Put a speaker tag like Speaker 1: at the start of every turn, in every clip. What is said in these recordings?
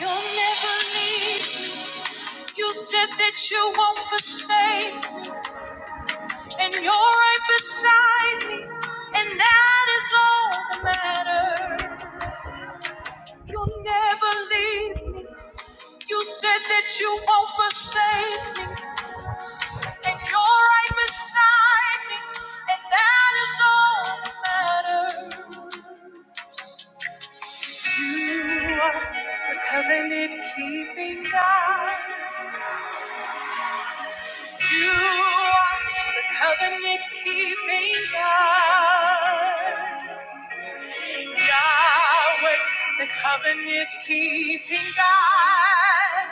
Speaker 1: You'll never leave. You said that you won't forsake, and you're right beside me, and that is all that matters. You'll never leave me. You said that you won't forsake me, and you're right beside me, and that is all that matters. You are the covenant keeping God. You are the covenant keeping God. Yahweh, the covenant keeping God.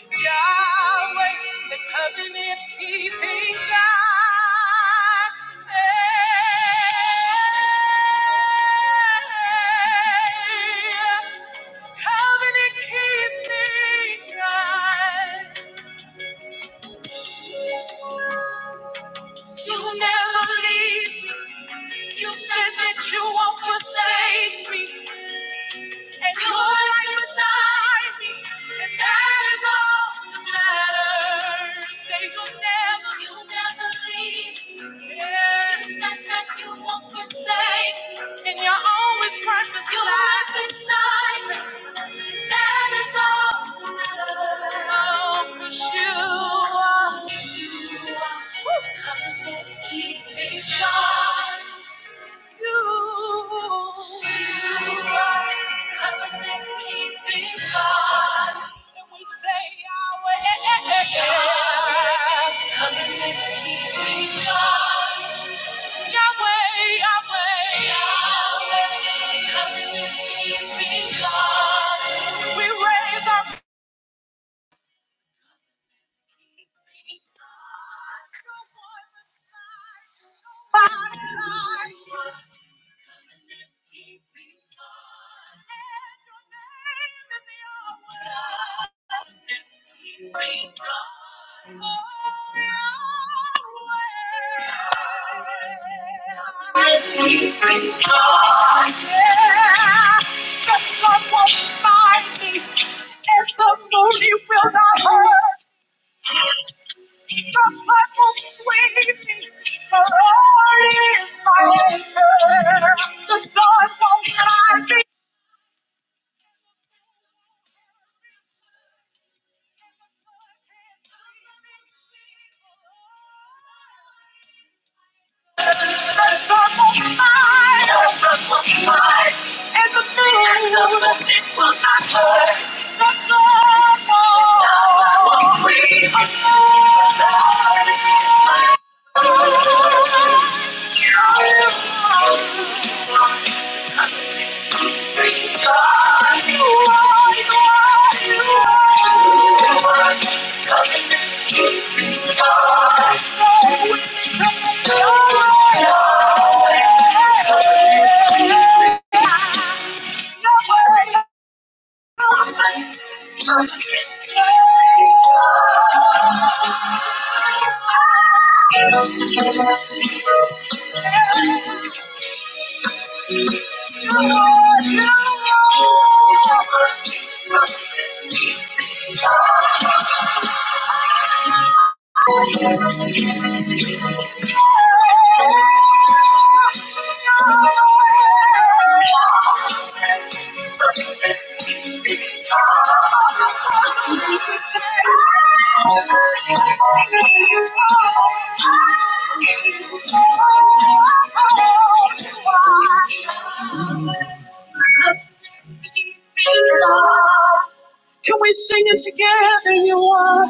Speaker 1: Yahweh, the covenant keeping God. Hey, covenant keeping God. You never leave You said that you won't forsake me, and you're right beside me, and that is all that matters. Say you'll never, you'll never leave me. Yes. You said that you won't forsake me, and you're always right beside you're right beside me. That is all that matters, 'cause Cause you are, you are Woo. covenant's keeping God. You. Our necks keep being and we say Yahweh. Our necks keep being high. Yahweh, Yahweh, Yahweh. And our necks keep being high. We raise our The sun won't smite me, and the moon you will not hurt. The blood won't sweep me. the Lord is my anchor. The sun won't hide me. Thank you. Can we sing it together? You are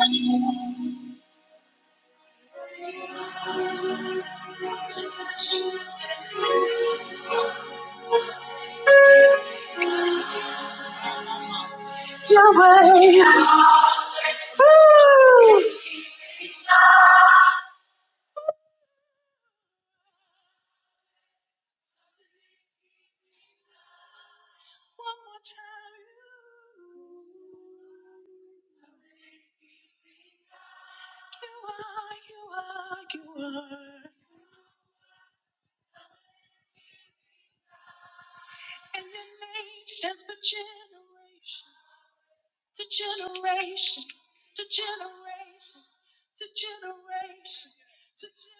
Speaker 1: Yahweh. Woo! One more time. You are, you are, you are. And your name stands for generation, to generation, to generation, to generation, to generation.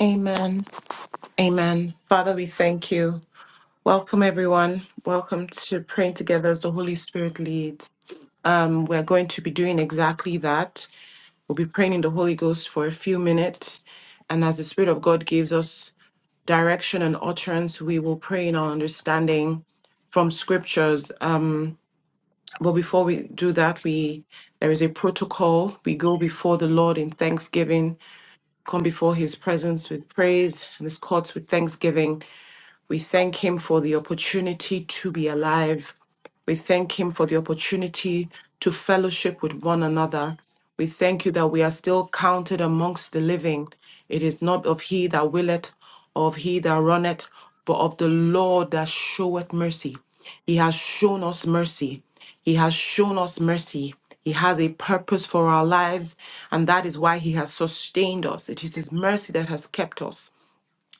Speaker 2: Amen. Amen. Father, we thank you. Welcome, everyone. Welcome to praying together as the Holy Spirit leads. Um, we're going to be doing exactly that. We'll be praying in the Holy Ghost for a few minutes. And as the Spirit of God gives us direction and utterance, we will pray in our understanding from scriptures. Um, but before we do that, we there is a protocol. We go before the Lord in thanksgiving, come before His presence with praise, and His courts with thanksgiving. We thank Him for the opportunity to be alive. We thank Him for the opportunity to fellowship with one another. We thank you that we are still counted amongst the living. It is not of he that willeth, or of he that runneth, but of the Lord that showeth mercy. He has shown us mercy. He has shown us mercy. He has a purpose for our lives, and that is why He has sustained us. It is His mercy that has kept us.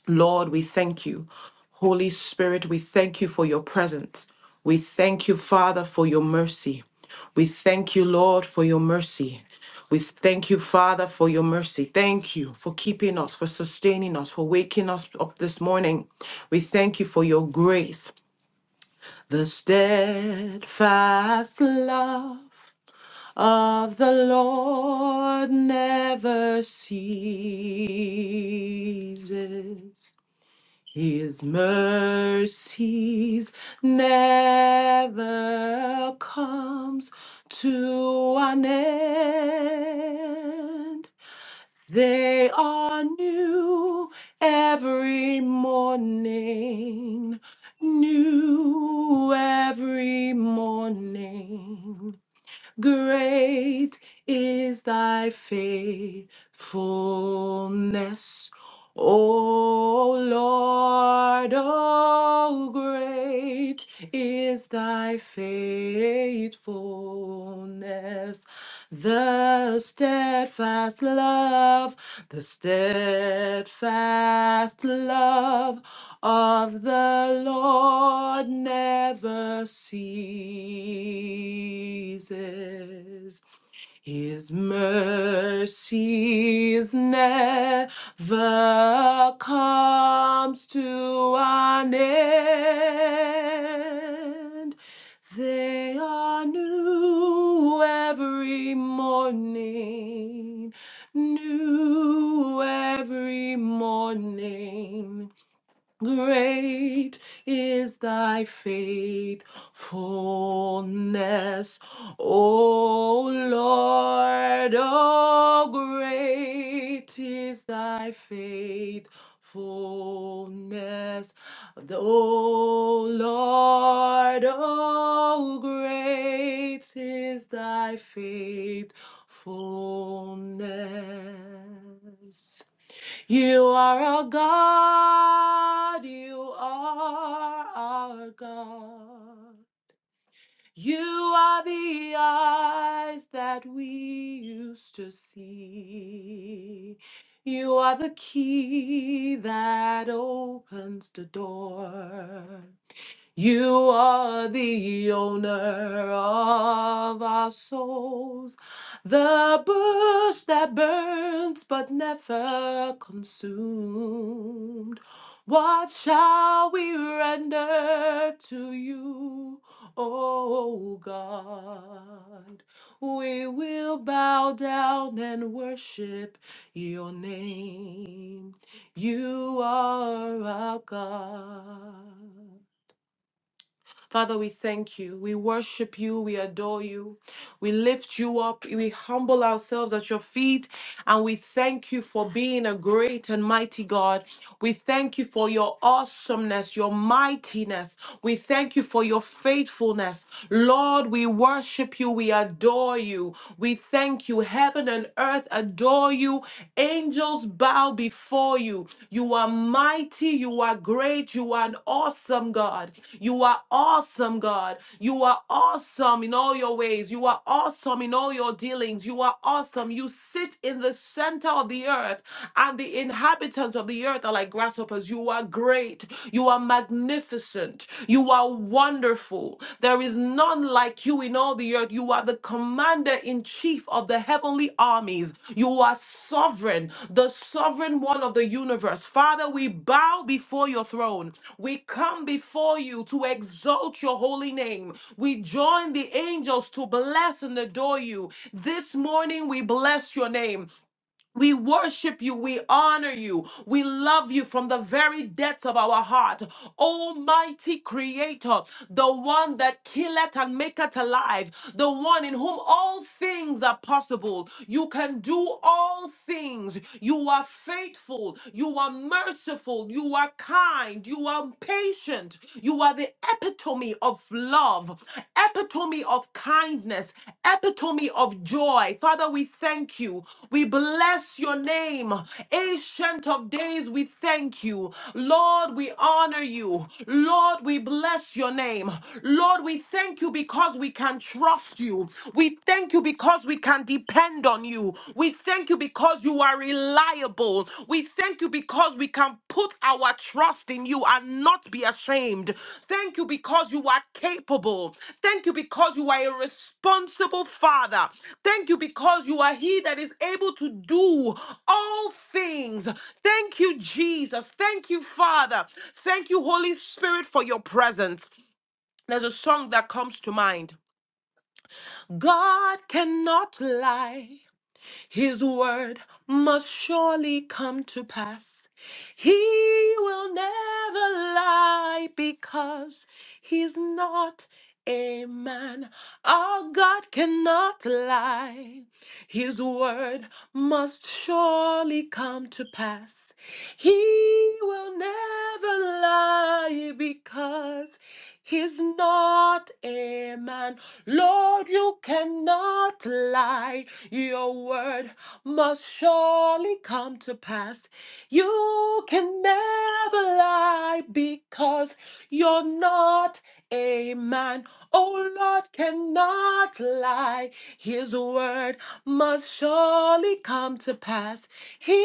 Speaker 2: Lord, we thank you. Holy Spirit, we thank you for your presence. We thank you, Father, for your mercy. We thank you, Lord, for your mercy. We thank you, Father, for your mercy. Thank you for keeping us, for sustaining us, for waking us up this morning. We thank you for your grace. The steadfast love of the Lord never ceases. His mercies never comes to an end. They are new every morning, new every morning. Great is thy faithfulness, O Lord. Oh, great is thy faithfulness faithfulness, the steadfast love, the steadfast love of the Lord never ceases. His mercies never comes to an end. They are new every morning, new every morning. Great is thy faithfulness, O Lord. Oh, great is thy faithfulness, O Lord. Oh, great is thy faithfulness. You are our God. You are our God. You are the eyes that we used to see. You are the key that opens the door. You are the owner of our souls, the bush that burns but never consumed. What shall we render to you, O God? We will bow down and worship your name. You are our God. Father, we thank you. We worship you. We adore you. We lift you up. We humble ourselves at your feet. And we thank you for being a great and mighty God. We thank you for your awesomeness, your mightiness. We thank you for your faithfulness. Lord, we worship you. We adore you. We thank you. Heaven and earth adore you. Angels bow before you you. You are mighty. You are great. You are an awesome God. You are awesome, God. You are awesome in all your ways. You are awesome in all your dealings. You are awesome. You sit in the center of the earth, and the inhabitants of the earth are like grasshoppers. You are great. You are magnificent. You are wonderful. There is none like you in all the earth. You are the commander in chief of the heavenly armies. You are sovereign, the sovereign one of the universe. Father, we bow before your throne. We come before you to exalt your holy name. We join the angels to bless and adore you. This morning we bless your name. We worship you. We honor you. We love you from the very depths of our heart. Almighty Creator, the one that killeth and maketh alive, the one in whom all things are possible. You can do all things. You are faithful. You are merciful. You are kind. You are patient. You are the epitome epitome of love, epitome of kindness, epitome of joy. Father, we thank you. We bless your name. Ancient of days, we thank you. Lord, we honor you. Lord, we bless your name. Lord, we thank you because we can trust you. We thank you because we can depend on you. We thank you because because you are reliable. We thank you because we can put our trust in you and not be ashamed. Thank you because you are capable. Thank you because you are a responsible father. Thank you because you are he that is able to do all things. Thank you, Jesus. Thank you, Father. Thank you, Holy Spirit, for your presence. There's a song that comes to mind. God cannot lie. His word must surely come to pass. He will never lie because he's not a man. Our God cannot lie. His word must surely come to pass. He will never lie because he's not a man. Lord, you cannot lie. Your word must surely come to pass. You can never lie because you're not a man. Oh, Lord cannot lie. His word must surely come to pass. He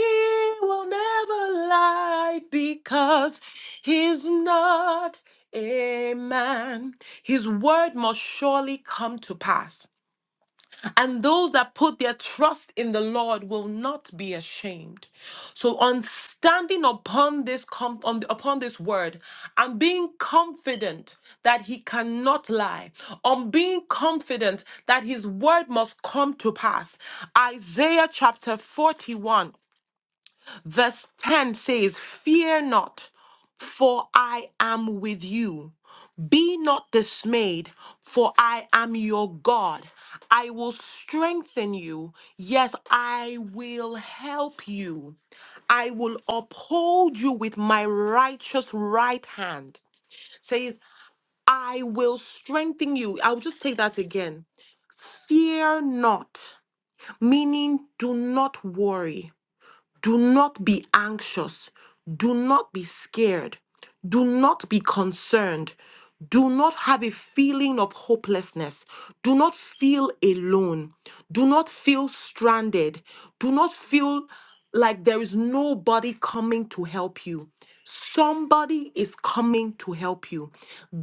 Speaker 2: will never lie because he's not a man. His word must surely come to pass. And those that put their trust in the Lord will not be ashamed. So on standing upon this com- on the- upon this word and being confident that he cannot lie, on being confident that his word must come to pass. Isaiah chapter 41 Verse 10 says, Fear not, for I am with you. Be not dismayed, for I am your God. I will strengthen you. Yes, I will help you. I will uphold you with my righteous right hand. Says, I will strengthen you. I'll just take that again. Fear not, meaning do not worry. Do not be anxious. Do not be scared. Do not be concerned. Do not have a feeling of hopelessness. Do not feel alone. Do not feel stranded. Do not feel like there is nobody coming to help you. Somebody is coming to help you.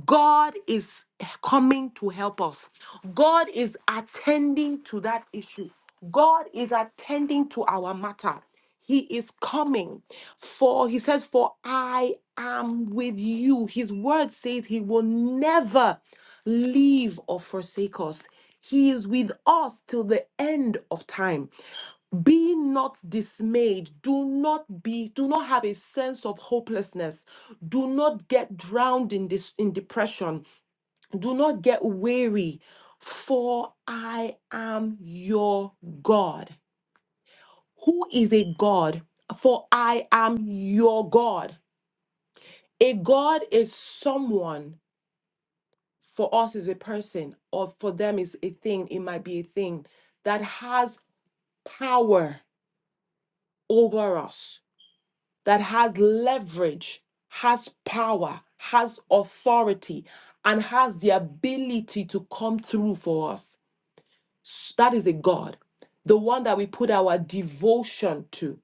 Speaker 2: God is coming to help us. God is attending to that issue. God is attending to our matter. He is coming. For he says, For I am with you. His word says he will never leave or forsake us. He is with us till the end of time. Be not dismayed. Do not be, do not have a sense of hopelessness. Do not get drowned in this in depression. Do not get weary. For I am your God. Who is a God? For I am your God. A God is someone, for us is a person, or for them is a thing, it might be a thing that has power over us, that has leverage, has power, has authority, and has the ability to come through for us. S- That is a God, the one that we put our devotion to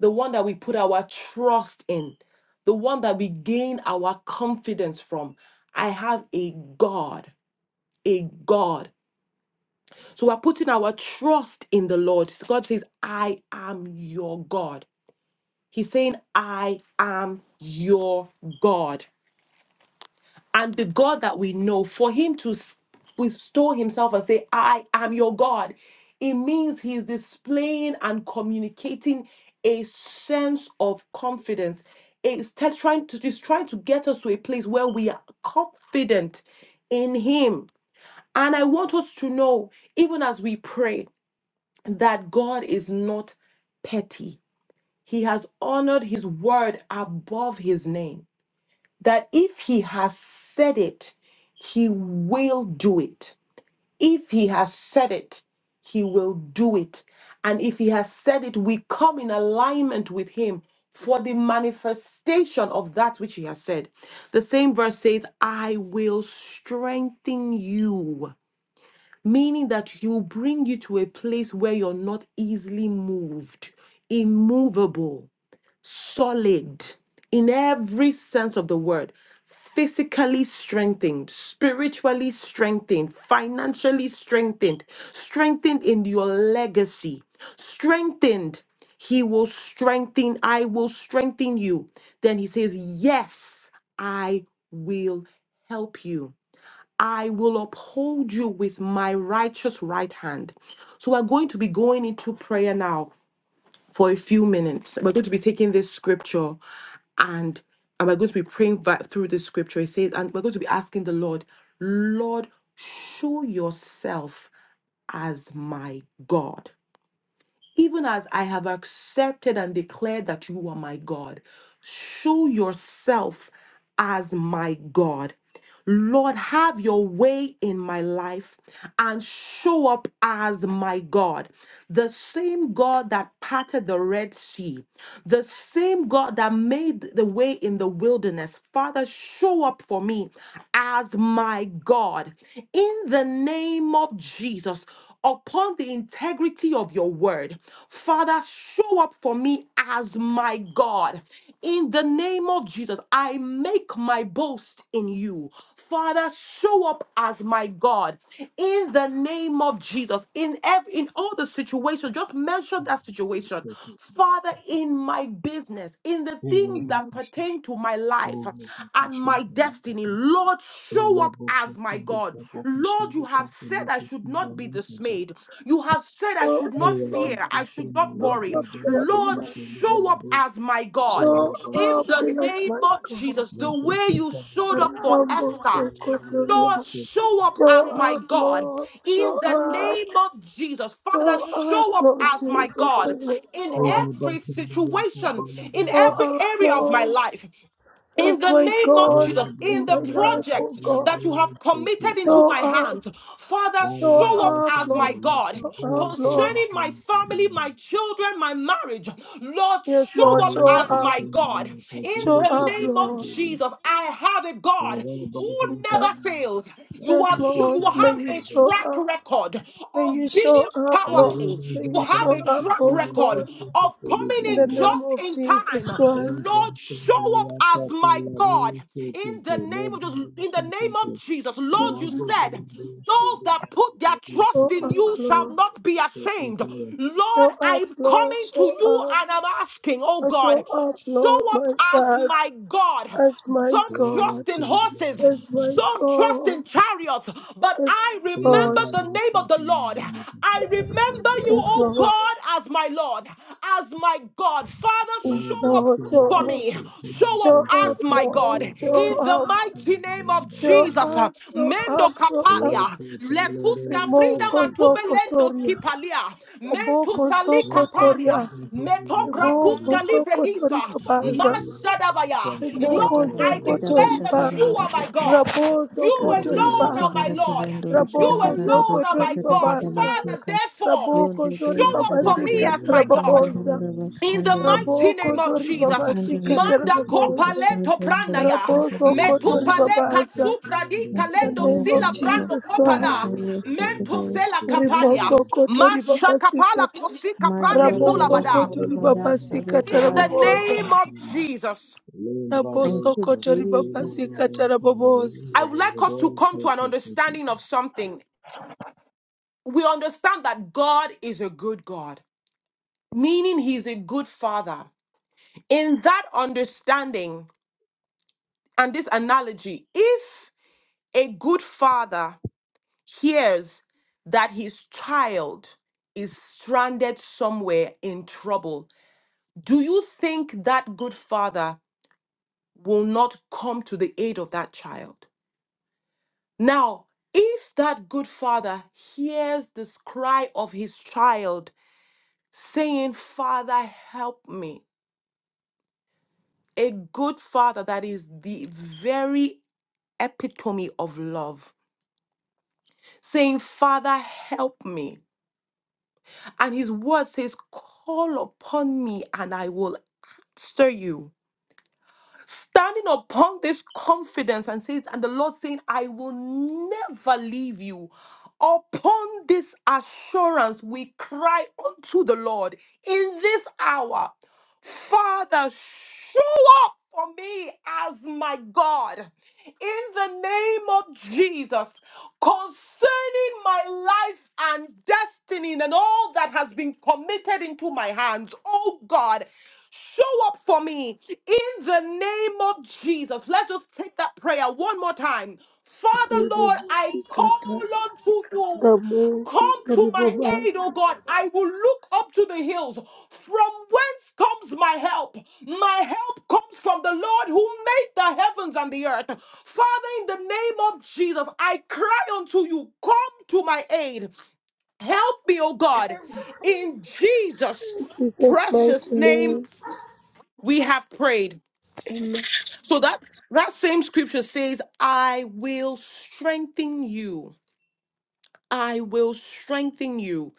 Speaker 2: the one that we put our trust in, the one that we gain our confidence from. I have a God, a God. So we're putting our trust in the Lord. God says, I am your God. He's saying, I am your God. and the God that we know, for him to s- bestow himself and say, I am your God, it means he is displaying and communicating a sense of confidence. It's te- trying to, it's trying to get us to a place where we are confident in him. And I want us to know, even as we pray, that God is not petty. He has honored his word above his name that if he has said it, he will do it. If he has said it, he will do it. And if he has said it, we come in alignment with him for the manifestation of that which he has said. The same verse says, I will strengthen you, meaning that he will bring you to a place where you're not easily moved, immovable solid in every sense of the word, physically strengthened, spiritually strengthened, financially strengthened, strengthened in your legacy, strengthened. He will strengthen, I will strengthen you. Then he says, Yes, I will help you. I will uphold you with my righteous right hand. So we're going to be going into prayer now for a few minutes. We're going to be taking this scripture and and we're going to be praying vi- through this scripture. It says, and we're going to be asking the Lord, Lord, show yourself as my God even as I have accepted and declared that you are my God, show yourself as my God. Lord, have your way in my life and show up as my God. The same God that parted the Red Sea, the same God that made the way in the wilderness. Father, show up for me as my God. In the name of Jesus, upon the integrity of your word. Father, show up for me as my God. In the name of Jesus, I make my boast in you. Father, show up as my God. In the name of Jesus, in every in all the situations, just mention that situation.
Speaker 3: Thank
Speaker 2: Father, in my business, in the things that pertain to my life and my destiny, Lord, show up up as my God. Lord, you have said I should not be dismayed. You have said I
Speaker 4: Lord,
Speaker 2: should not
Speaker 4: Lord,
Speaker 2: fear. I should not
Speaker 4: Lord,
Speaker 2: worry.
Speaker 4: Lord, Lord, in
Speaker 2: Lord,
Speaker 4: my life.
Speaker 2: show up as my God.
Speaker 4: Show
Speaker 2: In
Speaker 4: up
Speaker 2: the
Speaker 4: as
Speaker 2: name
Speaker 4: my
Speaker 2: of
Speaker 4: God.
Speaker 2: Jesus, the way you showed up for
Speaker 4: Rambo
Speaker 2: Esther,
Speaker 4: Sokotoria.
Speaker 2: Lord, show up
Speaker 4: Show
Speaker 2: as my
Speaker 4: up,
Speaker 2: God.
Speaker 4: Lord.
Speaker 2: In
Speaker 4: Show
Speaker 2: the
Speaker 4: up.
Speaker 2: name of Jesus, Father,
Speaker 4: Show up,
Speaker 2: show up
Speaker 4: Lord
Speaker 2: as my
Speaker 4: Jesus,
Speaker 2: God
Speaker 4: as my
Speaker 2: in
Speaker 4: God.
Speaker 2: every situation, in
Speaker 4: Show
Speaker 2: every
Speaker 4: up,
Speaker 2: area of my
Speaker 4: Lord,
Speaker 2: life. In
Speaker 4: as
Speaker 2: the
Speaker 4: my
Speaker 2: name of
Speaker 4: God
Speaker 2: Jesus, in
Speaker 4: in
Speaker 2: the
Speaker 4: my life, oh
Speaker 2: projects
Speaker 4: God.
Speaker 2: that you have committed into
Speaker 4: Show
Speaker 2: my
Speaker 4: up.
Speaker 2: hands, Father,
Speaker 4: Show
Speaker 2: show up
Speaker 4: up,
Speaker 2: as my
Speaker 4: Lord.
Speaker 2: God.
Speaker 4: Show up, Lord.
Speaker 2: Concerning my family,
Speaker 3: you.
Speaker 2: my children, my marriage, Lord,
Speaker 4: Yes,
Speaker 3: Thank
Speaker 4: Lord,
Speaker 2: show up
Speaker 4: show
Speaker 2: as
Speaker 4: up.
Speaker 2: my God.
Speaker 3: you.
Speaker 2: In
Speaker 4: Show
Speaker 2: the
Speaker 4: up,
Speaker 2: name of
Speaker 4: Lord.
Speaker 2: Jesus, I have a God who
Speaker 4: Okay.
Speaker 2: never fails. You
Speaker 4: Yes,
Speaker 2: have
Speaker 4: Lord,
Speaker 2: you
Speaker 4: may
Speaker 2: have
Speaker 4: you
Speaker 2: a
Speaker 4: show
Speaker 2: track
Speaker 4: up.
Speaker 2: record
Speaker 4: May you
Speaker 2: of being
Speaker 4: show up, Lord.
Speaker 2: powerful.
Speaker 4: May
Speaker 2: You
Speaker 4: you
Speaker 2: have
Speaker 4: show
Speaker 2: a
Speaker 4: up,
Speaker 2: track
Speaker 4: oh
Speaker 2: record
Speaker 4: God,
Speaker 2: of coming
Speaker 4: in the
Speaker 2: in
Speaker 4: name
Speaker 2: just
Speaker 4: of
Speaker 2: in
Speaker 4: Jesus
Speaker 2: time.
Speaker 4: Christ.
Speaker 2: Lord, Lord, show up as my God in the name of Jesus. In the name of Jesus, Lord, you
Speaker 4: Jesus,
Speaker 2: said. Those that put their
Speaker 4: show
Speaker 2: trust in
Speaker 4: up,
Speaker 2: you shall
Speaker 4: Lord.
Speaker 2: not be ashamed. Lord,
Speaker 4: Show up,
Speaker 2: I'm
Speaker 4: Lord.
Speaker 2: coming to
Speaker 4: Show
Speaker 2: you
Speaker 4: up.
Speaker 2: and I'm asking, oh
Speaker 4: I Show
Speaker 2: God,
Speaker 4: up, Lord,
Speaker 2: show up
Speaker 4: my
Speaker 2: as
Speaker 4: Father,
Speaker 2: my God.
Speaker 4: as my
Speaker 2: Some
Speaker 4: God,
Speaker 2: trust in horses,
Speaker 4: as my
Speaker 2: some trust
Speaker 4: God,
Speaker 2: in chariots, but
Speaker 4: as
Speaker 2: I
Speaker 4: my God.
Speaker 2: remember the name of the Lord. I remember
Speaker 4: Yes,
Speaker 2: you,
Speaker 4: yes,
Speaker 2: oh
Speaker 4: Lord.
Speaker 2: God, as my Lord, as my God. Father, Father,
Speaker 3: Thank
Speaker 4: Yes,
Speaker 2: show up
Speaker 4: Lord.
Speaker 3: you.
Speaker 4: Show
Speaker 2: for
Speaker 4: up.
Speaker 2: me. Show up
Speaker 4: Show
Speaker 2: as
Speaker 4: up,
Speaker 2: my God.
Speaker 4: Lord. Show
Speaker 2: In the
Speaker 4: up.
Speaker 2: mighty name of
Speaker 4: Show
Speaker 2: Jesus. uh,
Speaker 4: up. Show
Speaker 2: Mendo
Speaker 4: up. Show up.
Speaker 2: kapalia. Lekuska frida
Speaker 4: Remoko
Speaker 2: matube lendo
Speaker 4: Zokotoria.
Speaker 2: skipalia. Mentu
Speaker 4: Raboko
Speaker 2: sali
Speaker 4: zoko
Speaker 2: kapalia.
Speaker 4: toria.
Speaker 2: Metokra
Speaker 4: Riboko
Speaker 2: kuska libre
Speaker 4: zoko
Speaker 2: lisa.
Speaker 4: tori babaza.
Speaker 2: Mashadabaya.
Speaker 4: Riboko
Speaker 2: Lord, I
Speaker 4: zoko tori
Speaker 2: declare that
Speaker 4: ba.
Speaker 2: you are my God.
Speaker 4: Rabo
Speaker 2: You
Speaker 4: zoko tori ba.
Speaker 2: alone are my Lord. You
Speaker 4: Raboko zoko
Speaker 2: alone are
Speaker 4: tori
Speaker 2: my God.
Speaker 4: babaza.
Speaker 2: Father, therefore,
Speaker 4: Raboko zori
Speaker 2: show up for me
Speaker 4: babasika
Speaker 2: as my God.
Speaker 4: tarababoza.
Speaker 2: In the mighty
Speaker 4: Raboko
Speaker 2: name of
Speaker 4: zori
Speaker 2: Jesus,
Speaker 4: babasika
Speaker 2: manda
Speaker 4: tarababoza.
Speaker 2: copaleto pranaya,
Speaker 4: Rabo
Speaker 3: Thank
Speaker 4: zoko
Speaker 3: you.
Speaker 4: tori
Speaker 2: metupaleka
Speaker 4: babaza.
Speaker 2: supradi
Speaker 4: In the
Speaker 2: calendo
Speaker 4: name of
Speaker 2: sila prando
Speaker 4: Jesus Christ.
Speaker 2: copala, mento sela capalia,
Speaker 4: ribosokoto
Speaker 2: masha capala
Speaker 4: ribabasikata
Speaker 2: cosica prande tulabada.
Speaker 4: rabosokoto ribabasikata
Speaker 2: In the
Speaker 4: raboboza
Speaker 2: name of Jesus,
Speaker 4: rabosokoto ribabasikata raboboza
Speaker 2: I would like us to come to an understanding of something. We understand that God is a good God meaning he's a good father. In that understanding and this analogy, if A good father hears that his child is stranded somewhere in trouble. Do you think that good father will not come to the aid of that child? Now, if that good father hears this cry of his child saying, Father, help me, a good father that is the very epitome of love, saying, Father, help me. And his word says, Call upon me and I will answer you standing upon this confidence and says, and the Lord saying, I will never leave you. Upon this assurance, we cry unto the Lord in this hour, Father, show up for me as my God in the name of Jesus concerning my life and destiny and all that has been committed into my hands. Oh God, Show up for me in the name of Jesus. Let's just take that prayer one more time. Father, Lord, I call
Speaker 4: ribobosikata
Speaker 2: unto you. Come
Speaker 4: ramokoto
Speaker 2: to my aid, oh
Speaker 4: ribobaza
Speaker 2: God. I will look up to the hills. From whence comes my help? My help comes from the Lord who made the heavens and the earth. Father, in the name of Jesus, I cry unto you. Come to my aid. Help me, oh God, in Jesus'
Speaker 4: In jesus
Speaker 2: precious
Speaker 4: mighty
Speaker 2: name
Speaker 4: name
Speaker 2: we have prayed.
Speaker 4: amen
Speaker 2: So that that same scripture says, "I will strengthen you. I will strengthen you.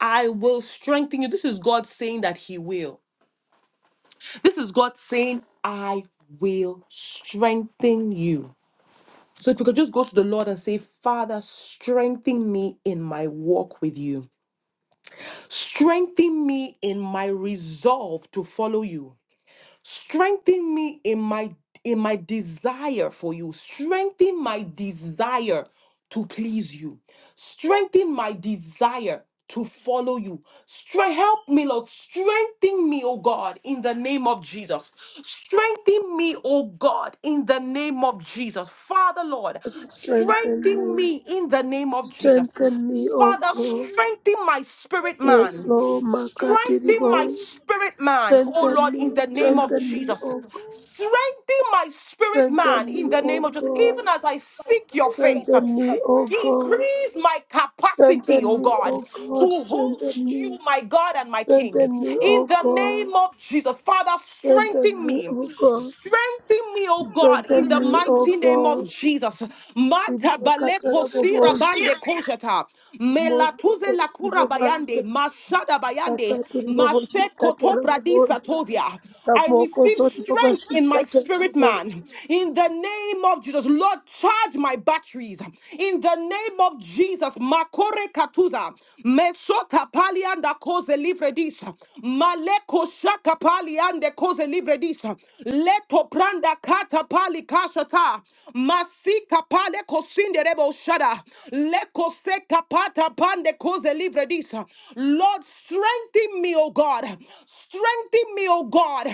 Speaker 2: I will strengthen you." This is God saying that he will. This is God saying, "I will strengthen you." So if you could just go to the Lord and say, "Father, strengthen me in my walk with you. Strengthen me in my resolve to follow you." strengthen me in my in my desire for you strengthen my desire to please you Strengthen my desire to follow you. Strength, help me, Lord. Strengthen me, oh God, in the name of Jesus. Strengthen me, oh God, in the name of Jesus. Father, Lord,
Speaker 4: strengthen
Speaker 2: strengthen
Speaker 4: me
Speaker 2: me in the name of Jesus.
Speaker 4: strengthen me o
Speaker 2: Father,
Speaker 4: god
Speaker 2: strengthen my spirit
Speaker 4: yes
Speaker 2: man.
Speaker 4: lord makati
Speaker 2: Strengthen my
Speaker 4: ribo
Speaker 2: spirit man, oh
Speaker 4: strengthen
Speaker 2: Lord, in
Speaker 4: me
Speaker 2: the name of
Speaker 4: strengthen me
Speaker 2: Jesus.
Speaker 4: o god
Speaker 2: Strengthen my spirit
Speaker 4: strengthen
Speaker 2: man in
Speaker 4: me
Speaker 2: the
Speaker 4: o
Speaker 2: name of Jesus. Even
Speaker 4: god
Speaker 2: as I seek your face,
Speaker 4: Strengthen me, O God.
Speaker 2: Increase my capacity,
Speaker 4: Strengthen
Speaker 2: oh
Speaker 4: me, O
Speaker 2: God,
Speaker 4: God.
Speaker 2: to
Speaker 4: Strengthen
Speaker 2: host
Speaker 4: me.
Speaker 2: you, my God and my
Speaker 4: Strengthen
Speaker 2: King.
Speaker 4: me, O
Speaker 2: In the
Speaker 4: God.
Speaker 2: name of Jesus, Father,
Speaker 4: Strengthen
Speaker 2: strengthen
Speaker 4: me,
Speaker 2: me.
Speaker 4: O God.
Speaker 2: Strengthen me, oh God,
Speaker 4: Strengthen
Speaker 2: in the
Speaker 4: me, O
Speaker 2: mighty name
Speaker 4: God.
Speaker 2: of Jesus. Mata
Speaker 4: Rimakata
Speaker 2: baleko sira
Speaker 4: rabobosa.
Speaker 2: bande koshata.
Speaker 4: Rimoso
Speaker 2: Melatuze
Speaker 4: koto
Speaker 2: lakura
Speaker 4: ribobanza.
Speaker 2: bayande. Mashada bayande.
Speaker 4: Rakati ribobosi
Speaker 2: Maset
Speaker 4: kata
Speaker 2: koto pradisa
Speaker 4: rabobosa.
Speaker 2: tozia. I
Speaker 4: Ramoko
Speaker 2: receive
Speaker 4: zori
Speaker 2: strength
Speaker 4: babasi
Speaker 2: in my
Speaker 4: kata
Speaker 2: spirit
Speaker 4: rabobosa.
Speaker 2: man. In the name of Jesus, Lord, charge my batteries. In the name of Jesus, Makore Katuza, Mesota Palianda Kose Livredisha, Maleko Shaka Paliande Kose Livredisha, Leto Pranda Kata Pali Kashata, Masika Pale Kosinde Rebo Shada, Leko Seka Pata Pande Kose Livredisha. Lord, strengthen me, O God. Strengthen me, O God.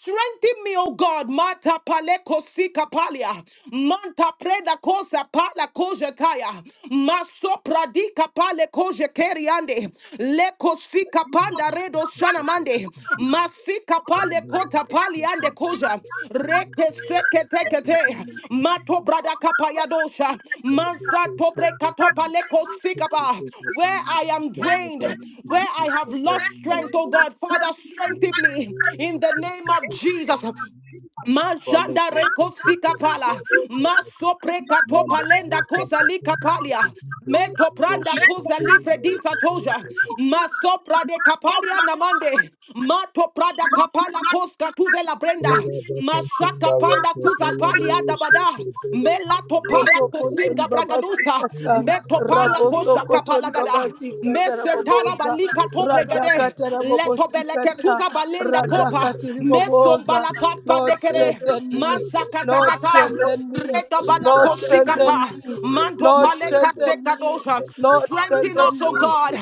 Speaker 2: Strengthen me, O God. Mata paleko sika palia. Manta preda cosa pala koja taya. Maso pradika pale koja keriande. Leko sika panda redo shanamande. Masika Male kota pali ande koja. Reke seke teke te. Mato brada kapaya dosha. Mansa tobre katopa leko sikapa. Where I am drained, where I have lost strength, oh God, Father, strengthen me in the name of Jesus. Majanda reko sika pala, maso preka palenda kosa lika palia, meto pranda kosa livre disa toja, masopra de kapalia namande, mato prada kapala koska tuze la brenda, mashaka panda kuza palia dabada, melato pala
Speaker 4: Sokotori
Speaker 2: kosinga
Speaker 4: babasi
Speaker 2: bragadusa, meto pala kosha
Speaker 4: Rabosokotori
Speaker 2: kapala
Speaker 4: babasikata, rabosokotori
Speaker 2: gada,
Speaker 4: babasikata,
Speaker 2: mesentana
Speaker 4: raboboza,
Speaker 2: balika to bregade,
Speaker 4: radakata
Speaker 2: leto belete
Speaker 4: rabobosikata,
Speaker 2: tuza balenda kopa,
Speaker 4: radakati
Speaker 2: Meso
Speaker 4: riboboza.
Speaker 2: Dombala kapa
Speaker 4: Lord,
Speaker 2: dekere.
Speaker 4: strengthen me.
Speaker 2: Masaka
Speaker 4: Lord,
Speaker 2: takata.
Speaker 4: strengthen me.
Speaker 2: Reta bala
Speaker 4: Lord, strengthen
Speaker 2: koshikapa.
Speaker 4: me.
Speaker 2: Mando
Speaker 4: Lord,
Speaker 2: pale
Speaker 4: strengthen
Speaker 2: kaseka
Speaker 4: me. Lord,
Speaker 2: Strengthen us,
Speaker 4: strengthen
Speaker 2: O
Speaker 4: me.
Speaker 2: God.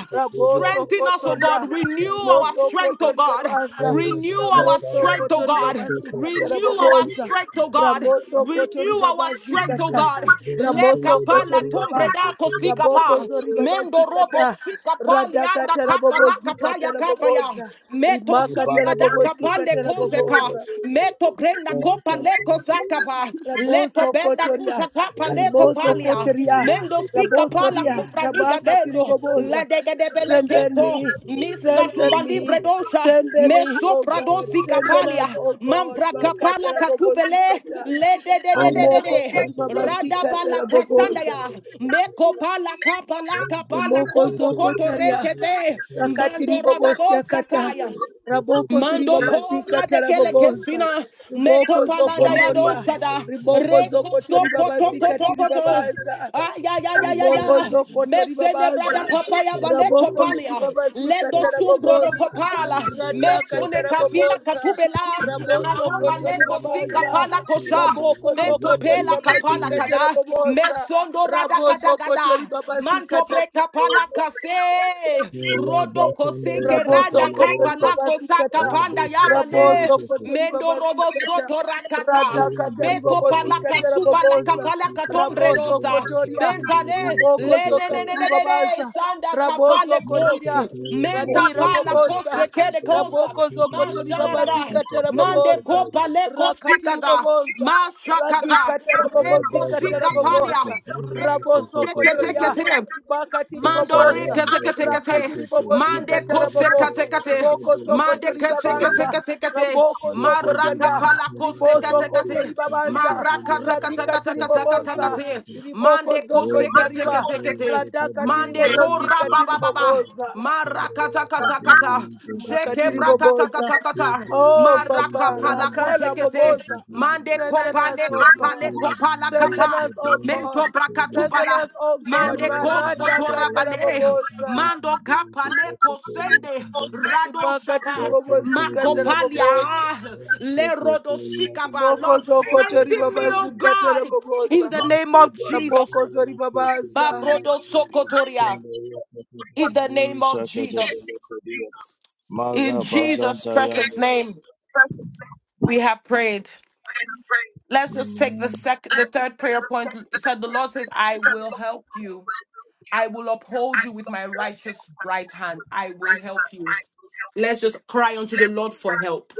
Speaker 2: Strengthen us, O
Speaker 4: Rabosokotoria.
Speaker 2: God. Renew our
Speaker 4: Rimoso
Speaker 2: strength, O
Speaker 4: kotori
Speaker 2: God.
Speaker 3: Thank
Speaker 4: babaza.
Speaker 2: Renew our
Speaker 4: Ramoso
Speaker 2: strength, O
Speaker 4: kotori
Speaker 2: God.
Speaker 4: babasikata
Speaker 2: Renew our
Speaker 4: raboboza.
Speaker 2: strength, O God.
Speaker 4: Ramoso kotori
Speaker 2: Renew our strength, O
Speaker 4: babazikata.
Speaker 2: God.
Speaker 4: Ramoso
Speaker 2: Lekapa la
Speaker 4: kotori baba.
Speaker 2: tombreda
Speaker 4: Raboko
Speaker 2: kosikapa.
Speaker 4: zori
Speaker 2: Mendo robo
Speaker 4: babazikata.
Speaker 2: sikapa lianda
Speaker 4: Radakata
Speaker 2: kapa la
Speaker 4: rabobozikata
Speaker 2: kapaya kapaya.
Speaker 4: raboboza.
Speaker 2: Meto
Speaker 4: Rimakata
Speaker 2: kapande
Speaker 4: rabobozikata
Speaker 2: kozeka
Speaker 4: raboboza.
Speaker 2: meto brenda kopa leko zakapa leto
Speaker 4: Raboso
Speaker 2: benda
Speaker 4: kotoria,
Speaker 2: kusha kapa leko
Speaker 4: riboso
Speaker 2: palia
Speaker 4: kotoria,
Speaker 2: mendo sika pala
Speaker 4: rabosoria,
Speaker 2: kupra niga
Speaker 4: rabaka
Speaker 2: dedo
Speaker 4: tiriboboza.
Speaker 2: la dega de bele
Speaker 4: Strengthen
Speaker 2: kepo
Speaker 4: me,
Speaker 2: miska
Speaker 4: strengthen
Speaker 2: tuba
Speaker 4: me,
Speaker 2: libre dosha
Speaker 4: strengthen me,
Speaker 2: meso
Speaker 4: O
Speaker 2: prado
Speaker 4: God,
Speaker 2: sika
Speaker 4: strengthen
Speaker 2: palia
Speaker 4: us, O God.
Speaker 2: mambra
Speaker 4: Makata
Speaker 2: kapala katubele
Speaker 4: rabobozikata,
Speaker 2: le de de de de de
Speaker 4: rimoko
Speaker 2: de rada
Speaker 4: zoribabasikata
Speaker 2: bala
Speaker 4: raboboza.
Speaker 2: kasandaya meko pala kapala kapala
Speaker 4: Rimoko
Speaker 2: koso
Speaker 4: zoko
Speaker 2: koto
Speaker 4: taria.
Speaker 2: rekete
Speaker 4: Rakati
Speaker 2: mando rabado
Speaker 4: ribobosi akata.
Speaker 2: sakaya
Speaker 4: Raboko
Speaker 2: Mando
Speaker 4: ziribabazika
Speaker 2: kora de kele
Speaker 4: taraboboza.
Speaker 2: kesina meto
Speaker 4: Riboko zoko
Speaker 2: palada ya
Speaker 4: toria.
Speaker 2: doshada
Speaker 4: Riboko
Speaker 2: reko
Speaker 4: zoko
Speaker 2: so koto
Speaker 4: toribabazika
Speaker 2: koto koto
Speaker 4: tiribabaza.
Speaker 2: aya ya ya ya
Speaker 4: Riboko
Speaker 2: ya
Speaker 4: zokoto
Speaker 2: mesene
Speaker 4: ribabaza.
Speaker 2: brada kapaya vale
Speaker 4: Raboko
Speaker 2: kopalia
Speaker 4: ndiribabazi
Speaker 2: lendo sumbro do
Speaker 4: kataraboboza.
Speaker 2: kopala
Speaker 4: Rada
Speaker 2: mesone kapila
Speaker 4: kataraboboza.
Speaker 2: katubela
Speaker 4: Rabozo
Speaker 2: makopa
Speaker 4: koto
Speaker 2: leko kosi
Speaker 4: ribabaza.
Speaker 2: kapala kosha
Speaker 4: Raboko
Speaker 2: mento
Speaker 4: zokoto
Speaker 2: pela
Speaker 4: ribabazi
Speaker 2: kapala kada
Speaker 4: kataraboboza.
Speaker 2: mesondo rada
Speaker 4: Raboso
Speaker 2: kada
Speaker 4: koto
Speaker 2: gada
Speaker 4: ribabazi
Speaker 2: manto preta pala
Speaker 4: kataraboboza.
Speaker 2: kase Rodo koseke
Speaker 4: Raboso
Speaker 2: randa
Speaker 4: kotori
Speaker 2: kapala lako saka
Speaker 4: babasikata.
Speaker 2: panda yabale.
Speaker 4: Raboso kotori
Speaker 2: Mendo robo
Speaker 4: babasikata.
Speaker 2: soto rakata.
Speaker 4: Rada katari
Speaker 2: Beto palaka
Speaker 4: babasikata
Speaker 2: suba laka
Speaker 4: raboboza.
Speaker 2: palaka tombre
Speaker 4: Raboso
Speaker 2: dosa.
Speaker 4: kotoria.
Speaker 2: Mentale
Speaker 4: Riboko
Speaker 2: le ne ne ne
Speaker 4: zokatiri
Speaker 2: ne ne ne
Speaker 4: babaza.
Speaker 2: sanda kapale
Speaker 4: Raboso kotiria.
Speaker 2: kosu. Menta
Speaker 4: Radira
Speaker 2: pala
Speaker 4: boboza.
Speaker 2: kosfe kede kosa.
Speaker 4: Raboko zokotori
Speaker 2: Mashalada.
Speaker 4: babazikata
Speaker 2: Mande
Speaker 4: raboboza.
Speaker 2: kopa leko
Speaker 4: Rakatiri
Speaker 2: sikada.
Speaker 4: boboza.
Speaker 2: Mashakata.
Speaker 4: Radikata
Speaker 2: Reko
Speaker 4: rabobozikata
Speaker 2: sikapalia.
Speaker 4: raboboza.
Speaker 2: Reko
Speaker 4: Raboso
Speaker 2: sekete
Speaker 4: kotoria.
Speaker 2: kete.
Speaker 4: Ribakatiri
Speaker 2: Mandore
Speaker 4: boboza
Speaker 2: kese kese kese,
Speaker 4: rakati ribobo
Speaker 2: mande
Speaker 4: zikata
Speaker 2: kose
Speaker 4: rabobo
Speaker 2: kese kese,
Speaker 4: iboko
Speaker 2: mande
Speaker 4: zokoto
Speaker 2: kese kese
Speaker 4: ribabaza
Speaker 2: kese kese,
Speaker 4: raboko
Speaker 2: maraka
Speaker 4: zokotoria
Speaker 2: pala kose kese
Speaker 4: ribosokoto
Speaker 2: kese,
Speaker 4: ribabaza
Speaker 2: maraka kese kese
Speaker 4: radikati
Speaker 2: kese kese kese,
Speaker 4: riboboza
Speaker 2: kese,
Speaker 4: riboko
Speaker 2: mande
Speaker 4: zoko
Speaker 2: kose kese
Speaker 4: zokotariba
Speaker 2: kese kese,
Speaker 4: radakati
Speaker 2: mande
Speaker 4: ribobo
Speaker 2: kora ba
Speaker 4: zikati
Speaker 2: ba ba ba,
Speaker 4: riboboza
Speaker 2: maraka kese kese kese,
Speaker 4: makati
Speaker 2: jeke braka kese
Speaker 4: riboboza
Speaker 2: kese, kese,
Speaker 4: oh
Speaker 2: maraka
Speaker 4: papa
Speaker 2: pala kose
Speaker 4: rakala
Speaker 2: kese,
Speaker 4: boboza
Speaker 2: mande
Speaker 4: strengthen us
Speaker 2: kopale
Speaker 4: oh
Speaker 2: kopale
Speaker 4: god
Speaker 2: kopala
Speaker 4: strengthen
Speaker 2: kapa,
Speaker 4: us oh god
Speaker 2: mento braka
Speaker 4: strengthen us
Speaker 2: tubala.
Speaker 4: oh god
Speaker 2: Mande kosto
Speaker 4: marada katara
Speaker 2: torabale,
Speaker 4: boboza
Speaker 2: mando kapale
Speaker 3: you.
Speaker 2: kosende, rado
Speaker 4: rimakati
Speaker 2: shaba,
Speaker 4: ribobozikata raboboza
Speaker 2: makopalia, le rodo sikaba. Lord,
Speaker 4: rimokozokoto
Speaker 2: strengthen me, O
Speaker 4: ribabazikata
Speaker 2: God, in
Speaker 4: raboboza
Speaker 2: the name of Jesus.
Speaker 4: rabokozo ribabaza
Speaker 3: Magabazantaya
Speaker 2: Babrodo sokotoria, in the name of Jesus. In
Speaker 4: thank you
Speaker 2: Jesus' precious name, we have prayed. Let's just take the
Speaker 3: Amen.
Speaker 2: sec, the third prayer point. It said the Lord says, "I will help you." I will uphold you with my righteous right hand. I will help you. Let's just cry unto the Lord for help.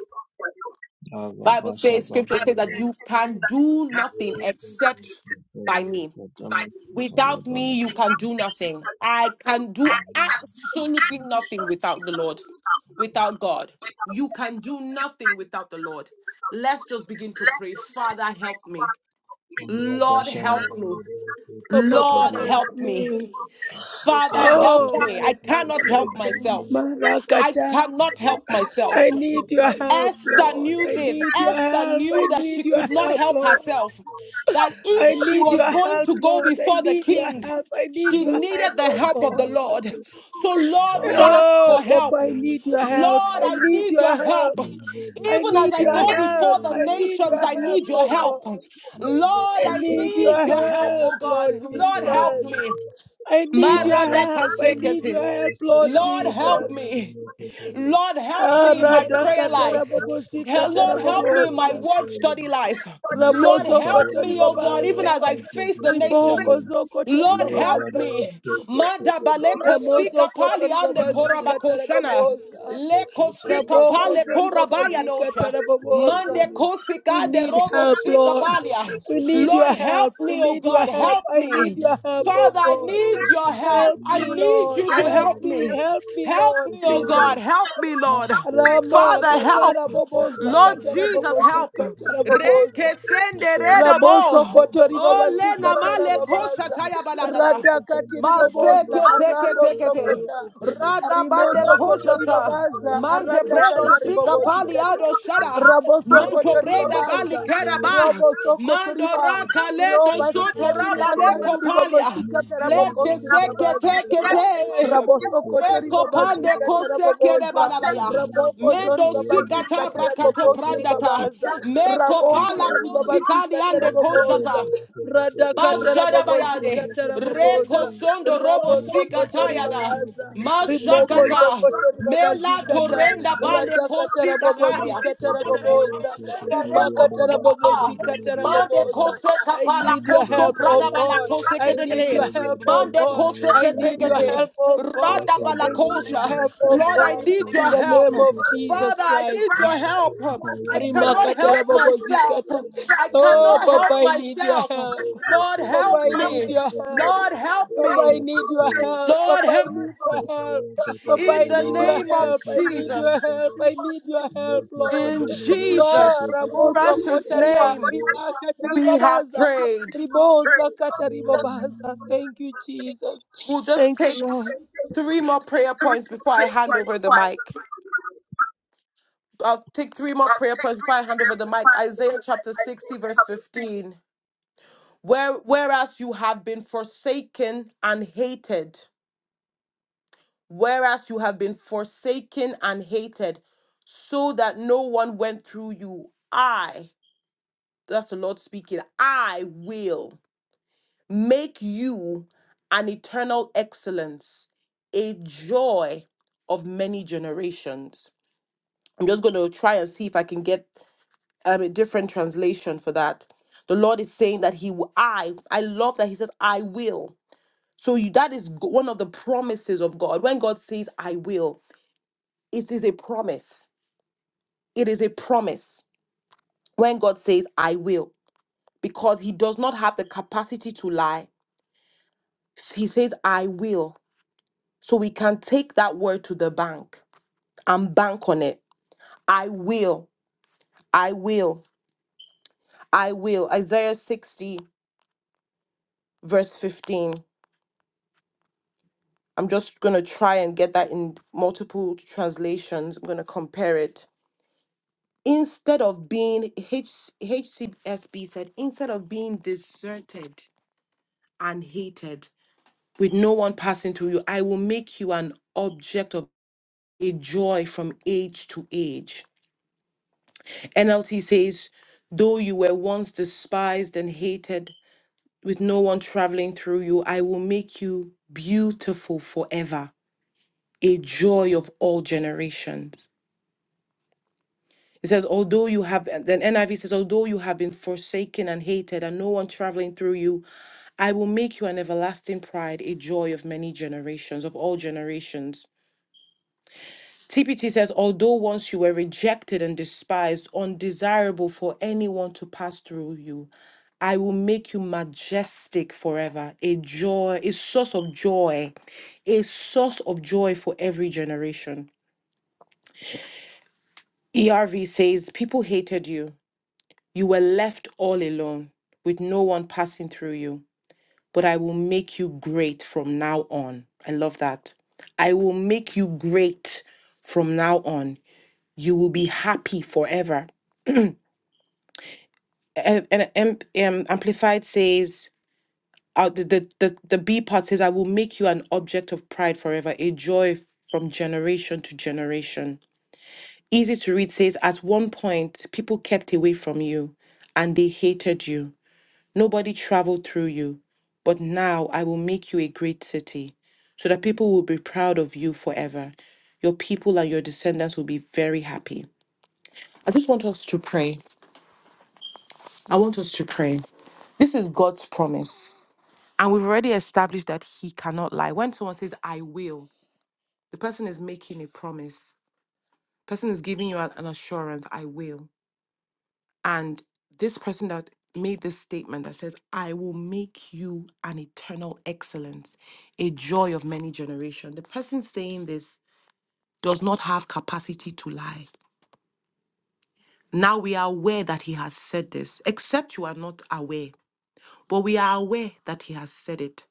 Speaker 2: Bible says, scripture says that you can do nothing except by me.
Speaker 3: Agabashagabakatamantayabala.
Speaker 2: Without me, you can do nothing. I can do absolutely nothing without the Lord, without God. You can do nothing without the Lord. Let's just begin to pray. Father, help me. Lord, help me.
Speaker 4: oh papa
Speaker 2: Lord,
Speaker 4: help
Speaker 2: help me.
Speaker 4: me
Speaker 2: Father, help
Speaker 4: oh
Speaker 2: me.
Speaker 4: my
Speaker 2: I
Speaker 4: father
Speaker 2: cannot
Speaker 4: my
Speaker 2: help
Speaker 4: god
Speaker 2: myself. I
Speaker 4: marakata
Speaker 2: cannot help myself.
Speaker 4: I
Speaker 3: Agabashana-
Speaker 4: need your help,
Speaker 2: Esther
Speaker 4: Lord.
Speaker 2: knew
Speaker 4: I
Speaker 2: this.
Speaker 4: need your
Speaker 2: Esther
Speaker 4: help. I
Speaker 2: knew that she
Speaker 4: need your
Speaker 2: could not
Speaker 4: help,
Speaker 2: help
Speaker 4: Lord.
Speaker 2: herself. That if
Speaker 4: I
Speaker 2: she
Speaker 4: need
Speaker 2: was
Speaker 4: your
Speaker 2: going
Speaker 4: help,
Speaker 2: to go
Speaker 4: Lord. I
Speaker 2: before the
Speaker 4: need your
Speaker 2: king,
Speaker 4: help. I need
Speaker 2: she
Speaker 4: your help,
Speaker 2: needed the
Speaker 4: oh
Speaker 2: help of the
Speaker 4: God.
Speaker 3: Thank
Speaker 2: Lord. So, Lord, we ask
Speaker 4: Oh,
Speaker 2: for
Speaker 4: Papa,
Speaker 2: help.
Speaker 4: I need your help.
Speaker 2: Lord,
Speaker 4: I
Speaker 2: I
Speaker 4: need
Speaker 2: need
Speaker 4: your
Speaker 2: your
Speaker 4: help.
Speaker 2: help.
Speaker 4: I
Speaker 2: Even as
Speaker 4: need
Speaker 2: I
Speaker 4: your
Speaker 2: go
Speaker 4: help.
Speaker 2: before the
Speaker 4: I need
Speaker 2: nations,
Speaker 4: your
Speaker 2: I
Speaker 4: help,
Speaker 2: need your
Speaker 4: oh God.
Speaker 2: help. Lord,
Speaker 4: I
Speaker 2: I
Speaker 4: need
Speaker 2: need
Speaker 4: your
Speaker 2: your help,
Speaker 4: help,
Speaker 2: oh God.
Speaker 4: Lord
Speaker 2: Lord, help
Speaker 4: Jesus.
Speaker 2: me.
Speaker 4: I need your help. I need your
Speaker 2: Maradakasekete.
Speaker 4: help, Lord
Speaker 2: Lord, help
Speaker 4: Jesus.
Speaker 2: me. Lord, help
Speaker 4: Ah,
Speaker 2: me in my prayer life.
Speaker 4: radakatarabobosi
Speaker 2: Hell, Lord, help me in my
Speaker 4: katarabobosa.
Speaker 2: word study life. Lord,
Speaker 4: Ramoso
Speaker 2: help me, oh God,
Speaker 4: kotoribabaza
Speaker 2: even as
Speaker 4: babaza.
Speaker 2: I face the
Speaker 4: Riboko
Speaker 2: nations.
Speaker 4: zoko tori
Speaker 2: Lord, help me.
Speaker 4: Ramoso
Speaker 2: Madabalekosika pali ande
Speaker 4: kotoribabazi babazi
Speaker 3: you.
Speaker 2: korabakoshana.
Speaker 4: katarabobosa.
Speaker 2: Lekosika
Speaker 4: Raboko
Speaker 2: pale
Speaker 4: zori
Speaker 2: korabaya
Speaker 4: babazika
Speaker 2: dosha. Mande
Speaker 4: taraboboza. We
Speaker 2: kosika de
Speaker 4: need
Speaker 2: robo
Speaker 4: help, Lord.
Speaker 2: sikabalia.
Speaker 4: We need
Speaker 2: Lord,
Speaker 4: your help.
Speaker 2: help
Speaker 4: We
Speaker 2: me, oh
Speaker 4: need your
Speaker 2: God,
Speaker 4: help.
Speaker 2: help
Speaker 4: I need
Speaker 2: me.
Speaker 4: your help, oh
Speaker 2: Father, I
Speaker 4: God.
Speaker 2: need your help.
Speaker 4: Help
Speaker 2: I
Speaker 4: me,
Speaker 2: need
Speaker 4: Lord.
Speaker 2: you to
Speaker 4: Help
Speaker 2: help
Speaker 4: me.
Speaker 2: me.
Speaker 4: Help me,
Speaker 2: Help
Speaker 4: Lord
Speaker 2: me, oh God,
Speaker 4: Jesus.
Speaker 2: help me, Lord.
Speaker 4: Rama
Speaker 2: Father, help.
Speaker 4: katara boboza
Speaker 2: Lord
Speaker 4: katara
Speaker 2: Jesus,
Speaker 4: bobozi
Speaker 2: help.
Speaker 4: katara boboza
Speaker 2: Reke sende
Speaker 4: raboso
Speaker 2: redobo.
Speaker 4: kotori
Speaker 2: Ole
Speaker 4: babazika
Speaker 2: namale kosha
Speaker 4: tarababaza
Speaker 2: taya balada.
Speaker 4: radakati
Speaker 2: Maseke
Speaker 4: riboboza
Speaker 2: teke teke te.
Speaker 4: arabosokota
Speaker 2: Rada bande
Speaker 4: riboso kotori
Speaker 2: kozata.
Speaker 4: babaza
Speaker 2: Mante bredo
Speaker 4: aradakata
Speaker 2: sika pali
Speaker 4: ribobozikata
Speaker 2: ado shada.
Speaker 4: raboso
Speaker 2: Manto
Speaker 4: kotori
Speaker 2: breda bali
Speaker 4: babaza
Speaker 2: kera ba.
Speaker 4: roboso
Speaker 2: Mando
Speaker 4: kotori ba
Speaker 2: raka leto soto
Speaker 4: robasikati
Speaker 2: raba
Speaker 4: ribakandi
Speaker 2: leko palia.
Speaker 4: ribobozikata
Speaker 2: Leke
Speaker 4: rabogonti
Speaker 3: Thank
Speaker 2: seke teke
Speaker 4: ribabazikata
Speaker 2: te.
Speaker 4: raboso kotori
Speaker 2: Reko pande
Speaker 4: babazikata
Speaker 2: koseke de
Speaker 4: raboboza
Speaker 2: balabaya.
Speaker 4: raboko zori
Speaker 2: Mendo sikata
Speaker 4: babasikata
Speaker 2: brakato
Speaker 4: rabokonti
Speaker 2: prandata.
Speaker 4: ribabaza
Speaker 2: Meko
Speaker 4: Raboko
Speaker 2: pala
Speaker 4: zori
Speaker 2: kosikani
Speaker 4: babazika
Speaker 2: ande
Speaker 4: taraboboza.
Speaker 2: koshata.
Speaker 4: Radaka tarabobozika
Speaker 2: Mashadabayade. Reko
Speaker 4: taraboboza.
Speaker 2: sondo robo
Speaker 4: Rabosoko tori
Speaker 2: sikatayada.
Speaker 4: babaza. Riboko
Speaker 2: Mashakata.
Speaker 4: zoko tori
Speaker 2: Mela
Speaker 4: babazika ta.
Speaker 2: torenda bale
Speaker 4: Radaka
Speaker 2: kosika palia.
Speaker 4: tarabobozika taraboboza. Rimaka tarabobozika
Speaker 2: Mande
Speaker 4: taraboboza.
Speaker 2: kose
Speaker 4: I
Speaker 2: kapala
Speaker 4: need your
Speaker 2: koso
Speaker 4: help, oh
Speaker 2: brada bala
Speaker 4: God.
Speaker 2: kose
Speaker 4: I need
Speaker 2: kedegede.
Speaker 4: your help, oh
Speaker 2: Mande
Speaker 4: God.
Speaker 2: kose
Speaker 4: I need your
Speaker 2: ketegede.
Speaker 4: help, oh
Speaker 3: you.
Speaker 4: God.
Speaker 2: Rada bala
Speaker 4: I
Speaker 3: Amen.
Speaker 4: need your
Speaker 2: kosha.
Speaker 4: help, oh
Speaker 2: Lord, I
Speaker 4: God.
Speaker 2: need
Speaker 4: In
Speaker 2: your
Speaker 4: the
Speaker 2: help.
Speaker 4: name of Jesus
Speaker 2: Father, I
Speaker 4: Christ.
Speaker 2: need your help. I cannot
Speaker 4: Rimakata
Speaker 2: help myself.
Speaker 4: rabobozikata.
Speaker 2: I
Speaker 4: Oh,
Speaker 2: cannot
Speaker 4: Papa,
Speaker 2: help
Speaker 4: I need your
Speaker 2: myself.
Speaker 4: help.
Speaker 2: Lord,
Speaker 4: Papa,
Speaker 2: help
Speaker 4: I need
Speaker 2: me.
Speaker 4: your help.
Speaker 2: Lord, help
Speaker 4: Papa,
Speaker 2: me.
Speaker 4: I need your help.
Speaker 2: Lord,
Speaker 4: Papa, I
Speaker 2: help.
Speaker 4: need your help. Papa,
Speaker 2: In
Speaker 4: I
Speaker 2: the
Speaker 4: need your
Speaker 2: name of
Speaker 4: help. I need your
Speaker 2: Jesus.
Speaker 4: help. I need your help, Lord.
Speaker 2: In
Speaker 4: Ma
Speaker 2: Jesus'
Speaker 4: raboso
Speaker 2: precious
Speaker 4: kotaria
Speaker 2: name.
Speaker 4: ribaka
Speaker 2: We have
Speaker 4: tiribabaza.
Speaker 2: prayed.
Speaker 4: Ribosa kata ribabaza. Thank you, Jesus.
Speaker 2: We'll just
Speaker 4: Thank you,
Speaker 2: take
Speaker 4: Lord.
Speaker 2: three more prayer points before I hand over the mic. I'll take three more prayer points before I hand over the mic. Isaiah chapter 60, verse 15. Where, whereas you have been forsaken and hated, whereas you have been forsaken and hated, so that no one went through you, I, that's the Lord speaking, I will. make you an eternal excellence, a joy of many generations. I'm just going to try and see if I can get um, a different translation for that. The Lord is saying that He will, I, I love that He says, I will. So you, that is g- one of the promises of God. When God says, I will, it is a promise. It is a promise when God says, I will, because He does not have the capacity to lie. He says, I will. So we can take that word to the bank and bank on it. I will, I will, I will. Isaiah 60, verse 15. I'm just going to try and get that in multiple translations. I'm going to compare it. Instead of being, H, HCSB said, instead of being deserted and hated, with no one passing through you, I will make you an object of a joy from age to age. NLT says, Though you were once despised and hated, with no one traveling through you, I will make you beautiful forever, a joy of all generations. It says, although you have, then NIV says, although you have been forsaken and hated and no one traveling through you, I will make you an everlasting pride, a joy of many generations, of all generations. TPT says, although once you were rejected and despised, undesirable for anyone to pass through you, I will make you majestic forever, a joy, a source of joy, a source of joy for every generation. ERV says, people hated you. You were left all alone with no one passing through you, but I will make you great from now on. I love that. I will make you great from now on. You will be happy forever. and, and, um, um, amplified says uh, the, the the the b part says i will make you an object of pride forever a joy f- from generation to generation easy to read says at one point people kept away from you and they hated you nobody traveled through you but now i will make you a great city so that people will be proud of you forever your people and your descendants will be very happy i just want us to pray i want us to pray this is god's promise And we've already established that he cannot lie. When someone says, I will, the person is making a promise. person is giving you an an assurance, I will. And this person that made this statement that says, I will make you an eternal excellence, a joy of many generations. The person saying this does not have capacity to lie. Now we are aware that he has said this, except you are not aware. But we are aware that He has said it.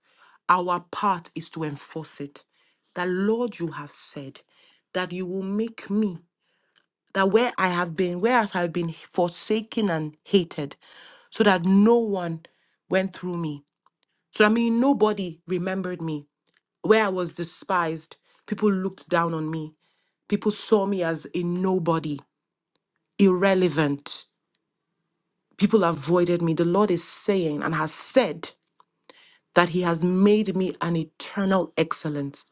Speaker 2: Our part is to enforce it. That, Lord, you have said that you will make me, that where I have been, whereas I have been forsaken and hated, so that no one went through me. So, I mean, nobody remembered me. Where I was despised, people looked down on me. People saw me as a nobody, irrelevant. People avoided me. The Lord is saying and has said that he has made me an eternal excellence.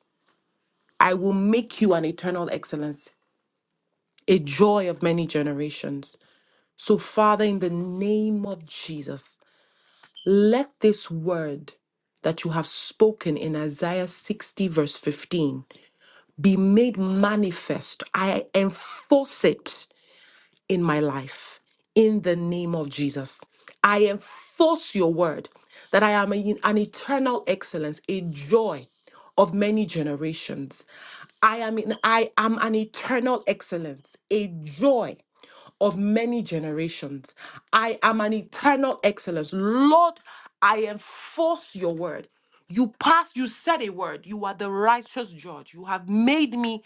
Speaker 2: I will make you an eternal excellence, a joy of many generations. So, Father, in the name of Jesus, let this word that you have spoken in Isaiah 60, verse 15, be made manifest. I enforce it in my life in the name of Jesus. I enforce your word that I am a- an eternal excellence, a joy of many generations. I am in, I am an eternal excellence, a joy of many generations. I am an eternal excellence. Lord, I enforce your word. You pass, you said a word. You are the righteous judge. You have made me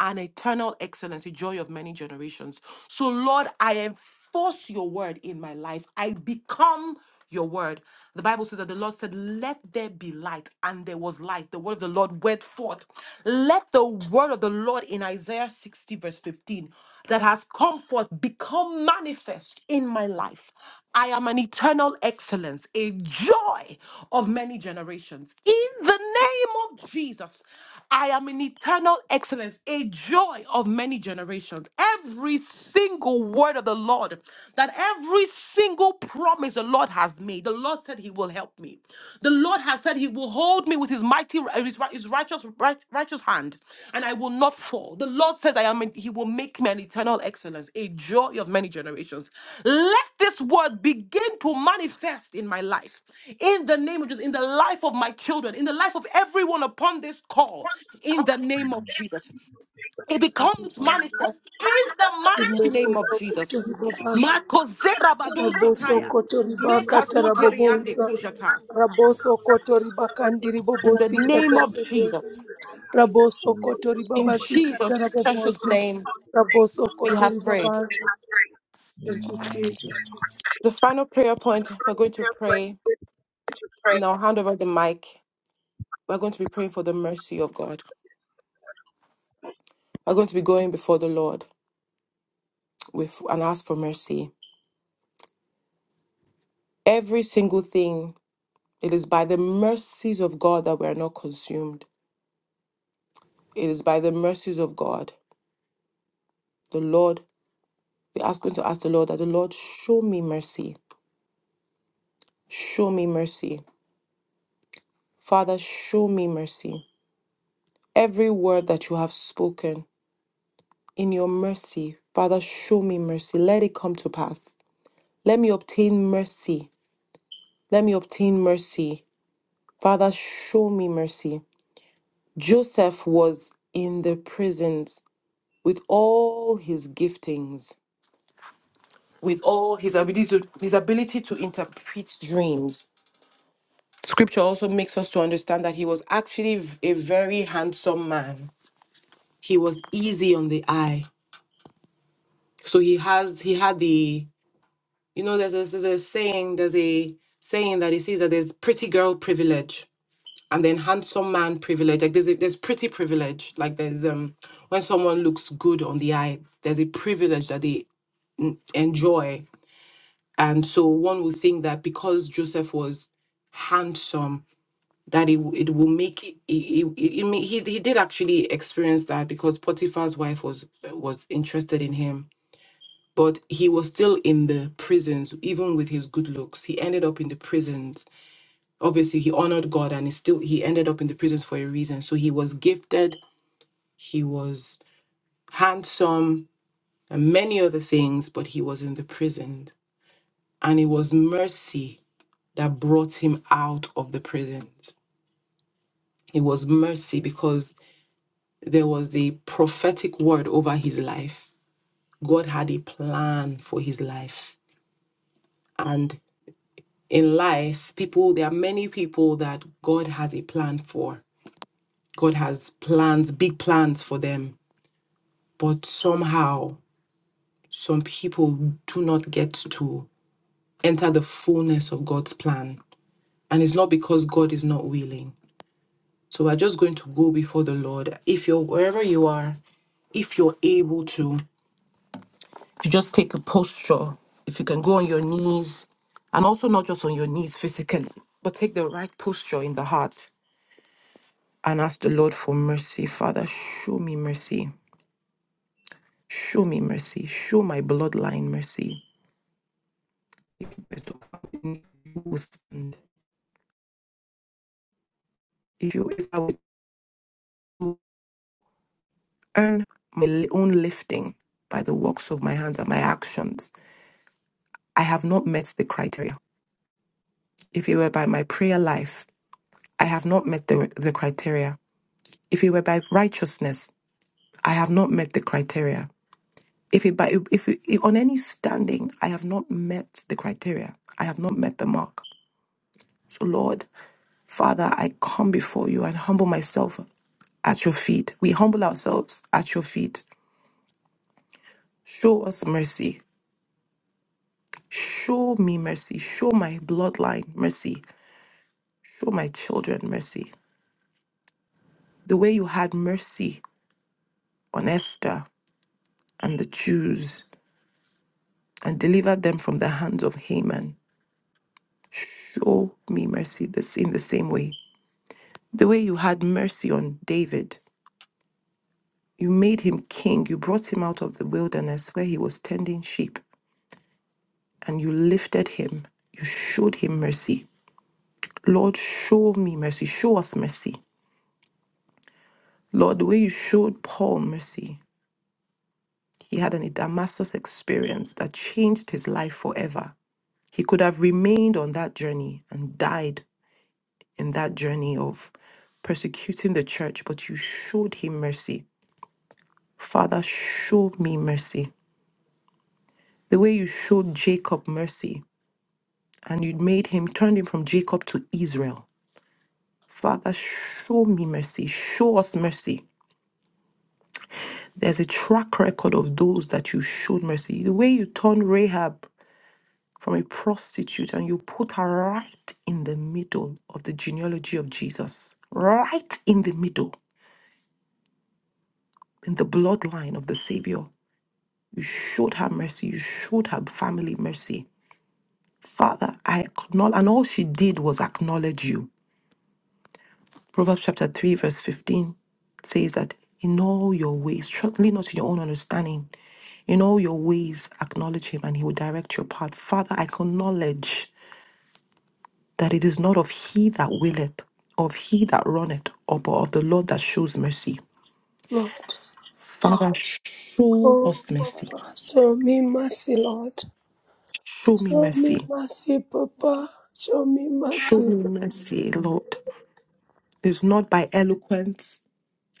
Speaker 2: an eternal excellence, a joy of many generations. So, Lord, I enforce your word in my life. I become your word. The Bible says that the Lord said, Let there be light, and there was light. The word of the Lord went forth. Let the word of the Lord in Isaiah 60, verse 15, that has come forth become manifest in my life. I am an eternal excellence, a joy of many generations. In the name of Jesus, I am an eternal excellence, a joy of many generations. Every single word of the Lord that every single promise the Lord has made, the Lord said He will help me. The Lord has said He will hold me with His mighty, uh, His, ri- his righteous, right, righteous hand, and I will not fall. The Lord says I am. in- He will make me an eternal excellence, a joy of many generations. Let this word begin to manifest in my life, in the name of Jesus, in the life of my children, in the life of everyone upon this call, in the name of Jesus. It becomes manifest in the mighty
Speaker 4: Rimoko
Speaker 2: name of Jesus.
Speaker 4: sokoto ribabaza.
Speaker 2: Makozera
Speaker 4: Raboso
Speaker 2: badoshataya.
Speaker 4: kotori bakata
Speaker 2: Mekazoteriande koshata.
Speaker 4: Raboso kotori
Speaker 2: In the
Speaker 4: ribobosi kata
Speaker 2: name of Jesus,
Speaker 4: Raboso kotori
Speaker 2: in
Speaker 4: babasi
Speaker 2: Jesus' precious name,
Speaker 4: Raboso
Speaker 2: we have
Speaker 4: kotori
Speaker 2: prayed.
Speaker 4: Thank you, Jesus.
Speaker 2: The final prayer point, we're going to pray. Now, hand over the mic. We're going to be praying for the mercy of God. We're going to be going before the Lord with and ask for mercy. Every single thing, it is by the mercies of God that we are not consumed. It is by the mercies of God. The Lord, we ask going to ask the Lord that the Lord show me mercy Show me mercy. Father, show me mercy. Every word that you have spoken in your mercy, Father, show me mercy. Let it come to pass. Let me obtain mercy. Let me obtain mercy. Father, show me mercy. Joseph was in the prisons with all his giftings, with all his ability to, his ability to interpret dreams. Scripture also makes us to understand that he was actually v- a very handsome man. he was easy on the eye. So he has he had the you know there's a, there's a saying there's a saying that he says that there's pretty girl privilege and then handsome man privilege. Like there's a, there's pretty privilege. Like there's um when someone looks good on the eye, there's a privilege that they enjoy. And so one would think that because Joseph was handsome that it, w- it will make it, it, it, it- I mean, he, he did actually experience that because potiphar's wife was was interested in him but he was still in the prisons even with his good looks he ended up in the prisons obviously he honored god and he still he ended up in the prisons for a reason so he was gifted he was handsome and many other things but he was in the prison and it was mercy that brought him out of the prisons it was mercy because there was a prophetic word over his life god had a plan for his life and. in life, people, there are many people that God has a plan for. God has plans, big plans for them. But somehow, some people do not get to enter the fullness of God's plan. And it's not because God is not willing. So we're just going to go before the Lord. If you're wherever you are, if you're able to, to just take a posture, if you can go on your knees, and also not just on your knees physically, but take the right posture in the heart and ask the Lord for mercy. Father, show me mercy. Show me mercy. Show my bloodline mercy. If you were to come you will stand. If you if I were to earn my li- own lifting by the works of my hands and my actions, I have not met the criteria. If it were by my prayer life, I have not met the, the criteria. If it were by righteousness, I have not met the criteria. If it by if it, on any standing, I have not met the criteria. I have not met the mark. So, Lord, Father, I come before you and humble myself at your feet. We humble ourselves at your feet. Show us mercy. Show me mercy. Show my bloodline mercy. Show my children mercy. The way you had mercy on Esther and the Jews and delivered them from the hands of Haman. Show me mercy this in the same way. The way you had mercy on David. You made him king. You brought him out of the wilderness where he was tending sheep and you lifted him. You showed him mercy. Lord, show me mercy. Show us mercy. Lord, the way you showed Paul mercy, he had an Damascus experience that changed his life forever. He could have remained on that journey and died in that journey of persecuting the church, but you showed him mercy. Father, show me mercy. The way you showed Jacob mercy and you made him, turned him from Jacob to Israel Father, show me mercy. Show us mercy. There's a track record of those that you showed mercy. The way you turned Rahab from a prostitute and you put her right in the middle of the genealogy of Jesus, right in the middle, in the bloodline of the Savior. You showed her mercy. You showed her family mercy. Father, I acknowledge, and all she did was acknowledge you. Proverbs chapter 3, verse 15 says that in all your ways, trust lean not to your own understanding. In all your ways, acknowledge him and he will direct your path. Father, I acknowledge that it is not of he that willeth, of he that runneth, or but of the Lord that shows mercy.
Speaker 4: Lord.
Speaker 2: Father, show
Speaker 4: Oh,
Speaker 2: us mercy.
Speaker 4: Papa, show me mercy, Lord.
Speaker 2: Show me
Speaker 4: Show me
Speaker 2: mercy.
Speaker 4: mercy, Papa. Show me
Speaker 2: Show
Speaker 4: mercy.
Speaker 2: me mercy, Lord. It is not by eloquence,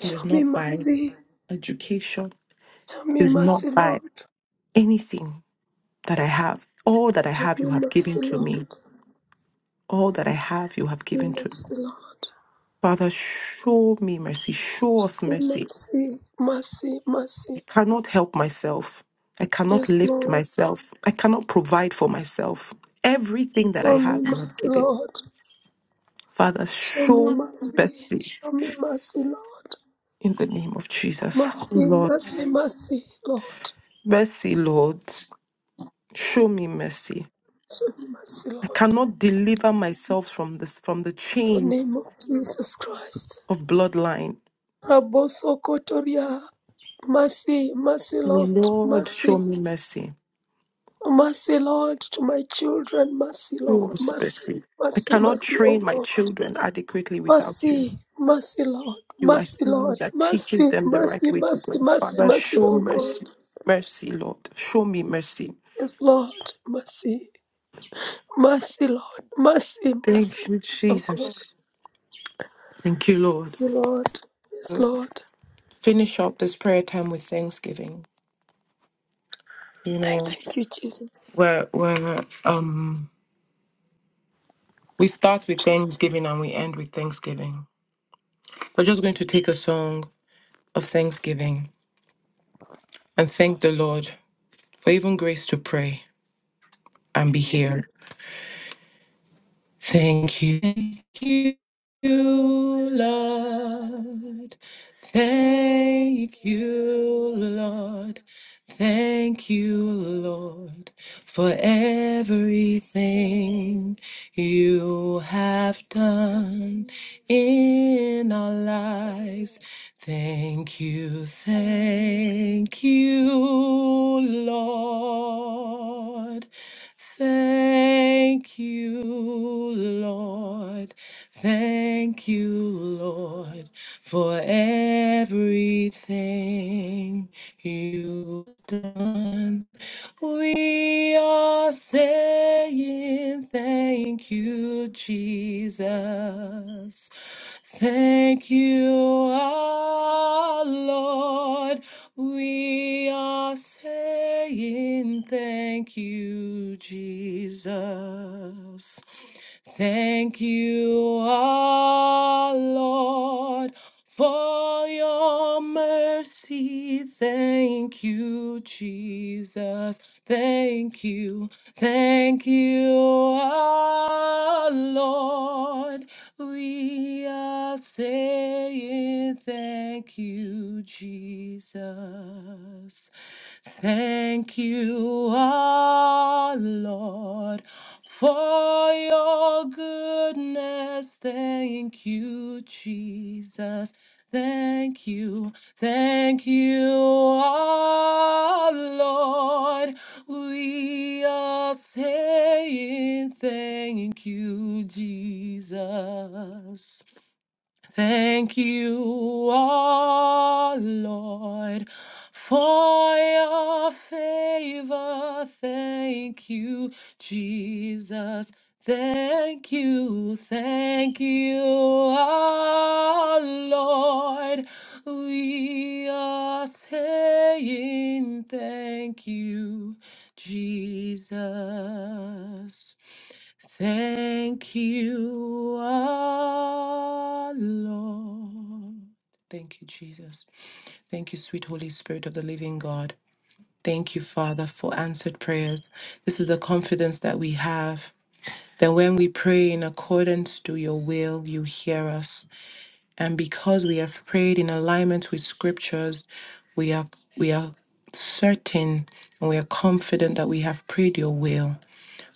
Speaker 2: it is
Speaker 4: me
Speaker 2: not by
Speaker 4: mercy.
Speaker 2: education,
Speaker 4: Show me
Speaker 2: it is
Speaker 4: mercy,
Speaker 2: not by
Speaker 4: Lord.
Speaker 2: anything that I have. All that I
Speaker 4: Show
Speaker 2: have, you
Speaker 4: me
Speaker 2: have given
Speaker 4: mercy,
Speaker 2: to me.
Speaker 4: Lord. Show
Speaker 2: All that I have, you have
Speaker 4: me
Speaker 2: given to me.
Speaker 4: mercy, Lord.
Speaker 2: Father, show me mercy. Show us mercy.
Speaker 4: Mercy, mercy,
Speaker 2: I
Speaker 4: mercy.
Speaker 2: cannot help myself. I cannot
Speaker 4: Yes,
Speaker 2: lift
Speaker 4: Lord.
Speaker 2: myself. I cannot provide for myself. Everything that I
Speaker 4: Show
Speaker 2: have,
Speaker 4: me
Speaker 2: you have
Speaker 4: mercy,
Speaker 2: given.
Speaker 4: Lord.
Speaker 2: Father,
Speaker 4: Show me
Speaker 2: show
Speaker 4: mercy.
Speaker 2: mercy
Speaker 4: Show me mercy, Lord.
Speaker 2: in the name of Jesus. Oh
Speaker 4: Mercy,
Speaker 2: Lord,
Speaker 4: mercy, mercy, Lord.
Speaker 2: mercy, Lord. Show me mercy.
Speaker 4: Show me mercy,
Speaker 2: I
Speaker 4: Lord.
Speaker 2: cannot deliver myself from this from the
Speaker 4: In the
Speaker 2: chains
Speaker 4: name of Jesus Christ.
Speaker 2: of bloodline.
Speaker 4: Raboso Kotoria. Mercy, mercy, Lord.
Speaker 2: Lord, show
Speaker 4: Mercy.
Speaker 2: me mercy.
Speaker 4: Mercy, Lord, to my children. Mercy, Lord.
Speaker 2: Show us
Speaker 4: Mercy,
Speaker 2: mercy. I
Speaker 4: mercy,
Speaker 2: cannot
Speaker 4: mercy, oh
Speaker 2: train my
Speaker 4: God.
Speaker 2: children adequately without you.
Speaker 4: Mercy, mercy, Lord,
Speaker 2: You are
Speaker 4: mercy,
Speaker 2: He
Speaker 4: Lord,
Speaker 2: that teaches
Speaker 4: mercy,
Speaker 2: them the right
Speaker 4: mercy,
Speaker 2: way to go.
Speaker 4: mercy, mercy,
Speaker 2: Father,
Speaker 4: mercy,
Speaker 2: show
Speaker 4: oh
Speaker 2: mercy.
Speaker 4: God.
Speaker 2: Mercy, Lord. Show me mercy.
Speaker 4: Yes, Lord, mercy, mercy, Lord, mercy, mercy,
Speaker 2: Thank you,
Speaker 4: oh God.
Speaker 2: Jesus. Thank you, Lord.
Speaker 4: Thank you, Lord, yes, Lord.
Speaker 2: Finish up this prayer time with thanksgiving. You know,
Speaker 4: Thank you, Jesus.
Speaker 2: where where um we start with thanksgiving and we end with thanksgiving. We're just going to take a song of thanksgiving and thank the Lord for even grace to pray and be here. Thank you. Thank you, Lord. Thank you, Lord. Thank you, Lord, for everything you have done in our lives. Thank you, thank you, Lord. Thank you, Lord. Thank you, Lord, for everything you've done. We are saying thank you, Jesus. Thank you, our Lord. We are saying saying thank you, Jesus. Thank you, our Lord, for your mercy. Thank you, Jesus. Thank you, thank you, our Lord. We are saying thank you, Jesus. Thank you, our Lord, for your goodness, thank you, Jesus. Thank you, thank you, our Lord. We are saying thank you, Jesus. Thank you, our Lord, for your favor. Thank you, Jesus. Thank you, thank you, our Lord. We are saying thank you, Jesus. Thank you, our Lord. Thank you, Jesus. Thank you, sweet Holy Spirit of the living God. Thank you, Father, for answered prayers. This is the confidence that we have that when we pray in accordance to your will, you hear us. And because we have prayed in alignment with scriptures, we are we are certain and we are confident that we have prayed your will.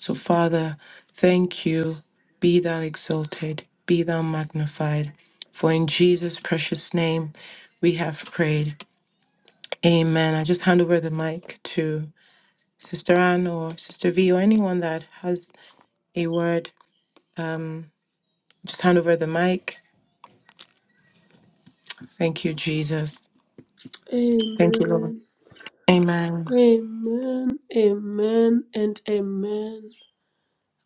Speaker 2: So, Father, thank you. Be thou exalted, be thou magnified. For in Jesus' precious name we have prayed. Amen. I just hand over the mic to Sister Anne or Sister V or anyone that has a word. Um, just hand over the mic. Thank you, Jesus. Thank you, Lord.
Speaker 4: Amen,
Speaker 2: Amen.
Speaker 4: amen, amen, and amen.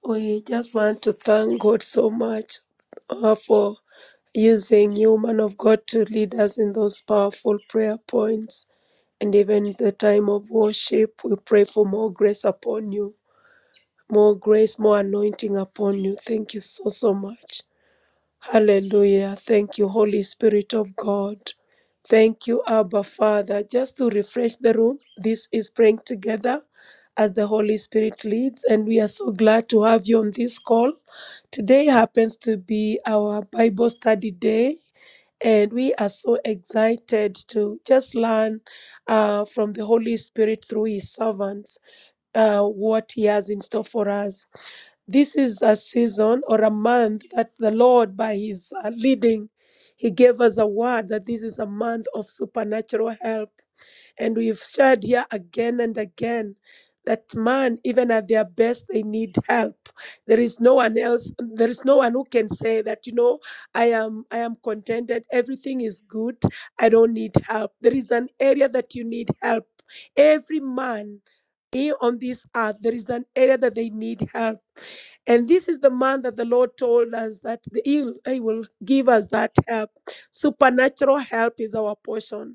Speaker 4: We just want to thank God so much uh, for using you, man of God, to lead us in those powerful prayer points. And even the time of worship, we pray for more grace upon you, more grace, more anointing upon you. Thank you so, so much. Hallelujah. Thank you, Holy Spirit of God. Thank you, Abba Father. Just to refresh the room, this is praying together as the Holy Spirit leads. And we are so glad to have you on this call. Today happens to be our Bible study day, and we are so excited to just learn uh, from the Holy Spirit through His servants uh, what He has in store for us. This is a season or a month that the Lord, by His uh, leading, He gave us a word that this is a month of supernatural help. And we've shared here again and again that man, even at their best, they need help. There is no one else, there is no one who can say that, you know, I am I am contented, everything is good, I don't need help. There is an area that you need help. Every man here on this earth, there is an area that they need help. And this is the man that the Lord told us that the- he he will give us that help. Supernatural help is our portion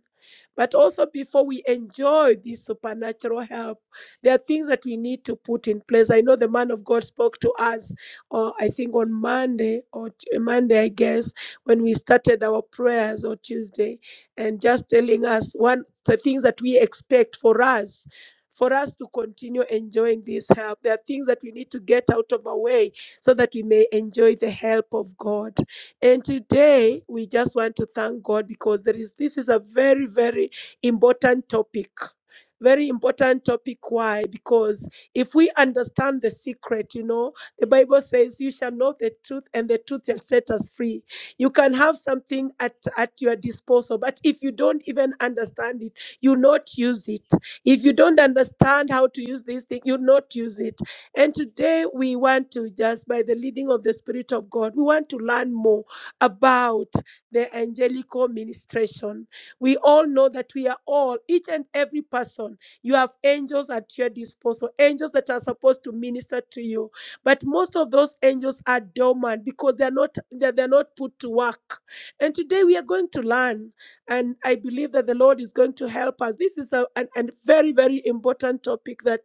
Speaker 4: but also, before we enjoy this supernatural help, there are things that we need to put in place. I know the man of God spoke to us, uh, I think on Monday or t- Monday, I guess, when we started our prayers or Tuesday, and just telling us one the things that we expect for us. For us to continue enjoying this help, there are things that we need to get out of our way so that we may enjoy the help of God. And today we just want to thank God because there is this is a very, very important topic. Very important topic. Why? Because if we understand the secret, you know, the Bible says, You shall know the truth, and the truth shall set us free. You can have something at, at your disposal, but if you don't even understand it, you not use it. If you don't understand how to use this thing, you not use it. And today we want to just, by the leading of the Spirit of God, we want to learn more about the angelical ministration. We all know that we are all, each and every person, you have angels at your disposal, angels that are supposed to minister to you. But most of those angels are dormant because they're not they're, they're not put to work. And today we are going to learn. And I believe that the Lord is going to help us. This is a, an, an very, very important topic that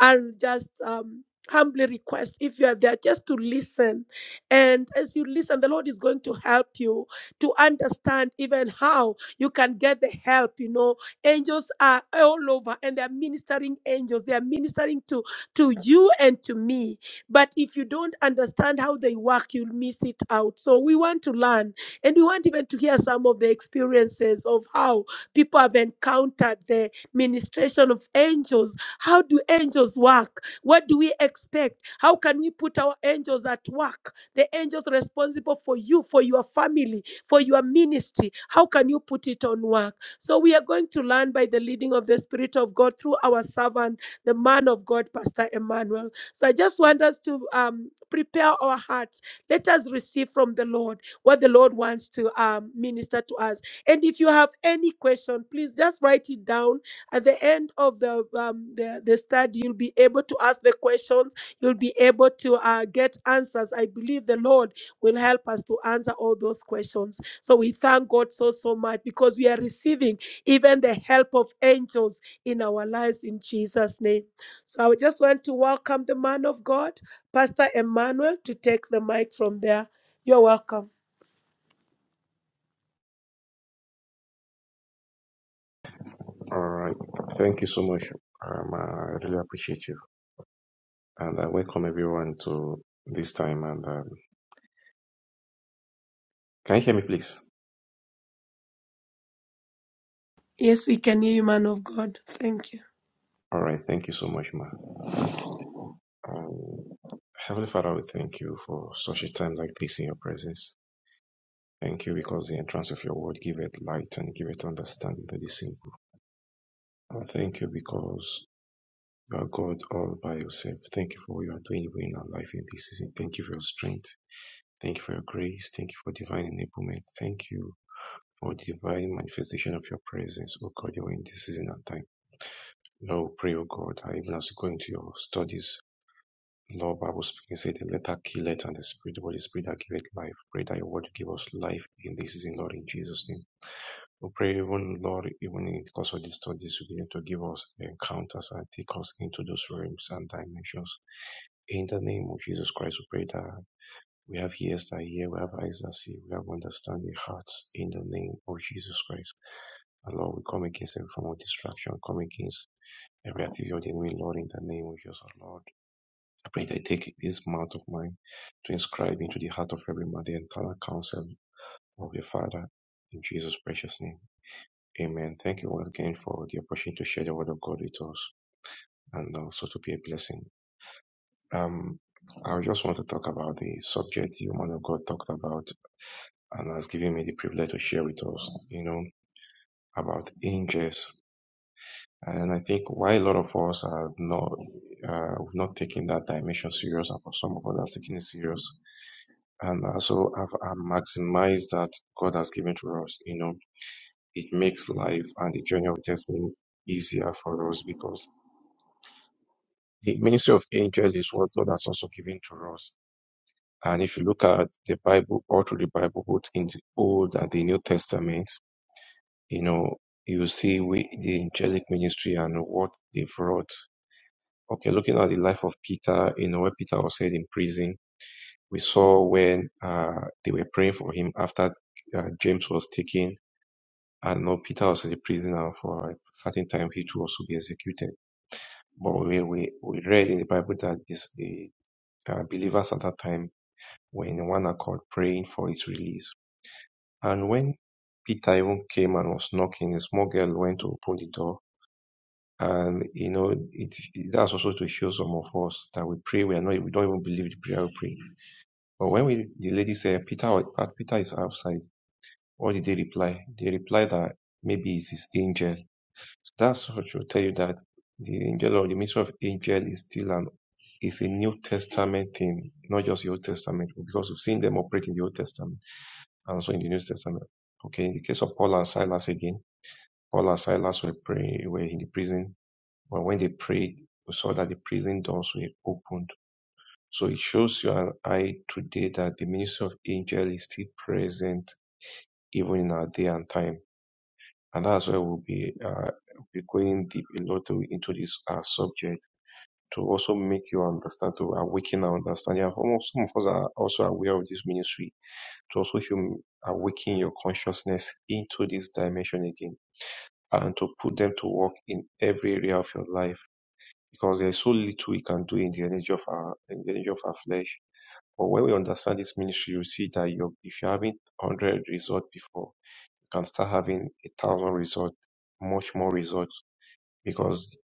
Speaker 4: I'll just um, humbly request if you are there just to listen and as you listen, the Lord is going to help you to understand even how you can get the help. You know, angels are all over and they're ministering angels, they are ministering to, to you and to me. But if you don't understand how they work, you'll miss it out. So we want to learn and we want even to hear some of the experiences of how people have encountered the ministration of angels. How do angels work? What do we expect? How can we put our angels at work? the angels responsible for you, for your family, for your ministry. How can you put it on work? So we are going to learn by the leading of the Spirit of God through our servant, the man of God, Pastor Emmanuel. So I just want us to um, prepare our hearts. Let us receive from the Lord what the Lord wants to um, minister to us. And if you have any question, please just write it down. At the end of the um, the, the study, you'll be able to ask the questions You'll be able to uh, get answers. I believe the Lord will help us to answer all those questions. So we thank God so, so much because we are receiving even the help of angels in our lives in Jesus' name. So I just want to welcome the man of God, Pastor Emmanuel, to take the mic from there. You're welcome.
Speaker 5: All right. Thank you so much. Um, I really appreciate you. And I welcome everyone to this time. And um, can you hear me, please?
Speaker 4: Yes, we can hear you, man of God. Thank
Speaker 5: All right. Thank you so much, ma. Um, Heavenly Father, we thank you for such a time like this in your presence. Thank you because the entrance of your word give it light and give it understanding to the simple. And thank you because you are God all by yourself. Thank you for what you are doing in our life in this season. Thank you for your strength. Thank you for your grace. Thank you for divine enablement. Thank you O divine manifestation of your presence, O God, you're in this season and time. Lord, we pray, O God, that even as you go into your studies, Lord, Bible speaking, say the letter killeth and the spirit, the Holy spirit that giveth life. Pray that your word give us life in this season, Lord, in Jesus' name. We pray, even Lord, even in the course of these studies, you begin to give us encounters and take us into those realms and dimensions. In the name of Jesus Christ, we pray that we have ears that hear, we have eyes that see, we have understanding hearts in the name of Jesus Christ. And Lord, we come against every form of distraction, come against every activity of the enemy, Lord, in the name of Jesus, our Lord. I pray that you take this mouth of mine to inscribe into the heart of every man the entire counsel of your Father, in Jesus' precious name. Amen. Thank you once again for the opportunity to share the word of God with us and also to be a blessing. Um, I just want to talk about the subject the woman of God talked about and has given me the privilege to share with us, you know, about angels And I think why a lot of us are not, uh, we've not taken that dimension serious, and for some of us are taking it serious, and also have uh, maximized that God has given to us. You know, it makes life and the journey of destiny easier for us because the ministry of angels is what God has also given to us. And if you look at the Bible, all through the Bible, both in the Old and the New Testament, you know, you see we, the angelic ministry and what they've wrought Okay, looking at the life of Peter, you know, where Peter was held in prison, we saw when uh, they were praying for him after uh, James was taken, and now Peter was a prisoner for a certain time, he too was to be executed. But we, we, we read in the Bible that this, the uh, believers at that time were in one accord praying for his release. And when Peter even came and was knocking, a small girl went to open the door And you know, it that's also to show some of us that we pray, we are not we don't even believe the prayer we pray. But when we the lady said Peter "But Peter is outside, what did they reply? They replied that maybe it's his angel. So that's what will tell you that the angel or the ministry of angel is still an it's a New Testament thing, not just the Old Testament, because we've seen them operate in the Old Testament and also in the New Testament. Okay, in the case of Paul and Silas again, Paul and Silas were praying, were in the prison but when they prayed, we saw that the prison doors were opened. So it shows you and I today that the ministry of angel is still present even in our day and time. And that's why we'll be, uh, be going deep a lot to- into this uh, subject to also make you understand, to awaken our understanding. And some of some of us are also aware of this ministry, to also hum- awaken your consciousness into this dimension again and to put them to work in every area of your life because there's so little we can do in the energy of our in the energy of our flesh. But when we understand this ministry, you see that you're, if you're having hundred results before, you can start having a thousand results, much more results, because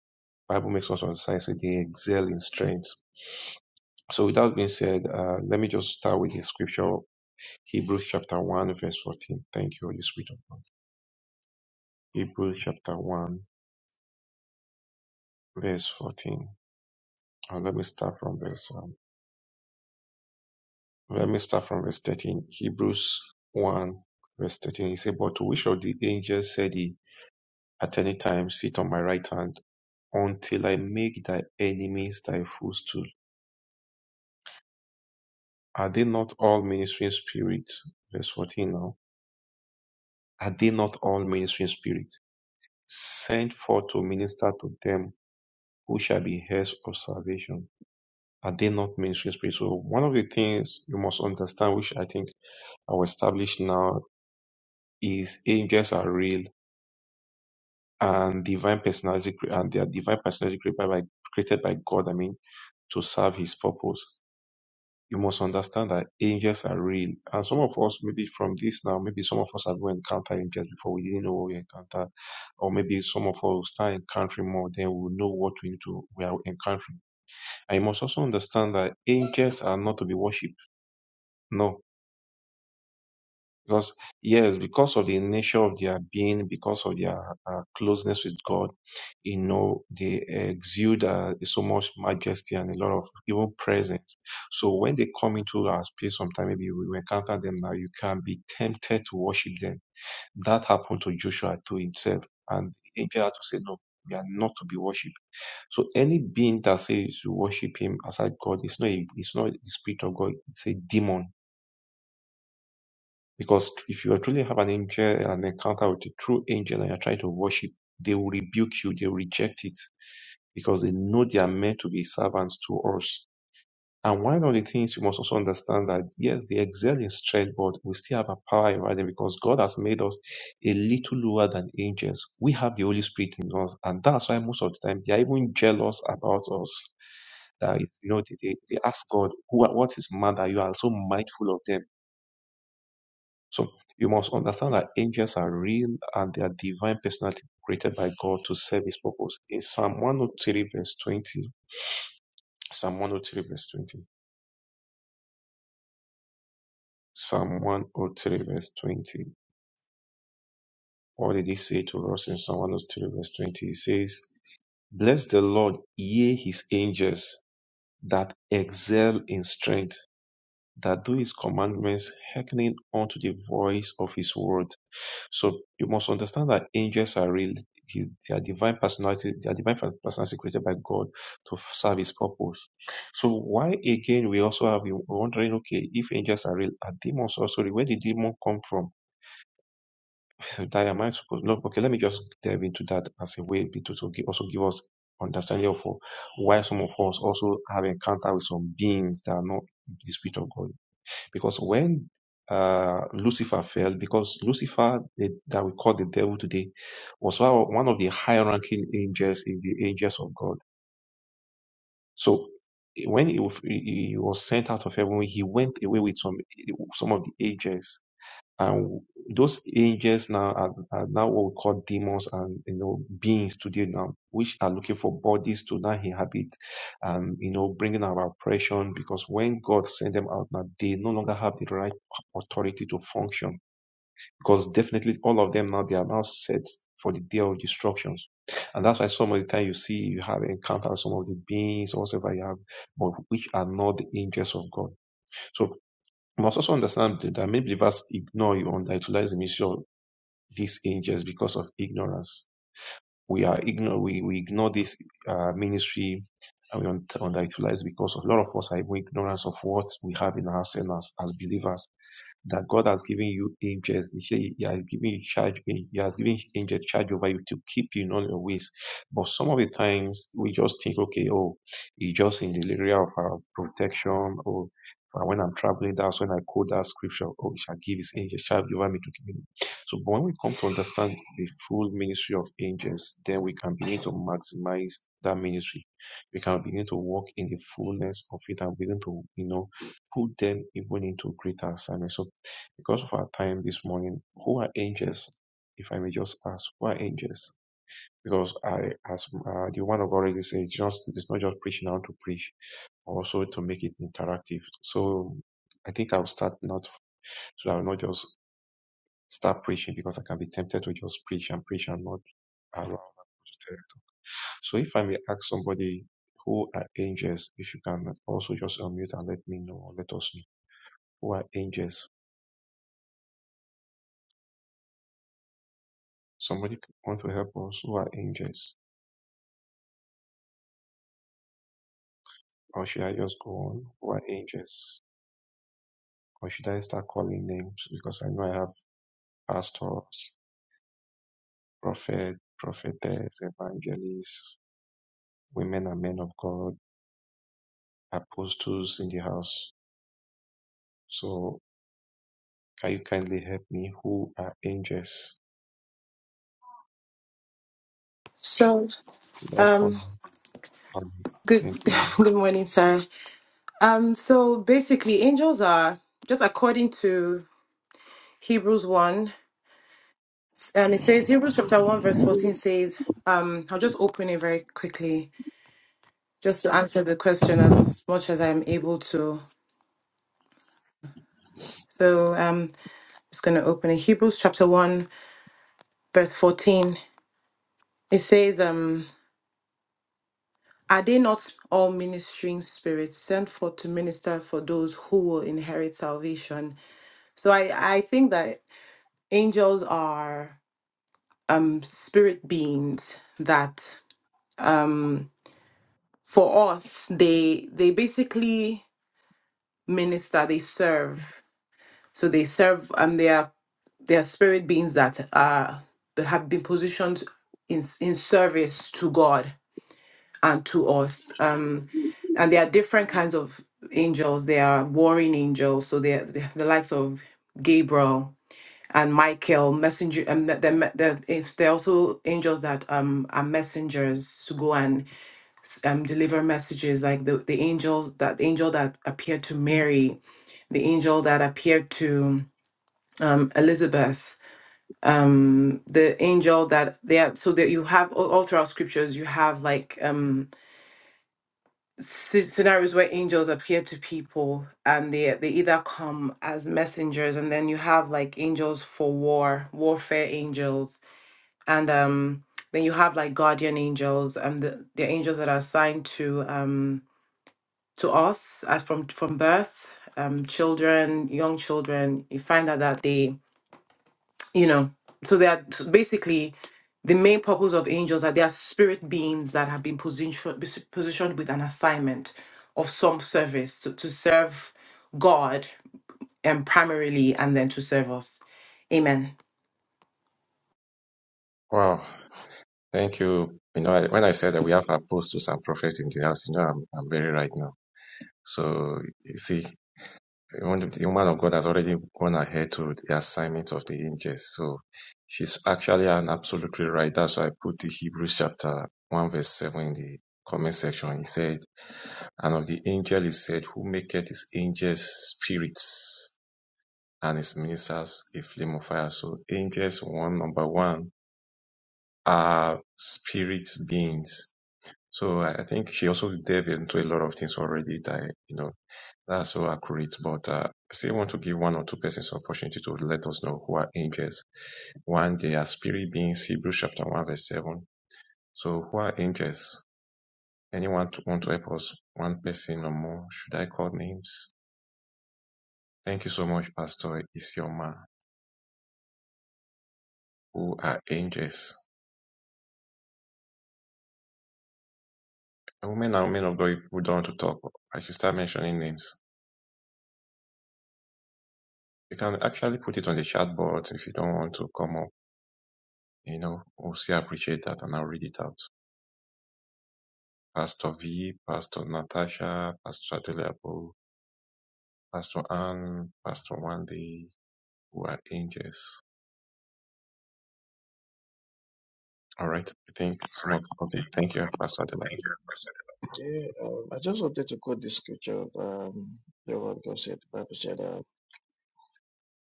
Speaker 5: Bible makes us understand that they excel in strength. So with that being said, uh, let me just start with the scripture, Hebrews chapter 1, verse 14. Thank you, Holy Spirit of God. Hebrews chapter 1, verse 14. And let me start from verse 1. Let me start from verse 13. Hebrews 1, verse 13. He said, But to which of the angels said he, At any time sit on my right hand until I make thy enemies thy footstool? Are they not all ministering spirits? Verse 14 now. Are they not all ministering spirits? Sent forth to minister to them who shall be heirs of salvation. Are they not ministering spirits? So one of the things you must understand, which I think I will establish now, is angels are real and divine personality cre- and their divine personality created by created by God, I mean, to serve his purpose. You must understand that angels are real. And some of us, maybe from this now, maybe some of us have even encountered angels before we didn't know what we encountered. Or maybe some of us will start encountering more, then we'll know what we need to we are encountering. And you must also understand that angels are not to be worshipped. No Because, yes, because of the nature of their being, because of their uh, closeness with God, you know, they exude uh, so much majesty and a lot of even presence. So when they come into our space, sometime, maybe we will encounter them now, you can be tempted to worship them. That happened to Joshua to himself. And the angel had to say, no, we are not to be worshipped. So any being that says you worship him aside God, it's not, a, it's not the spirit of God, it's a demon because if you truly have an angel, an encounter with a true angel, and you're trying to worship, they will rebuke you, they will reject it, because they know they are meant to be servants to us. And one of the things you must also understand that yes, they excel in strength, but we still have a power over them because God has made us a little lower than angels. We have the Holy Spirit in us, and that's why most of the time they are even jealous about us that you know they, they, they ask God, who what is man that you are so mindful of them? So you must understand that angels are real and they are divine personality created by God to serve his purpose. In Psalm 103 verse 20, Psalm 103 verse 20, Psalm 103 verse 20, what did he say to us in Psalm 103 verse 20? He says, Bless the Lord, ye his angels that excel in strength that do his commandments, hearkening unto the voice of his word. So you must understand that angels are real. His, their divine personality, their divine personality created by God to serve his purpose. So why again we also have been wondering, okay, if angels are real, are demons also real? Where did demon come from? that am I supposed no, okay, let me just dive into that as a way to, to give, also give us understanding of why some of us also have encounter with some beings that are not the spirit of God. Because when uh, Lucifer fell, because Lucifer, the, that we call the devil today, was one one of the high ranking angels in the angels of God. So when he, was- he he was sent out of heaven, he went away with some, some of the angels and those angels now are, are now what we call demons and you know beings today now, which are looking for bodies to now inhabit and you know bringing our oppression because when God sent them out now, they no longer have the right authority to function because definitely all of them now they are now set for the day of destructions. And that's why some of the time you see you have encountered some of the beings or whatever you have, but which are not the angels of God. So. We must also understand that many believers ignore or underutilize the ministry of these angels because of ignorance. We are ignore we, we ignore this uh, ministry and we un- underutilize because of a lot of us are in ignorance of what we have in ourselves as, as believers that God has given you angels. He, said he has given you charge. He has given angels charge over you to keep you in all your ways. But some of the times we just think, okay, oh, it's just in the area of our protection. Or when I'm traveling, that's when I quote that scripture. Oh, he shall give his angels charge over me to keep me. So, but when we come to understand the full ministry of angels, then we can begin to maximize that ministry. We can begin to walk in the fullness of it and begin to, you know, put them even into greater assignment. So because of our time this morning, who are angels? If I may just ask, who are angels? Because I, as uh, the one of already said, just it's not just preaching how to preach, also to make it interactive. So I think I'll start not so I'll not just start preaching because I can be tempted to just preach and preach and not allow. to talk. So if I may ask somebody who are angels, if you can also just unmute and let me know or let us know who are angels. Somebody want to help us? Who are angels? Or should I just go on over ages? Or should I start calling names? Because I know I have pastors, prophet, prophetess, evangelists, women and men of God, apostles in the house. So can you kindly help me? Who are angels?
Speaker 2: So,
Speaker 5: Should I call
Speaker 2: um,
Speaker 5: them? Um,
Speaker 2: good
Speaker 5: Thank you,
Speaker 2: good morning, sir. Um, so basically, angels are just according to Hebrews 1. And it says Hebrews chapter 1, verse 14
Speaker 5: ma'am.
Speaker 2: says, um, I'll just open it very quickly just to answer the question as much as I'm able to. So um just gonna open it. Hebrews chapter 1, verse 14. It says, um, are they not all ministering spirits sent forth to minister for those who will inherit salvation? So I, I think that angels are um spirit beings that um for us they they basically minister they serve. So they serve, and they are they are spirit beings that are that have been positioned in in service to God and to us. Um, and there are different kinds of angels. There are warring angels, so they are they the likes of Gabriel and Michael, messenger. and the, the, the, it's, they're also angels that um are messengers to go and s- um deliver messages, like the the angels that the angel that appeared to Mary the angel that appeared to um, Elizabeth, um, the angel that they are, so that you have all, all throughout scriptures, you have like um, sce- scenarios where angels appear to people and they, they either come as messengers and then you have like angels for war, warfare angels, and um, then you have like guardian angels and the, the angels that are assigned to um, to us as from from birth um, children young children you find out that they you know so they are so basically the main purpose of angels are they are spirit beings that have been positioned positioned with an assignment of some service to, to serve god and primarily and then to serve us amen
Speaker 5: Wow. Thank you. You know, I, when I said that we have apostles and prophets in the house, you know, I'm, I'm very right now. So you see, The woman the woman of God has already gone ahead to the assignment of the angels. So she's actually an absolutely right. That's why I put the Hebrews chapter 1 verse 7 in the comment section. He said, And of the angel he said, Who maketh his angels spirits and his ministers a flame of fire. So angels, one number one, are spirit beings. So I I think she also delved into a lot of things already that, you know, that's so accurate. But uh, I still want to give one or two persons opportunity to let us know who are angels. One, they are spirit beings, Hebrews chapter 1, verse 7. So who are angels? Anyone to, want to help us? One person or more? Should I call names? Thank you so much, Pastor Isioma. Who are angels? Women and men of God who don't want to talk, I should start mentioning names. You can actually put it on the chat board if you don't want to come up. You know, we'll still appreciate that and I'll read it out. Pastor V, Pastor Natasha, Pastor Adeleable, Pastor Anne, Pastor Wendy, who are angels. All right. I think some of, okay. Thank you, Pastor Adeleable.
Speaker 3: Yeah, um, I just wanted to quote this scripture. Um, the word God said, the Bible said, uh,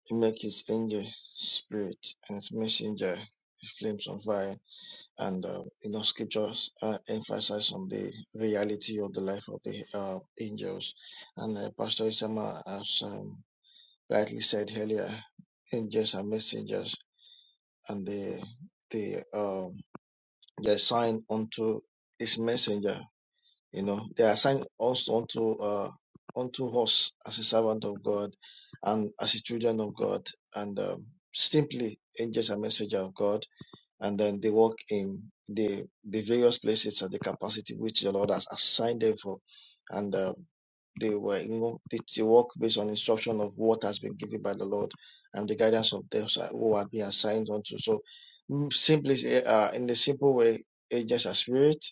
Speaker 3: He make His angel spirit and His messenger flames on fire. And um, you know, scriptures uh, emphasize on the reality of the life of the uh, angels. And uh, Pastor Isama has um, rightly said earlier, angels are messengers, and they they um they assign unto his messenger. You know, they assign us unto uh unto us as a servant of God and as a children of God, and um, simply angels are messenger of God, and then they work in the the various places and the capacity which the Lord has assigned them for, and. uh, they were, you know, they, they work based on instruction of what has been given by the Lord and the guidance of those who had been assigned unto. So, mm, simply, uh, in the simple way, angels are spirit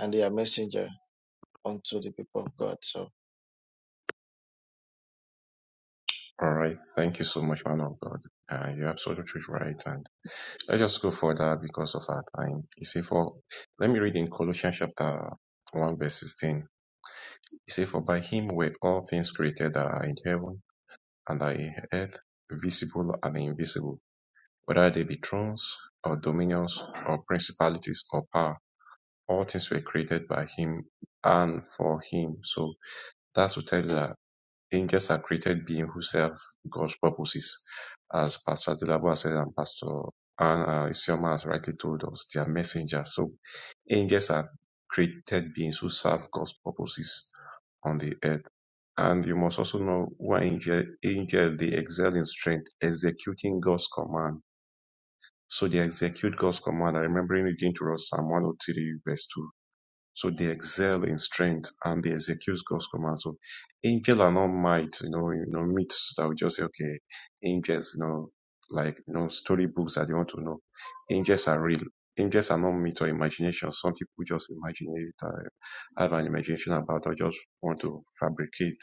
Speaker 3: and they are messenger unto the people of God. So,
Speaker 5: All right. Thank you so much, man of God. Uh, you're absolutely right. And let's just go further because of our time. You see, for, let me read in Colossians chapter 1 verse 16. You see, for by him were all things created that are in heaven and are in earth, visible and invisible Whether they be thrones, or dominions, or principalities, or power, all things were created by him and for him. So that's to tell you that angels are created beings who serve God's purposes. As Pastor Adelabo said and Pastor and uh, Isioma has rightly told us, they are messengers. So angels are created beings who serve God's purposes on the earth. And you must also know why angel, angel they excel in strength, executing God's command so they execute God's command. I remember again to us Psalm 103 verse 2. So they excel in strength and they execute God's command. So angels are not might, you know, you know, myths that we just say, okay, angels, you know, like you know, storybooks that you want to know. Angels are real. Angels are not myth or imagination. Some people just imagine it, uh, have an imagination about or just want to fabricate.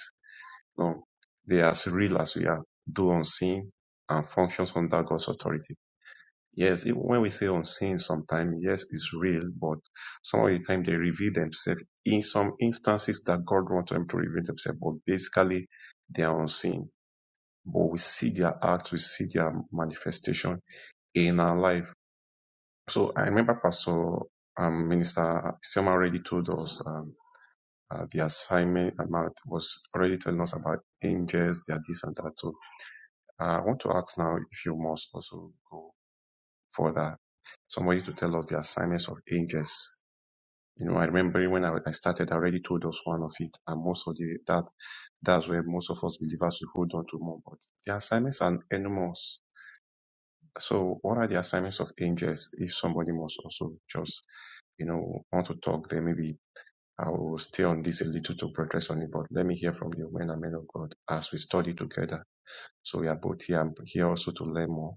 Speaker 5: No. They are as real as we are, do unseen and functions under God's authority. Yes, even when we say unseen sometimes, yes, it's real, but some of the time they reveal themselves in some instances that God wants them to reveal themselves, but basically they are unseen. But we see their acts, we see their manifestation in our life. So I remember Pastor um, Minister Isioma already told us um, uh, the assignment about was already telling us about angels, their this and that. So uh, I want to ask now if you must also go for that. Somebody to tell us the assignments of angels. You know, I remember when I, I started, I already told us one of it, and most of the that that's where most of us believers will hold on to more. But the assignments are enormous. So, what are the assignments of angels? If somebody must also just you know, want to talk, then maybe I will stay on this a little to progress on it. But let me hear from you, men and men of God, as we study together. So we are both here and here also to learn more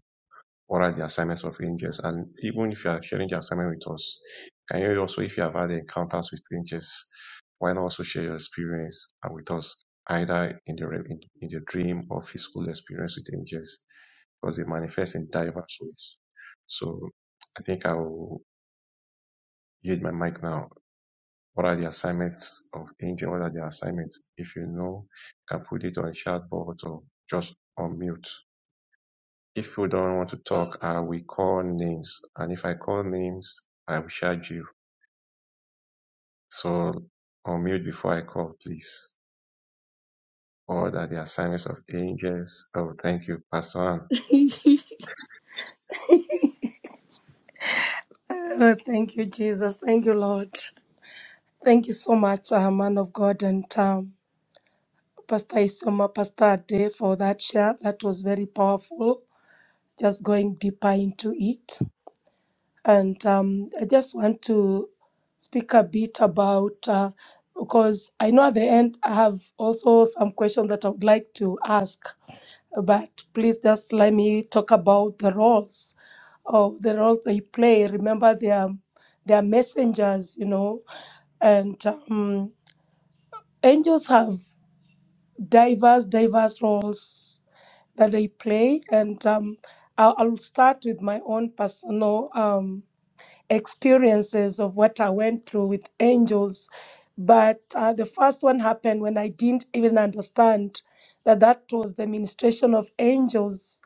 Speaker 5: what are the assignments of angels? And even if you are sharing the assignment with us, can you also, if you have had encounters with angels, why not also share your experience and with us, either in the re- in, in the dream or physical experience with angels, because they manifest in diverse ways. So I think I will yield my mic now. What are the assignments of angel? What are the assignments? If you know, you can put it on chat board or just on mute. If you don't want to talk, I will call names. And if I call names, I will charge you. So unmute before I call, please. Or that the assignments of angels. Oh, thank you, Pastor Ann.
Speaker 4: you. Oh, thank you, Jesus. Thank you, Lord. Thank you so much, uh, man of God. And um, Pastor Isoma, Pastor Ade, for that share. That was very powerful, just going deeper into it. And um, I just want to speak a bit about, uh, because I know at the end I have also some questions that I would like to ask, but please just let me talk about the roles or the roles they play. Remember, they are, they are messengers, you know, and um, angels have. diverse, diverse roles that they play. And um, I'll, I'll start with my own personal um, experiences of what I went through with angels. But uh, the first one happened when I didn't even understand that that was the ministration of angels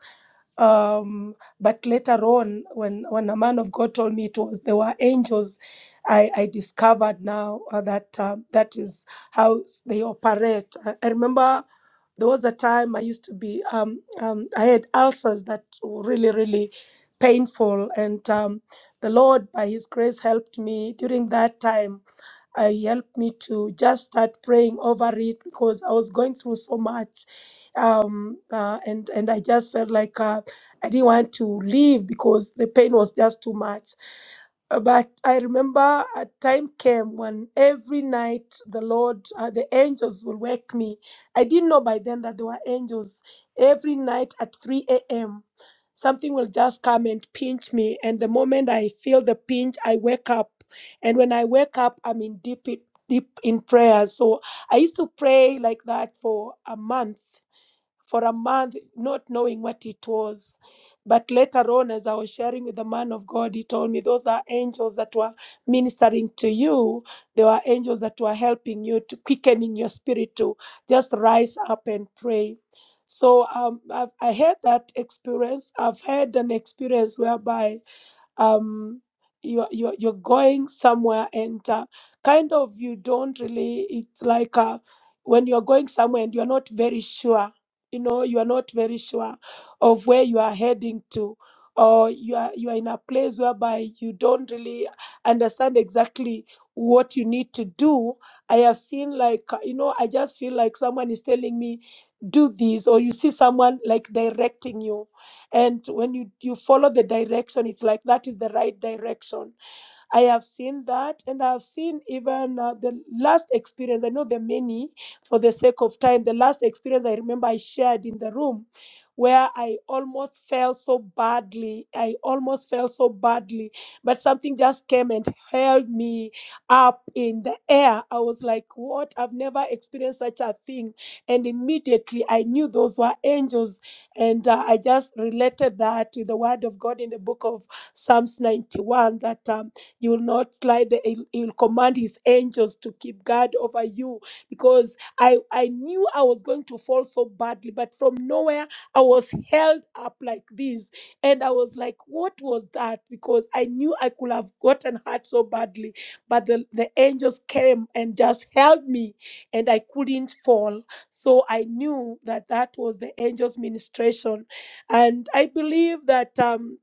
Speaker 4: um, but later on when when a man of god told me it was there were angels i, I discovered now uh, that um, that is how they operate i, I remember there was a time i used to be um, um, i had ulcers that were really really painful and um, the lord by his grace helped me during that time uh, helped me to just start praying over it because I was going through so much, um, uh, and and I just felt like uh, I didn't want to leave because the pain was just too much. Uh, But I remember a time came when every night the Lord, uh, the angels will wake me. I didn't know by then that there were angels. Every night at 3 a.m., something will just come and pinch me. And the moment I feel the pinch, I wake up and when I wake up, I'm in deep, in- deep in prayer. So I used to pray like that for a month, for a month, not knowing what it was. But later on, as I was sharing with the man of God, he told me those are angels that were ministering to you. They were angels that were helping you to quickening your spirit to just rise up and pray. So um, I've, I had that experience. I've had an experience whereby um, you're, you're, you're going somewhere and uh, kind of you don't really, it's like uh, when you're going somewhere and you're not very sure, you know, you are not very sure of where you are heading to. Or you are you are in a place whereby you don't really understand exactly what you need to do. I have seen like uh, you know I just feel like someone is telling me do this, or you see someone like directing you and when you you follow the direction it's like that is the right direction I have seen that, and I've seen even uh, the last experience. I know the many for the sake of time. The last experience I remember I shared in the room where I almost fell so badly. I almost fell so badly, but something just came and held me up in the air. I was like, What? I've never experienced such a thing. And immediately I knew those were angels. And uh, I just related that to the word of God in the book of Psalms 91 that. Um, you will not slide. The, he'll he'll command his angels to keep guard over you because I, I knew I was going to fall so badly, but from nowhere I was held up like this. And I was like, what was that? Because I knew I could have gotten hurt so badly, but the, the angels came and just held me and I couldn't fall. So I knew that that was the angels' ministration. And I believe that. Um,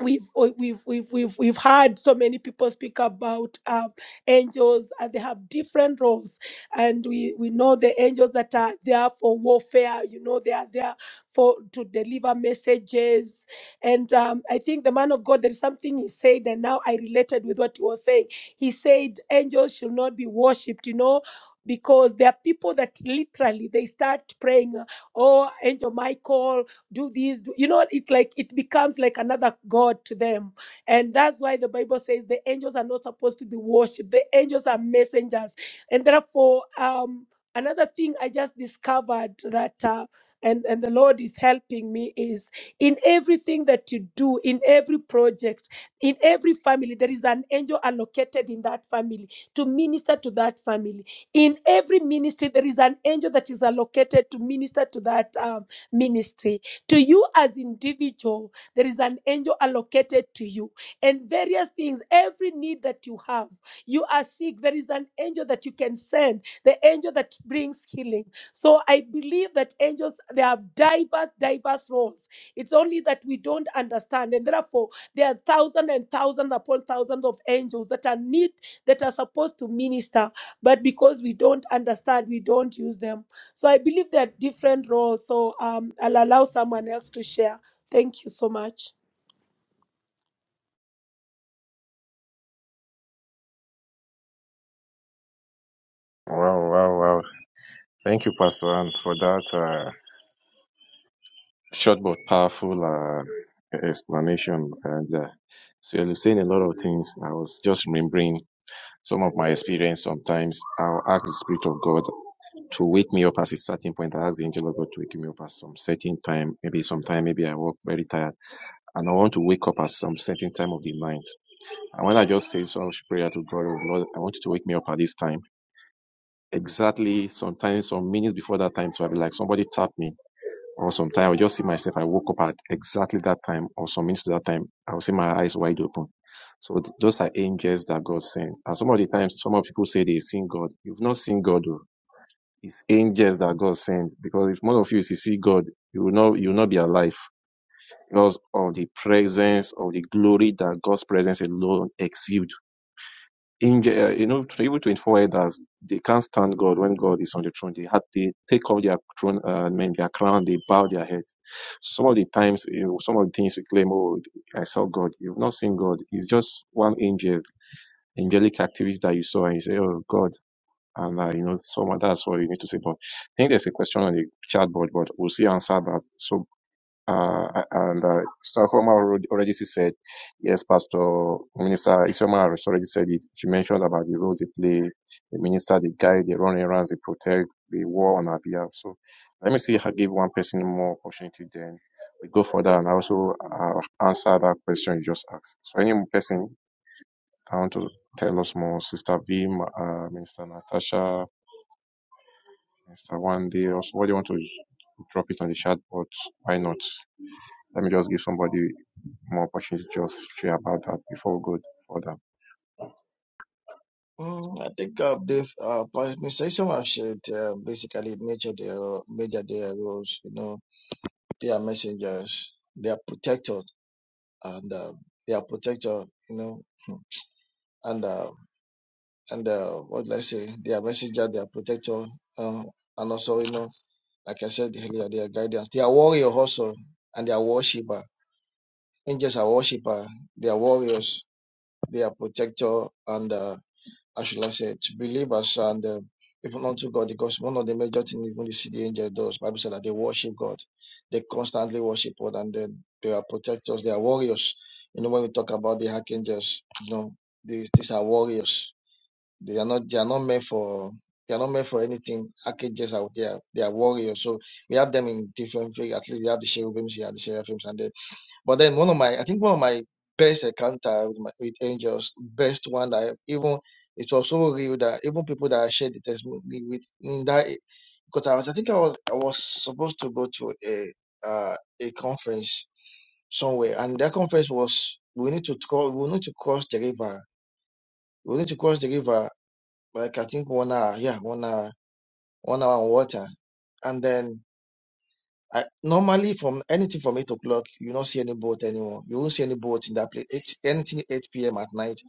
Speaker 4: we've we- we've we've we've we've heard so many people speak about um, angels and they have different roles and we we know the angels that are there for warfare you know they are there for to deliver messages and um, i think the man of god there's something he said and now i related with what he was saying he said angels should not be worshipped you know because there are people that literally they start praying oh angel michael do this do, you know it's like it becomes like another god to them and that's why the bible says the angels are not supposed to be worshipped the angels are messengers and therefore um another thing i just discovered that uh, and, and the Lord is helping me is in everything that you do, in every project, in every family, there is an angel allocated in that family to minister to that family. In every ministry, there is an angel that is allocated to minister to that um, ministry. To you as individual, there is an angel allocated to you. And various things, every need that you have, you are sick, there is an angel that you can send, the angel that brings healing. So I believe that angels, they have diverse, diverse roles. It's only that we don't understand. And therefore, there are thousands and thousands upon thousands of angels that are need, that are supposed to minister. But because we don't understand, we don't use them. So I believe there are different roles. So um, I'll allow someone else to share. Thank you so much.
Speaker 5: Wow, wow, wow. Thank you, Pastor Ann, for that uh, short but powerful uh, explanation. And uh, so you're saying a lot of things. I was just remembering some of my experience sometimes. I'll ask the Spirit of God to wake me up at a certain point. I ask the angel of God to wake me up at some certain time, maybe sometime, maybe I work very tired, and I want to wake up at some certain time of the night. And when I just say some prayer to God, oh Lord, I want you to wake me up at this time. Exactly, sometimes some minutes before that time, so I'll be like, somebody tapped me. Or sometime I'll just see myself, I woke up at exactly that time, or some minutes to that time, I'll see my eyes wide open. So those are angels that God sent. And some of the times, some of people say they've seen God. You've not seen God, though it's angels that God sent. Because if one of you is to see God, you will not you will not be alive because of the presence of the glory that God's presence alone exudes. Angel, uh, you know, even 24 elders, they can't stand God when God is on the throne. They had they take off their throne, uh, I mean, their crown, they bow their heads. So Some of the times, you know, some of the things we claim, oh, I saw God. You've not seen God. It's just one angel, angelic activity that you saw, and you say, oh, God. And uh, you know, so that's what you need to say. But I think there's a question on the chat board, but we'll see answer that. So uh, and uh, Starforma already already said, yes, Pastor Minister Isioma has already said it. She mentioned about the roles they play, the minister, the guide, they run errands, they protect, they war on our behalf. So let me see if I give one person more opportunity. Then we go further and also uh, answer that question you just asked. So any person I want to tell us more, Sister Vim, uh, Minister Natasha. Mr. One Day or somebody want to drop it on the chat, but why not? Let me just give somebody more opportunity to just share about that before we go further.
Speaker 3: mm, I think uh, the uh, administration have shared uh, basically major their major their roles. You know, they are messengers, they are protectors, and uh, they are protector. You know, and uh, and uh, what did I say? Their messenger, their protector, uh, and also you know, like I said earlier, their guidance. They are warrior also, and they are worshipper. Angels are worshipper. They are warriors. They are protector, and uh, how should I say, to believers and uh, even unto God, because one of the major things even the city angel does, Bible said that they worship God. They constantly worship God, and then they are protectors. They are warriors. You know, when we talk about the archangels, you know, these, these are warriors they are not they are not meant for they are not meant for anything. Archangels out there, they are warriors. So we have them in different figures. At least we have the cherubims, we have the seraphims, and then but then one of my I think one of my best encounter with, my, with angels, best one that I, even it was so real that even people that I shared the testimony with in that because I was I think I was I was supposed to go to a uh, a conference somewhere. And that conference was we need to call we need to cross the river. We need to cross the river like I think one hour, yeah, one hour, one hour on water. And then I normally from anything from eight o'clock, you don't see any boat anymore. You won't see any boat in that place. Eight, anything eight p.m. at night,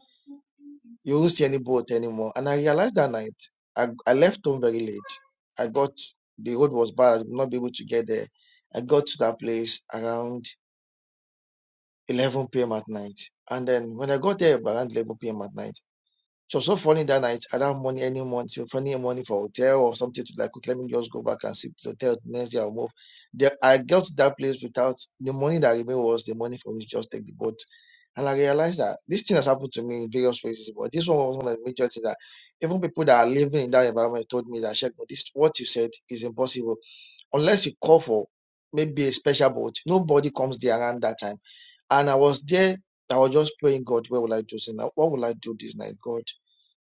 Speaker 3: you won't see any boat anymore. And I realized that night, I, I left home very late. I got the road was bad. I would not be able to get there. I got to that place around eleven p.m. at night. And then when I got there around eleven p.m. at night. So so funny that night, I don't have money any money, so funny money for hotel or something to like okay, let me just go back and sleep to the hotel next day I'll move. There I got to that place without the money that remained was the money for me to just take the boat. And I realized that this thing has happened to me in various places, but this one was one of the major things that even people that are living in that environment told me that "Sheikh, But this what you said is impossible. Unless you call for maybe a special boat, nobody comes there around that time. And I was there, I was just praying, God, where will I do this now? What will I do this night, God?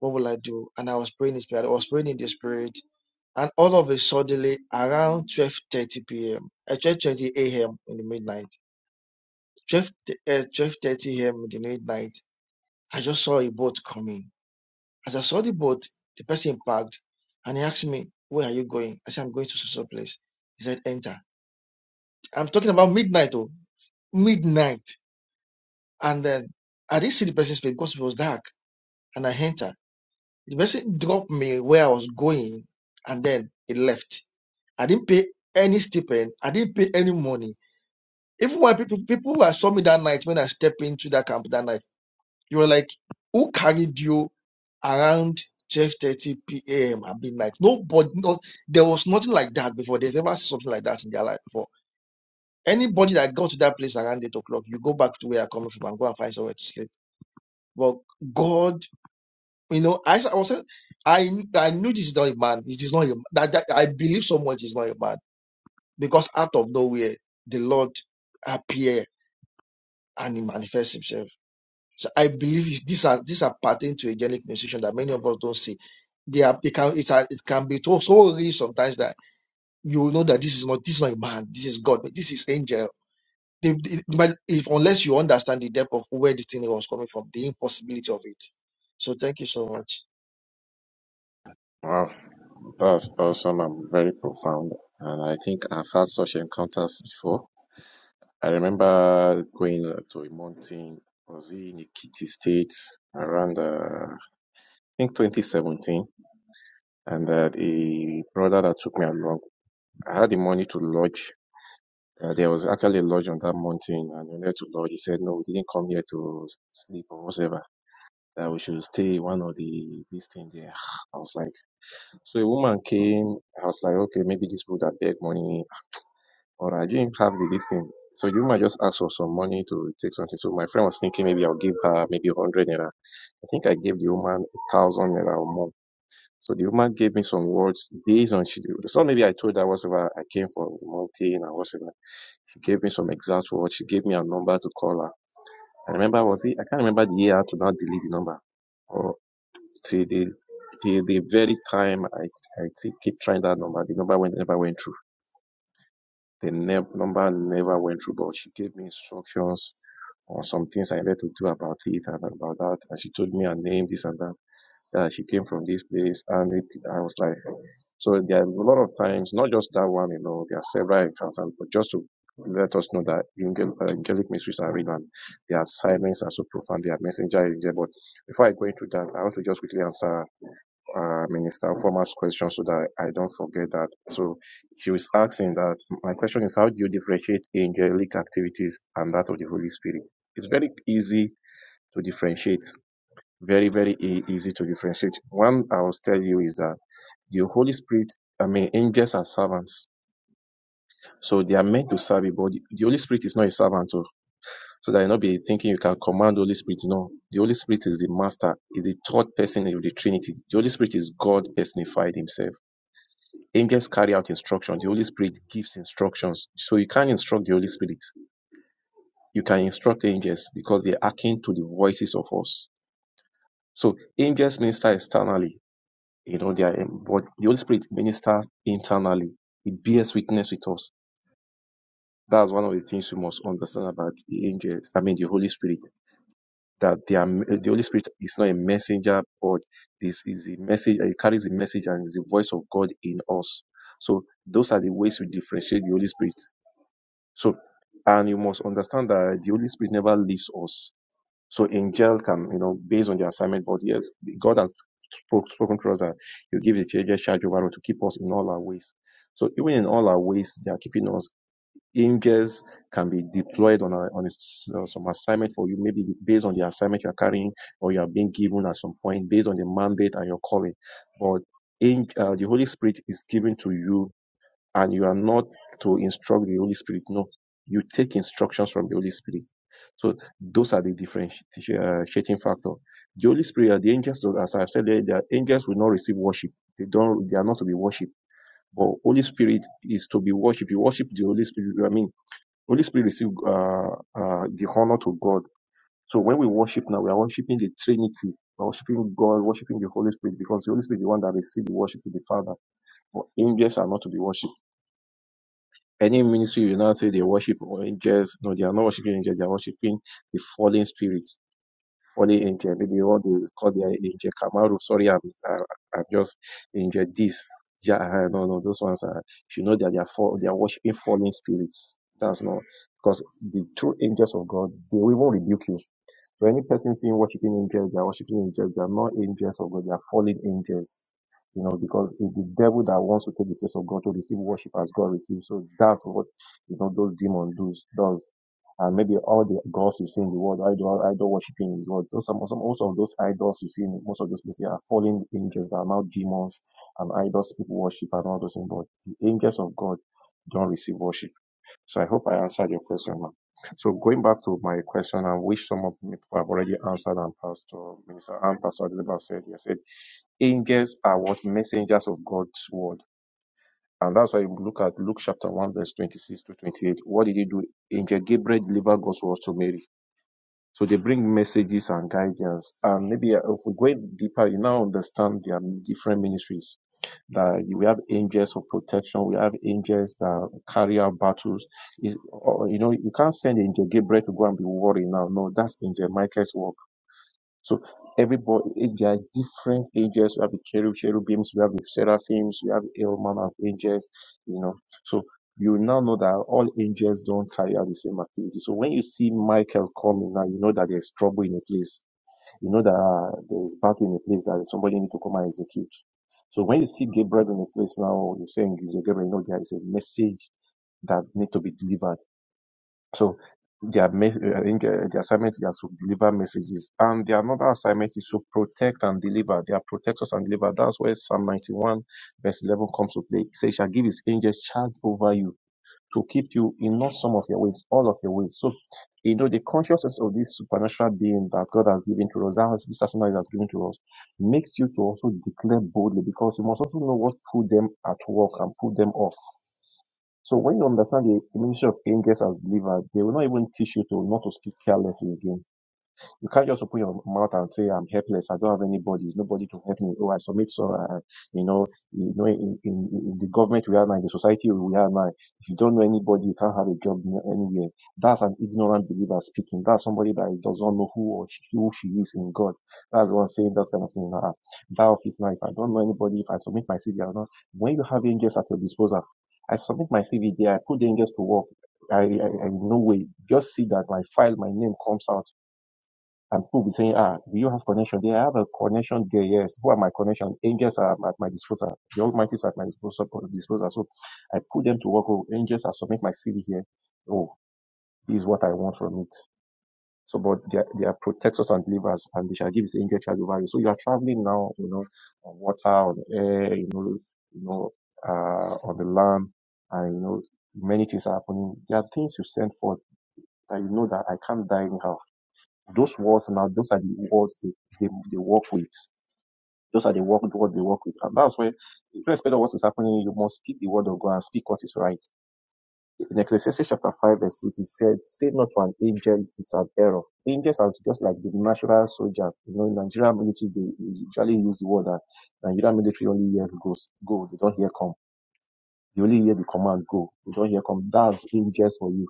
Speaker 3: What will I do? And I was praying in the spirit. I was praying in the spirit. And all of a suddenly, around 12.30 p.m., uh, 12.30 a.m. in the midnight, 12, uh, 12.30 a.m. in the midnight, I just saw a boat coming. As I saw the boat, the person parked and he asked me, where are you going? I said, I'm going to some place. He said, enter. I'm talking about midnight, oh, midnight. And then I didn't see the person's face because it was dark and I entered. The person dropped me where I was going and then he left. I didn't pay any stipend. I didn't pay any money. Even when people people who saw me that night when I stepped into that camp that night, you were like, who carried you around 12:30 p.m. at midnight? Nobody, no, there was nothing like that before. There's ever seen something like that in their life before. Anybody that got to that place around eight o'clock, you go back to where you're coming from and go and find somewhere to sleep. But God, you know, I, I was I I knew this is not a man. It is not a that, that I believe so much. It's not a man because out of nowhere the Lord appear and he manifests himself. So I believe it's- these are these are pertain to angelic musician that many of us don't see. They are they can it's a, it can be so, so real sometimes that you will know that this is not this is not a man, this is God, but this is angel. They, they- but if unless you understand the depth of where the thing was coming from, the impossibility of it. So thank you so much.
Speaker 5: Wow, that's awesome and very profound. And I think I've had such encounters before. I remember going uh, to a mountain, I was in Ekiti State around, uh, I think 2017, and uh, the brother that took me along, I had the money to lodge. Uh, there was actually a lodge on that mountain, and we wanted to lodge. He said, no, we didn't come here to sleep or whatever, that we should stay one of the, this thing there. I was like, so a woman came, I was like, okay, maybe this would that beg money All right, I didn't have the listen. So you might just ask for some money to take something. So my friend was thinking maybe I'll give her maybe 100 naira. I think I gave the woman 1,000 naira or more. So the woman gave me some words based on she, so maybe I told her whatever I came from the mountain and whatever. She gave me some exact words. She gave me a number to call her. I remember was it, I can't remember the year I had to now delete the number. Or till the, till the very time I, I keep trying that number, the number went, never went through. The ne- number never went through, but she gave me instructions on some things I needed to do about it and about that. And she told me her name, this and that, that she came from this place. And it, I was like, so there are a lot of times, not just that one, you know, there are several encounters, but just to let us know that angel, uh, angelic mysteries are real and their silence are so profound, their messenger angel. But before I go into that, I want to just quickly answer uh, Minister Former's question so that I don't forget that. So she was asking that my question is how do you differentiate angelic activities and that of the Holy Spirit? It's very easy to differentiate. Very, very e- easy to differentiate. One I will tell you is that the Holy Spirit, I mean, angels are servants. So they are meant to serve you, but the the Holy Spirit is not a servant. oh. So that you not be thinking you can command the Holy Spirit. No, the Holy Spirit is the master, is the third person of the Trinity. The Holy Spirit is God personified himself. Angels carry out instructions. The Holy Spirit gives instructions. So you can't instruct the Holy Spirit. You can instruct angels because they are akin to the voices of us. So angels minister externally. You know, they are, um, but the Holy Spirit ministers internally. It bears witness with us. That's one of the things we must understand about the angels. I mean, the Holy Spirit. That they are, uh, the Holy Spirit is not a messenger, but this is a message. It carries a message and is the voice of God in us. So those are the ways we differentiate the Holy Spirit So, and you must understand that the Holy Spirit never leaves us. So, angel can, you know, based on the assignment, but yes, God has spoke, spoken to us that you give the angel charge over us to keep us in all our ways. So, even in all our ways, they are keeping us. Angels can be deployed on, a, on a s- uh, some assignment for you, maybe based on the assignment you are carrying or you are being given at some point, based on the mandate and your calling. But in, uh, the Holy Spirit is given to you and you are not to instruct the Holy Spirit. No, you take instructions from the Holy Spirit. So those are the differentiating factor. The Holy Spirit, are the angels, as I've said the angels will not receive worship. They don't. They are not to be worshipped. But Holy Spirit is to be worshipped. You worship the Holy Spirit. I mean, Holy Spirit receive uh, uh, the honor to God. So when we worship now, we are worshiping the Trinity. We're Worshiping God, worshiping the Holy Spirit, because the Holy Spirit is the one that receives the worship to the Father. But angels are not to be worshipped. Any ministry will now say they worship angels. No, they are not worshiping angels, they are worshiping the fallen spirits fallen angel, maybe what they call their angel Kamaru. Sorry, I'm, I- I'm just angel this. Ja, uh, no, no, those ones are, you know, that they are, fall, they are worshiping fallen spirits. That's not, because the true angels of God, they will even rebuke you. So any person seeing worshiping angels, they are worshiping angels, they are not angels of God, they are fallen angels. You know, because it's the devil that wants to take the place of God to receive worship as God receives. So that's what you know those demons do does and maybe all the gods you see in the world, idol, idol worshiping in the world, those some, some most of those idols you see in most of those places are fallen angels, are now demons and idols people worship and all those things. But the angels of God don't receive worship. So I hope I answered your question, ma'am. So going back to my question, and which some of me people have already answered, and Pastor Minister and Pastor Adeleba have said, he said, angels are what messengers of God's word and that's why you look at Luke chapter 1, verse 26 to 28. What did he do? Angel Gabriel delivered God's words to Mary. So they bring messages and guidance. And maybe uh, if we go in deeper, you now understand there are different ministries. That we have angels of protection. We have angels that carry out battles. It- or, you know, you can't send Angel Gabriel to go and be worried now. No, that's Angel Michael's work so everybody, eh, there are different angels. We have the cherub, cherubims, we have the seraphims, we have the element of angels, you know. So you now know that all angels don't carry out the same activity. So when you see Michael coming now, you know that there's trouble in a place. You know that uh, there's battle in a place that somebody need to come and execute. So when you see Gabriel in a place now, you're saying Gabriel, you know there is a message that need to be delivered so their mes- uh, I think uh, the assignment is to deliver messages, and the another assignment is to protect and deliver. They are protectors and deliver. That's where Psalm 91 verse 11 comes to play. It says, "He "Shall give His angels charge over you to keep you in not some of your ways, all of your ways." So you know the consciousness of this supernatural being that God has given to us, that has- this arsenal has given to us, makes you to also declare boldly because you must also know what put them at work and put them off. So when you understand the ministry of angels as believer, they will not even teach you to not to speak carelessly again. You can't just open your mouth and say, I'm helpless. I don't have anybody. Nobody to help me. Oh, I submit. So, uh, you know, you know, in, in, in the government we are now, in the society we are now, if you don't know anybody, you can't have a job anywhere. That's an ignorant believer speaking. That's somebody that does not know who or she- who she is in God. That's the one saying that kind of thing. Uh, that office now, if I don't know anybody, if I submit my CV or not, when you have angels at your disposal, I submit my CV there. I put the angels to work. I, I, I in no way just see that my file, my name comes out and people will be saying, ah, do you have connection there? I have a connection there, yes. Who are my connection? Angels are at my disposal. The Almighty is at my disposal. disposal. So I put them to work. Oh, angels, I submit my CV here. Oh, this is what I want from it. So, but they are, they are protectors and deliverers, and they shall give his angel charge over you. So you are traveling now, you know, on water, on air, you know, you know, uh, on the land, and you know, many things are happening. There are things you send for that you know that I can't die anyhow. Those words now, those are the words they, they, they work with. Those are the work what they work with. And that's where irrespective of what is happening, you must speak the word of God and speak what is right. In Ecclesiastes chapter 5, verse 6, it said, Say not to an angel, it's an error. Angels are just like the natural soldiers. You know, in Nigerian military, they usually use the word that Nigerian military only hear goes, go. They don't hear come. They only hear the command, go. They don't hear come. That's angels for you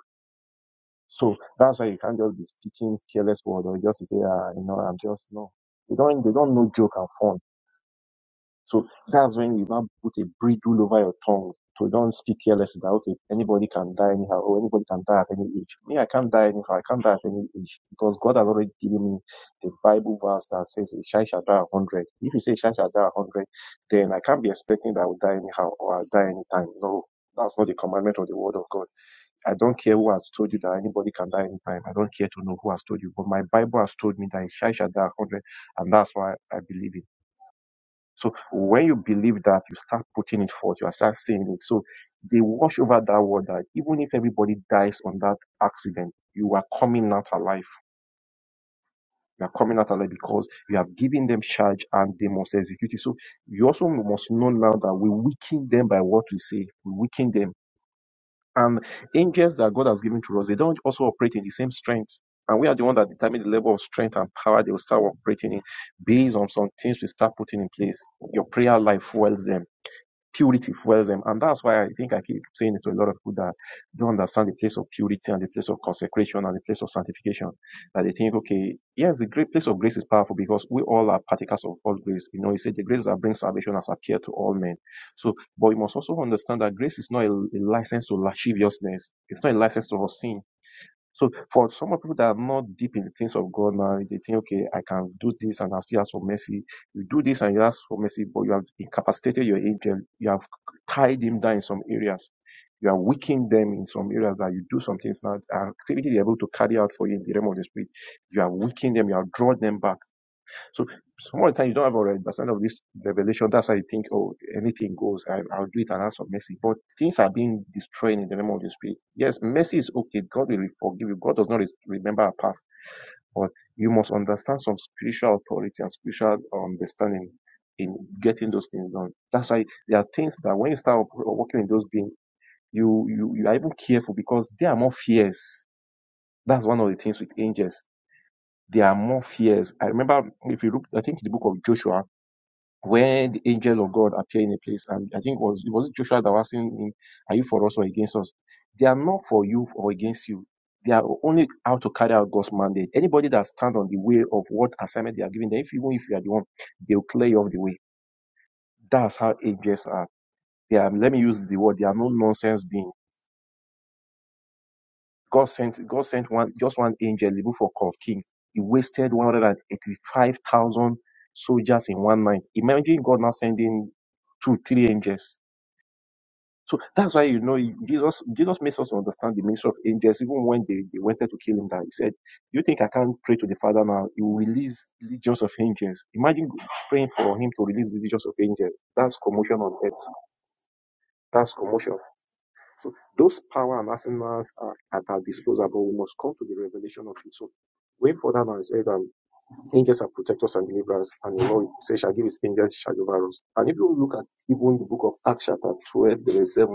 Speaker 5: So that's why you can't just be speaking careless word or just say, ah, you know, I'm just no. They don't they don't know joke and fun. So that's when you now put a bridle over your tongue. So don't speak careless that okay, anybody can die anyhow, or anybody can die at any age. Me, I can't die anyhow, I can't die at any age. Because God has already given me the Bible verse that says a child shall die a hundred. If you say a child shall die a hundred, then I can't be expecting that I will die anyhow or I'll die anytime. No, that's not the commandment of the word of God. I don't care who has told you that anybody can die anytime. I don't care to know who has told you. But my Bible has told me that a child shall die a hundred, and that's why I believe it. So when you believe that, you start putting it forth, you start saying it. So they wash over that word that even if everybody dies on that accident, you are coming out alive. You are coming out alive because you have given them charge and they must execute it. So you also must know now that we weaken them by what we say. We weaken them. And angels that God has given to us, they don't also operate in the same strength. And we are the one that determine the level of strength and power they will start operating in based on some things we start putting in place. Your prayer life fuels them purity fuels them. And that's why I think I keep saying it to a lot of people that don't understand the place of purity and the place of consecration and the place of sanctification. That they think, okay, yes, the great place of grace is powerful because we all are partakers of all grace. You know, he said the grace that brings salvation has appeared to all men. So, but you must also understand that grace is not a, a license to lasciviousness. It's not a license to sin. So for some of people that are not deep in the things of God now, they think, okay, I can do this and I'll still ask for mercy. You do this and you ask for mercy, but you have incapacitated your angel. You have tied him down in some areas. You are weakening them in some areas that you do some things now. Activity they're able to carry out for you in the realm of the spirit. You are weakening them. You have drawn them back. So some of the time you don't have already understanding of this revelation. That's why you think, oh, anything goes. I, I'll do it and act for mercy. But things are being destroyed in the name of the Spirit. Yes, mercy is okay. God will forgive you. God does not remember our past. But you must understand some spiritual authority and spiritual understanding in getting those things done. That's why there are things that when you start working in those things, you, you you are even careful because they are more fierce. That's one of the things with angels. They are more fierce. I remember if you look, I think in the book of Joshua where the angel of God appeared in a place, and I think it was it was Joshua that was asking him, "Are you for us or against us?" They are not for you or against you. They are only out to carry out God's mandate. Anybody that stand on the way of what assignment they are giving, them, if even if you are the one, they will clear you off the way. That's how angels are. They are. Let me use the word. They are no nonsense being. God sent God sent one just one angel, King. King. He wasted one hundred and eighty-five thousand soldiers in one night. Imagine God now sending two, three angels So that's why you know Jesus Jesus makes us understand the ministry of angels even when they, they wanted to kill him that He said, You think I can't pray to the Father now? He will release legions of angels. Imagine praying for him to release legions of angels. That's commotion on earth. That's commotion. So those power and arsenals are at our disposal, but we must come to the revelation of it. So way further and said um, angels are protectors and deliverers, and the Lord says shall give his angels charge over us. And if you look at even the book of Acts chapter 12, verse 7,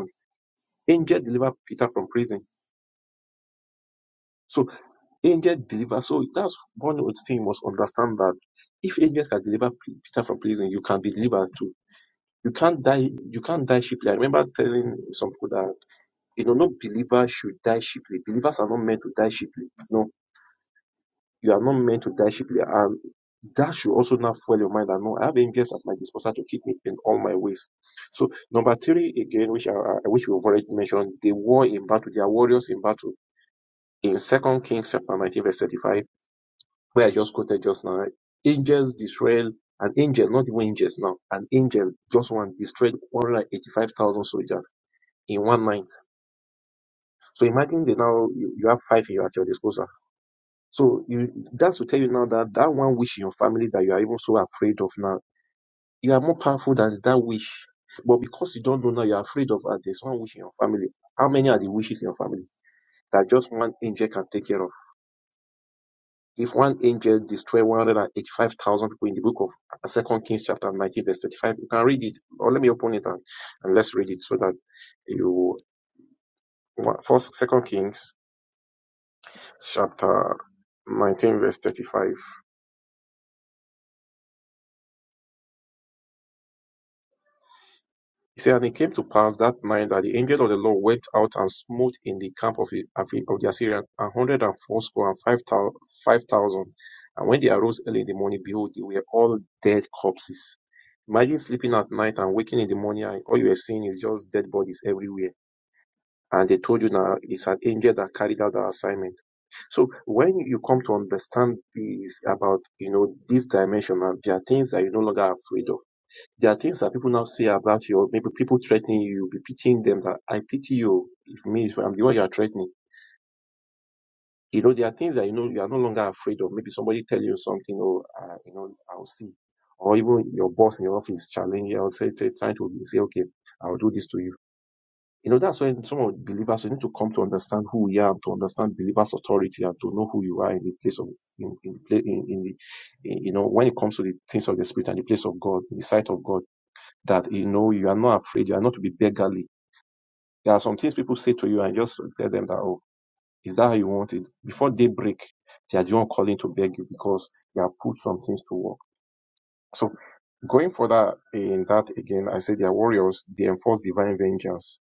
Speaker 5: Angel deliver Peter from prison. So angel deliver. So that's one of the thing you must understand that if angels can deliver P- Peter from prison, you can be delivered too. You can't die. You can't die cheaply. I remember telling some people that you know no believer should die cheaply. Believers are not meant to die cheaply. No, you are not meant to die cheaply. And that should also not fuel your mind. that no, I have angels at my disposal to keep me in all my ways. So number three again, which I, I I we've already mentioned, they war in battle. They are warriors in battle in Second Kings chapter 19, verse 35, where I just quoted just now, right? Angels destroyed an angel, not even angels now, an angel just one destroyed 185,000 soldiers in one night. So imagine that now you, you have five in your, at your disposal. So you that's to tell you now that that one wish in your family that you are even so afraid of now, you are more powerful than that wish. But because you don't know now, you are afraid of uh, there's one wish in your family. How many are the wishes in your family that just one angel can take care of? If one angel destroy 185,000 people in the book of Second Kings chapter 19 verse 35, you can read it. Or let me open it and, and let's read it so that you. First, Second Kings chapter 19 verse 35. He said, And it came to pass that night that the angel of the Lord went out and smote in the camp of the, of the Assyrians a hundred and fourscore and five thousand, five thousand. And when they arose early in the morning, behold, they were all dead corpses. Imagine sleeping at night and waking in the morning, and all you are seeing is just dead bodies everywhere. And they told you now it's an angel that carried out the assignment. So when you come to understand this about, you know, this dimension, there are things that you're no longer afraid of there are things that people now say about you, or maybe people threatening you, you'll be pitying them that I pity you. If me, if I'm the one you are threatening. You know, there are things that you know you are no longer afraid of. Maybe somebody tell you something, or uh, you know, I'll see, or even your boss in your office challenge you, or say, say- trying to say, okay, I'll do this to you. You know, that's when some of the believers we need to come to understand who we are, to understand believers' authority, and to know who you are in the place of in in, in, in the in, you know when it comes to the things of the spirit and the place of God, in the sight of God that you know you are not afraid, you are not to be beggarly. There are some things people say to you and just tell them that, oh, is that how you want it? Before they break, they are the one calling to beg you because you have put some things to work. So going further in that again, I said they are warriors, they enforce divine vengeance.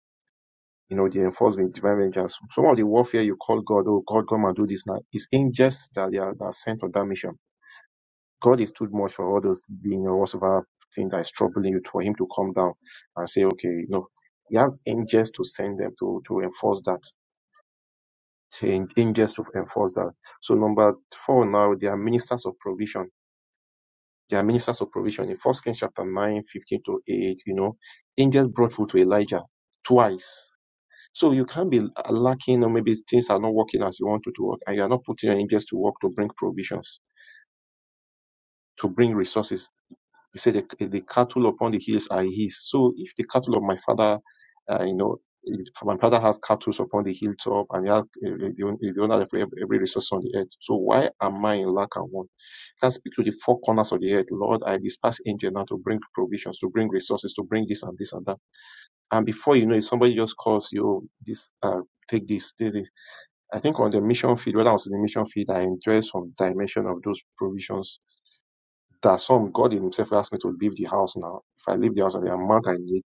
Speaker 5: You know, they enforce divine vengeance. Some of the warfare you call God, oh God, come and do this now. It's angels that they are that are sent on that mission God is too much for all those being or whatever things that is troubling you for him to come down and say, okay, you know, he has angels to send them to, to enforce that. Ang- Angels to enforce that. So number four now, they are ministers of provision. They are ministers of provision. In First Kings chapter 9, 15 to 8, you know, angels brought food to Elijah twice. So you can't be lacking or maybe things are not working as you want it to work and you are not putting your angels to work to bring provisions, to bring resources. He said, the, the cattle upon the hills are his. So if the cattle of my father, uh, you know, if my father has cattle upon the hilltop and he has uh, uh, the, the owner of every, every resource on the earth. So why am I in lack and want? You can speak to the four corners of the earth. Lord, I dispatch angel now to bring provisions, to bring resources, to bring this and this and that. And before you know it, somebody just calls you, this, uh, take this, take this. I think on the mission field, when I was in the mission field, I enjoyed some dimension of those provisions there are some God Himself asked me to leave the house now. If I leave the house and the amount I need,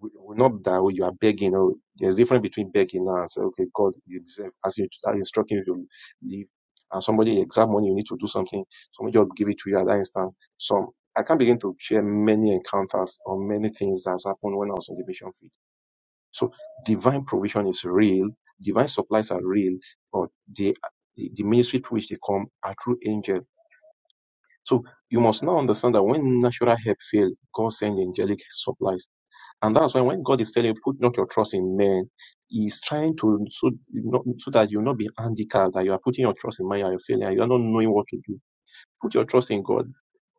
Speaker 5: we- we're not that way. You are begging. Oh, there's difference between begging now and say, okay, God Himself, as you are instructing you to leave, and somebody exact money you need to do something, somebody just give it to you at that instance. So I can begin to share many encounters or many things that's happened when I was in the mission field. So divine provision is real, divine supplies are real, but the the ministry through which they come are through angels so you must now understand that when natural help fail, God sends angelic supplies. And that's why when God is telling you, put not your trust in men, He's trying to, so, not, so that you'll not be handicapped, that you are putting your trust in man, you are failing, and you are not knowing what to do. Put your trust in God.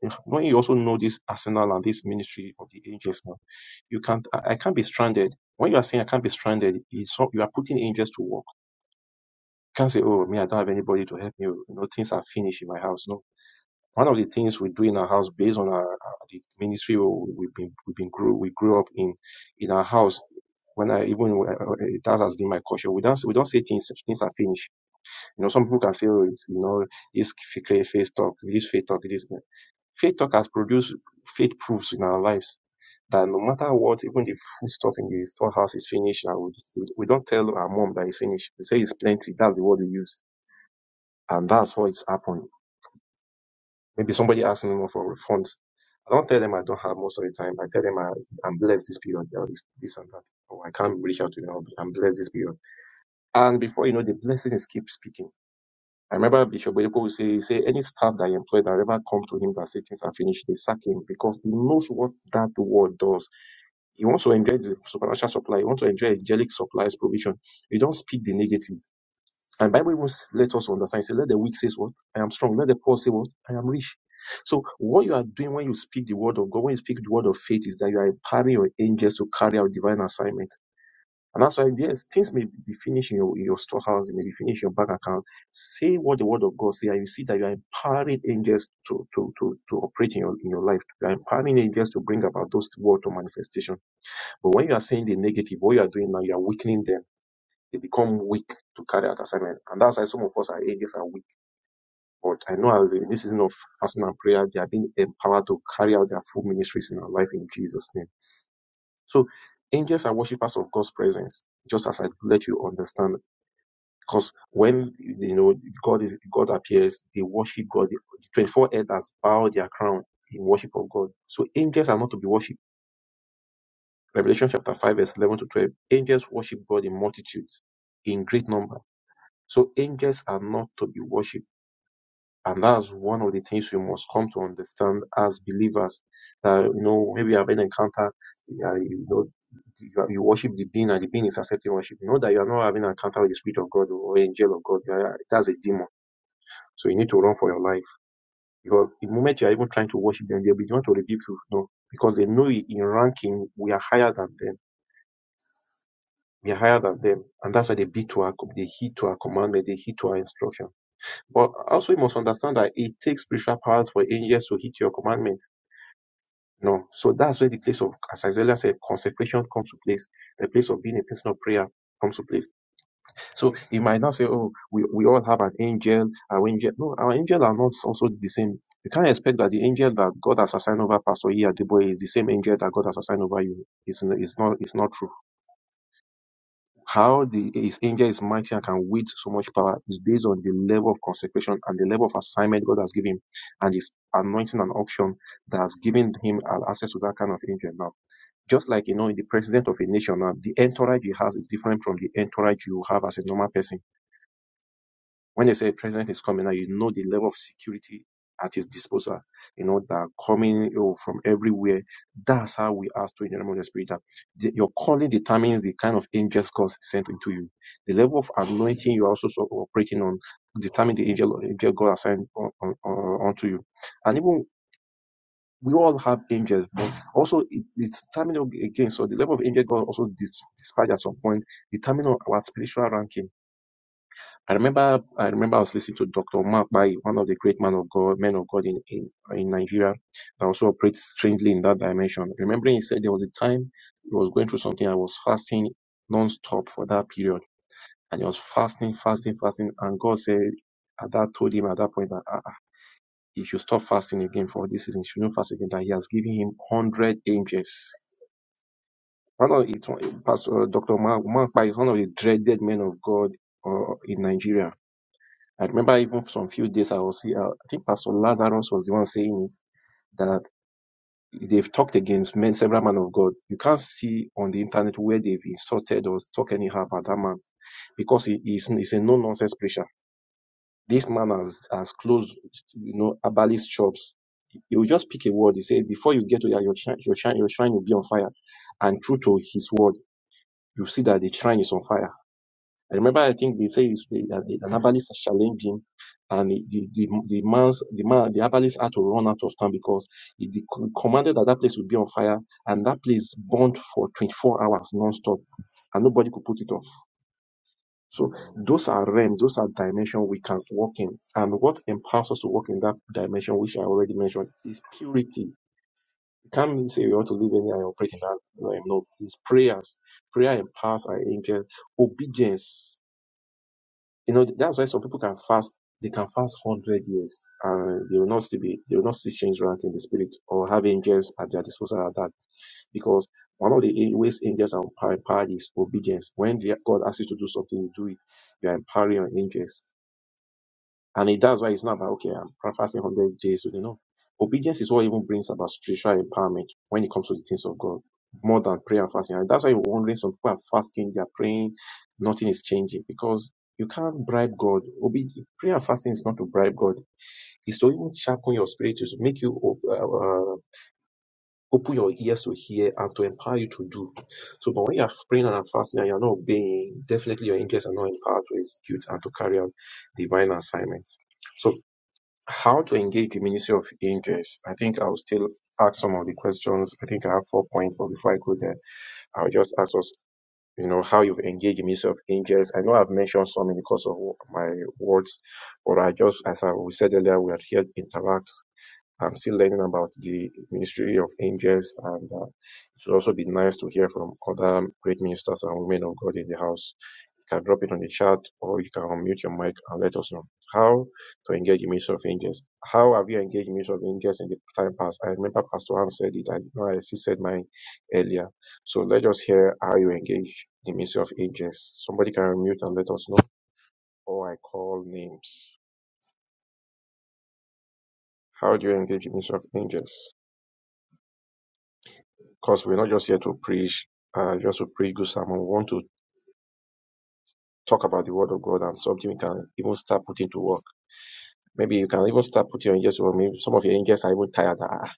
Speaker 5: Yeah, When you also know this arsenal and this ministry of the angels now, you can't, I, I can't be stranded. When you are saying I can't be stranded, it's, not- you are putting angels to work. You can't say, oh, me, I don't have anybody to help me. oh, You know, things are finished in my house. No one of the things we do in our house, based on our, our- the ministry we- we've been we've been grew we grew up in, in our house. When I even when that has been my culture. We don't we don't say things things are finished. You know, some people can say, oh, it's, you know, this fake face talk, this faith talk, this faith talk has produced faith proofs in our lives that no matter what, even the food stuff in the storehouse is finished, and we, we don't tell our mom that it's finished. We say it's plenty. That's the word we use, and that's what it's happened. Maybe somebody asking me for refunds. I don't tell them I don't have most of the time. I tell them I, I'm blessed this period, or this, this and that. Or I can't reach out to them. I'm blessed this period. And before you know, the blessings keep speaking. I remember Bishop Oyedepo would say, say, any staff that I employ that ever come to him that say things are finished, they sack him because he knows what that word does. He wants to enjoy the supernatural supply. He wants to enjoy angelic supplies provision. You don't speak the negative. And Bible even s- let us understand. It says, let the weak say what? I am strong. Let the poor say what? I am rich. So what you are doing when you speak the word of God, when you speak the word of faith, is that you are empowering your angels to carry out divine assignment. And that's why, yes, things may be finished in your, in your storehouse, it may be finished in your bank account. Say what the word of God say, and you see that you are empowering angels to, to, to, to operate in your, in your life. You are empowering angels to bring about those word to manifestation. But when you are saying the negative, what you are doing now, you are weakening them they become weak to carry out assignment. And that's why some of us are atheists are weak. But I know as in this season of fasting and prayer, they are being empowered to carry out their full ministries in our life in Jesus' name. So angels are worshippers of God's presence, just as I let you understand. Because when you know God is God appears, they worship God. The 24 elders bow their crown in worship of God. So angels are not to be worshipped. Revelation chapter 5, verse 11 to 12. Angels worship God in multitudes, in great number So angels are not to be worshipped. And that's one of the things we must come to understand as believers. That you know, maybe you have an encounter, you, are- you know, you, are- you worship the being, and the being is accepting worship. You know that you are not having an encounter with the spirit of God or angel of God. You are- That's a demon. So you need to run for your life because the moment you are even trying to worship them, they'll be trying to rebuke you. No, because they know in ranking we are higher than them. We are higher than them, and that's why they beat to our, they heed to our commandment, they heed to our instruction. But also you must understand that it takes spiritual power for angels to hit your commandment. No. So that's where the place of, as Isaiah said, consecration comes to place. The place of being a person of prayer comes to place. So you might not say, oh, we, we all have an angel, our angel. No, our angel are not also the same. You can't expect that the angel that God has assigned over Pastor E. Adeboye is the same angel that God has assigned over you. It's, it's not, it's not true. How the his angel is mighty and can wield so much power is based on the level of consecration and the level of assignment God has given him and his anointing and auction that has given him access to that kind of angel now. Just like you know, the president of a nation now, the entourage he has is different from the entourage you have as a normal person when they say president is coming now, you know the level of security at his disposal. You know that are coming you know, from everywhere. That's how we ask to in the realm of the spirit that the- your calling determines the kind of angels God sent into you. The level of anointing you are also so operating on determine the angel, angel God assigned on, on, on, onto you. And even we all have angels, but also it, it's determined again. So the level of angel God also dis- dispatched at some point determine our spiritual ranking I remember, I remember I was listening to Dr. Mark Pai, one of the great man of God, men of God in, in, in Nigeria, that also operates strangely in that dimension. Remembering he said there was a time he was going through something, I was fasting non-stop for that period. And he was fasting, fasting, fasting. And God said, at that told him at that point that ah, ah, he should stop fasting again for this season. He should not fast again, that he has given him 100 angels. One of, it's, one- Pastor Dr. Mark Mark Pai is one of the dreaded men of God uh, in Nigeria I remember even from few days I was here, I think Pastor Lazarus was the one saying it, that they've talked against men, several men of God. You can't see on the internet where they've insulted or talk anyhow about that man because he is he's a no-nonsense preacher. This man has, has closed, you know, herbalist shops. He will just pick a word. He said, before you get to your, your, shrine, your, shrine, your shrine will be on fire. And true to his word, you see that the shrine is on fire I remember, I think they say it's- the- the- an herbalist challenged him, and the, the, the, the man's the man the herbalist had to run out of town because he de- commanded that that place would be on fire, and that place burned for 24 hours non-stop, and nobody could put it off. So those are realms, those are dimensions we can walk in, and what empowers us to walk in that dimension, which I already mentioned, is purity. You can't say you want to live anywhere and operate in that realm. No, it's prayers. Prayer empowers our angel. Obedience you know, that's why some people can fast, they can fast 100 years and they will not still be, they will not still change rank in the spirit or have angels at their disposal at that. Because one of the ways angels are empowered is obedience. When they- God asks you to do something, you do it. You are empowering your angels. And it, that's why it's not about, okay, I'm fasting 100 days. You know, obedience is what even brings about spiritual empowerment when it comes to the things of God, more than prayer and fasting. And that's why you're wondering some people are fasting, they're praying, nothing is changing because you can't bribe God. Obe- prayer and fasting is not to bribe God, it's to even sharpen your spirit, to make you of- uh, uh, open your ears to hear and to empower you to do. So, but when you're praying and fasting and you're not obeying, definitely your angels are not empowered to execute and to carry out divine assignments. So. How to engage the Ministry of Angels? I think I'll still ask some of the questions. I think I have four points, but before I go there, I'll just ask us, you know, how you've engaged the Ministry of Angels. I know I've mentioned some in the course of my words, but I just, as I we said earlier, we are here to interact. I'm still learning about the ministry of angels, and uh, it would also be nice to hear from other great ministers and women of God in the house. You can drop it on the chat, or you can unmute your mic and let us know how to engage the ministry of angels. How have you engaged the ministry of angels in the time past? I remember Pastor Ann said it, and I still said mine earlier. So let us hear how you engage the ministry of angels. Somebody can unmute and let us know, or I call names. How do you engage the ministry of angels? Because we're not just here to preach, uh, just to preach good sermon. We want to talk about the word of God and something we can even start putting to work. Maybe you can even start putting your angels to work. Maybe some of your angels are even tired. Ah,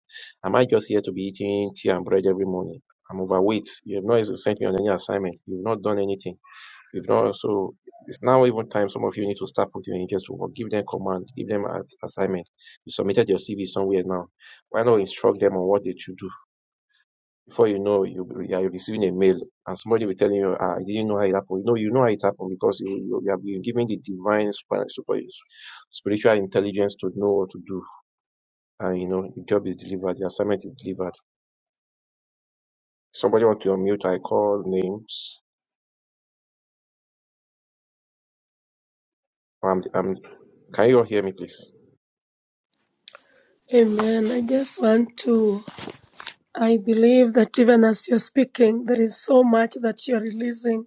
Speaker 5: am I just here to be eating tea and bread every morning? I'm overweight. You have not sent me on any assignment. You've not done anything. You've not so. It's now even time. Some of you need to start putting your angels to work. Give them command. Give them an assignment. You submitted your CV somewhere now. Why not instruct them on what they should do? Before you know, you you are receiving a mail, and somebody will telling you, "Ah, "I didn't know how it happened." No, you know how it happened because you you, you have been given the divine super, super- spiritual intelligence to know what to do, and you know the job is delivered, the assignment is delivered. Somebody want to unmute? I call names. Um, um, can you all hear me, please?
Speaker 4: Amen. I just want to, I believe that even as you're speaking, there is so much that you're releasing.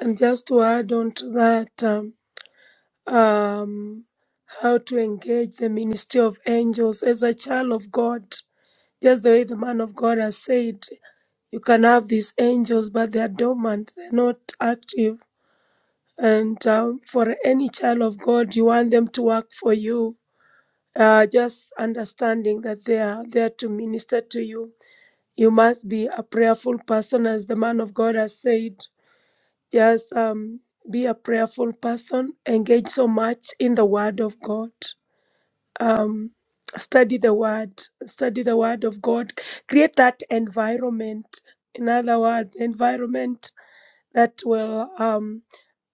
Speaker 4: And just to add on to that, um, um, how to engage the ministry of angels as a child of God. Just the way the man of God has said, you can have these angels, but they are dormant, they're not active. And um, for any child of God, you want them to work for you. Uh, just understanding that they are there to minister to you. You must be a prayerful person, as the man of God has said. Just um, be a prayerful person. Engage so much in the Word of God. Um, study the Word. Study the Word of God. Create that environment. In other words, environment that will. Um,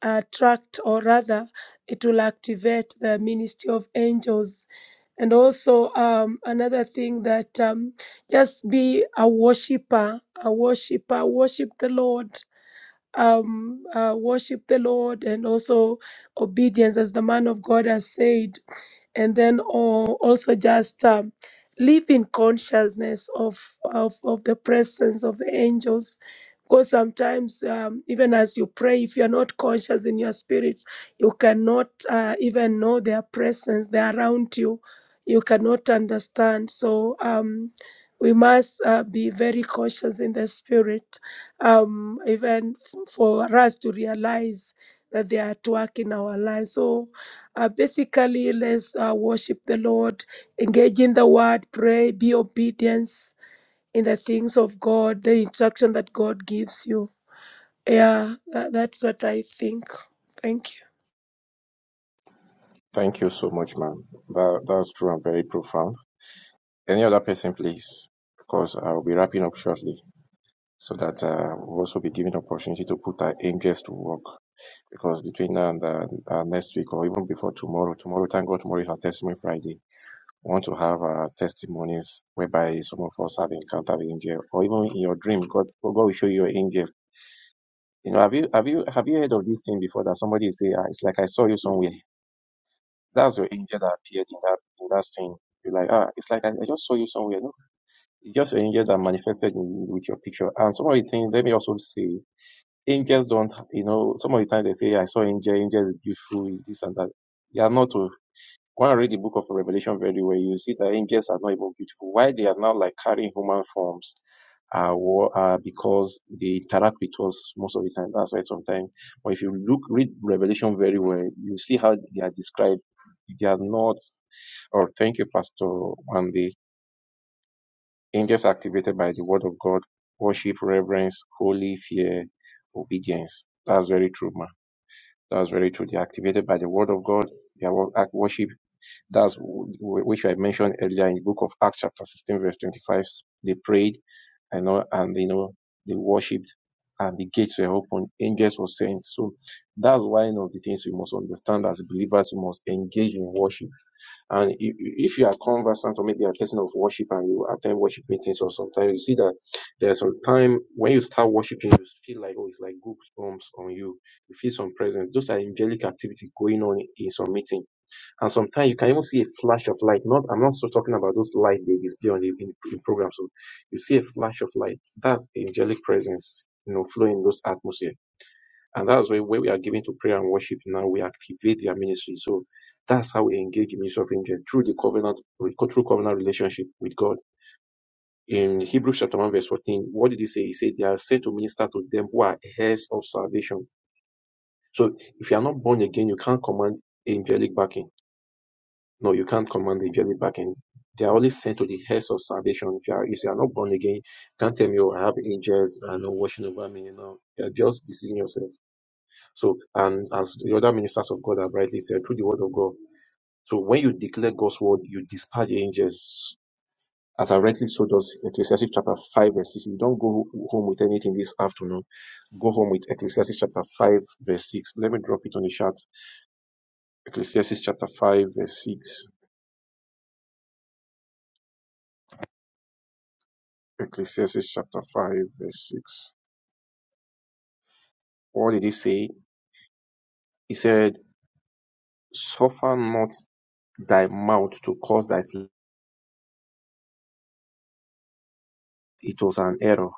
Speaker 4: attract or rather it will activate the ministry of angels and also um, another thing that um, just be a worshiper a worshiper worship the lord um, uh, worship the lord and also obedience as the man of god has said and then or also just um, live in consciousness of, of of the presence of the angels because sometimes um, even as you pray if you're not conscious in your spirit you cannot uh, even know their presence they're around you you cannot understand so um, we must uh, be very cautious in the spirit um, even f- for us to realize that they are at work in our lives so uh, basically, let's uh, worship the Lord, engage in the word, pray, be obedience in the things of God, the instruction that God gives you. Yeah, that, that's what I think. Thank
Speaker 5: Thank you so much, ma'am. That that's true and very profound. Any other person, please? Because I'll be wrapping up shortly, so that uh, we'll also be given opportunity to put our angels to work. because between now and uh, uh, next week or even before tomorrow, tomorrow, thank God, tomorrow is our testimony Friday. We want to have uh, testimonies whereby some of us have encountered the angel, or even in your dream, God, God will show you an angel. You know, have you have you have you heard of this thing before that somebody say, ah, it's like I saw you somewhere. That's your angel that appeared in that in that scene. You're like, ah, it's like I, I just saw you somewhere. No, it's just your angel that manifested in, with your picture. And somebody thinks, let me also say. Angels don't, you know, some of the time they say, "Yeah, I saw angel, Angels is beautiful, is this and that. They are not. oh. Go and read the book of Revelation very well. You see that angels are not even beautiful. Why they are now like carrying human forms are, wa- because they interact with us most of the time. That's why sometimes, but if you look, read Revelation very well, you see how they are described. They are not, or oh, thank you, Pastor Andy. Angels are activated by the word of God, worship, reverence, holy fear, obedience. That's very true, man. That's very true. They're activated by the word of God. They are wo- act- worship. That's w- w- which I mentioned earlier in the book of Acts, chapter 16, verse 25. They prayed and, all- and you know, they worshipped and the gates were open. Angels were sent. So that's why one of the things we must understand as believers, we must engage in worship and i- if you are conversant or maybe a person of worship and you attend worship meetings or sometimes you see that there's some time when you start worshiping, you feel like, oh, it's like goosebumps on you. You feel some presence. Those are angelic activity going on in some meeting. And sometimes you can even see a flash of light. Not, I'm not so talking about those lights they display on the in, in programs. So you see a flash of light. That's angelic presence, you know, flowing in those atmosphere. And that's why when we are given to prayer and worship now, we activate their ministry. So that's how we engage the ministry of angel through the covenant, through covenant relationship with God. In Hebrews chapter 1, verse 14, what did he say? He said, They are sent to minister to them who are heirs of salvation. So if you are not born again, you can't command angelic backing. No, you can't command angelic backing. They are only sent to the heirs of salvation. If you are, if you are not born again, you can't tell me, oh, I have angels and no watching over me. You know, you are just deceiving yourself. So, and as the other ministers of God have rightly said, through the word of God. So, when you declare God's word, you dispatch the angels. As I rightly told us, Ecclesiastes chapter 5, verse 6. You don't go home with anything this afternoon. Go home with Ecclesiastes chapter 5, verse 6. Let me drop it on the chat. Ecclesiastes chapter 5, verse 6. Ecclesiastes chapter 5, verse 6. What did he say? He said, Suffer not thy mouth to cause thy flesh. It was an error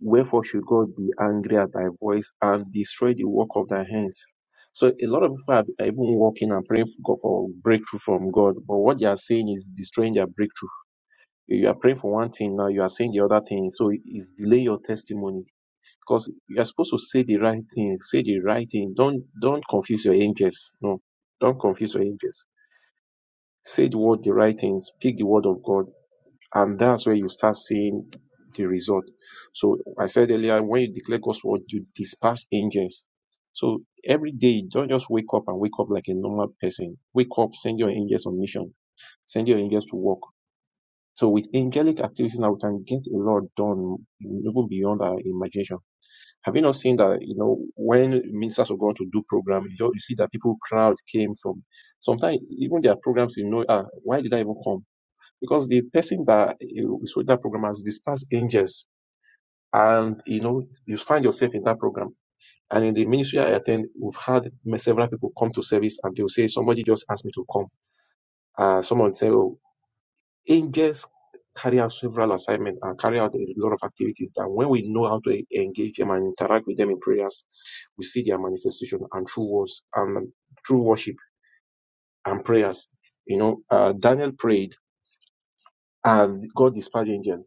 Speaker 5: Wherefore should God be angry at thy voice and destroy the work of thy hands? So a lot of people are are even walking and praying for God for breakthrough from God, but what they are saying is destroying their breakthrough. You are praying for one thing now, you are saying the other thing, so it's delay your testimony because you are supposed to say the right thing. Say the right thing. Don't don't confuse your angels. No, don't confuse your angels. Say the word the right thing. Speak the word of God and that's where you start seeing the result. So I said earlier, when you declare God's word, you dispatch angels. So every day, don't just wake up and wake up like a normal person. Wake up, send your angels on mission, send your angels to work. So with angelic activities now, we can get a lot done, even beyond our imagination. Have you not seen that, you know, when ministers are going to do program, you, do you see that people crowd came from, sometimes even their programs, you know, ah, why did I even come? because the person that you is with that program has dispersed angels and you know you find yourself in that program and in the ministry i attend we've had several people come to service and they'll say somebody just asked me to come uh someone say oh angels carry out several assignments and carry out a lot of activities that when we know how to e- engage them and interact with them in prayers we see their manifestation and true words and true worship and prayers you know uh, daniel prayed and god dispatched angels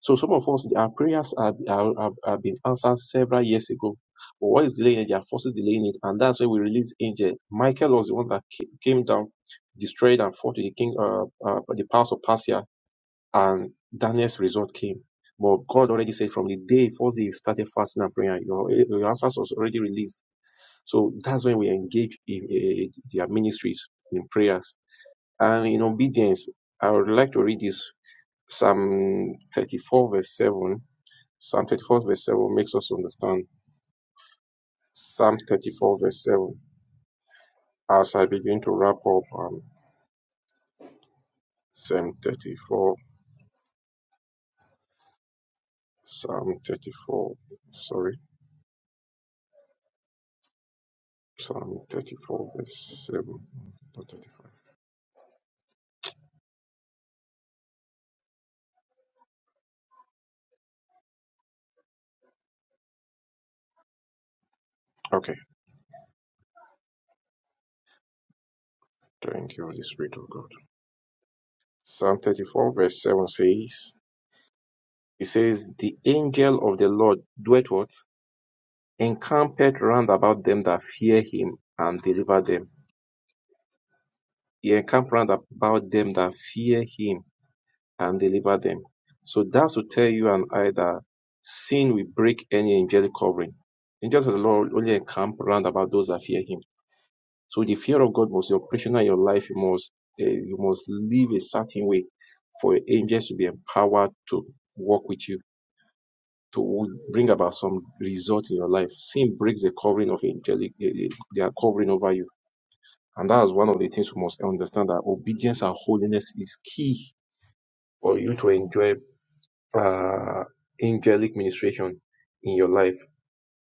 Speaker 5: So some of us, our prayers have, have, have been answered several years ago. But what is delaying it? There are forces delaying it. And that's why we release angel. Michael was the one that ca- came down, destroyed and fought with the king, uh, uh, the powers of Persia. And Daniel's result came. But God already said from the day first day you started fasting and prayer, your, your answers was already released. So that's when we engage in, eh, eh, their ministries, in prayers. And in obedience, I would like to read this Psalm 34 verse 7 Psalm 34 verse 7 makes us understand Psalm 34 verse 7. As I begin to wrap up um, Psalm 34, Psalm 34, sorry, Psalm 34 verse 7, not 35. Okay, thank you, Holy Spirit of God. Psalm 34 verse 7 says, it says, the angel of the Lord doeth what? Encampeth round about them that fear him and deliver them. He encamped round about them that fear him and deliver them. So that's to tell you and I that sin will break any angelic covering. Angels of the Lord only encamp round about those that fear Him. So the fear of God must be operational in your life. You must eh, you must live a certain way for angels to be empowered to work with you to bring about some result in your life. Sin breaks the covering of angelic eh, eh, their covering over you, and that is one of the things we must understand that obedience and holiness is key for you to enjoy uh, angelic ministration in your life.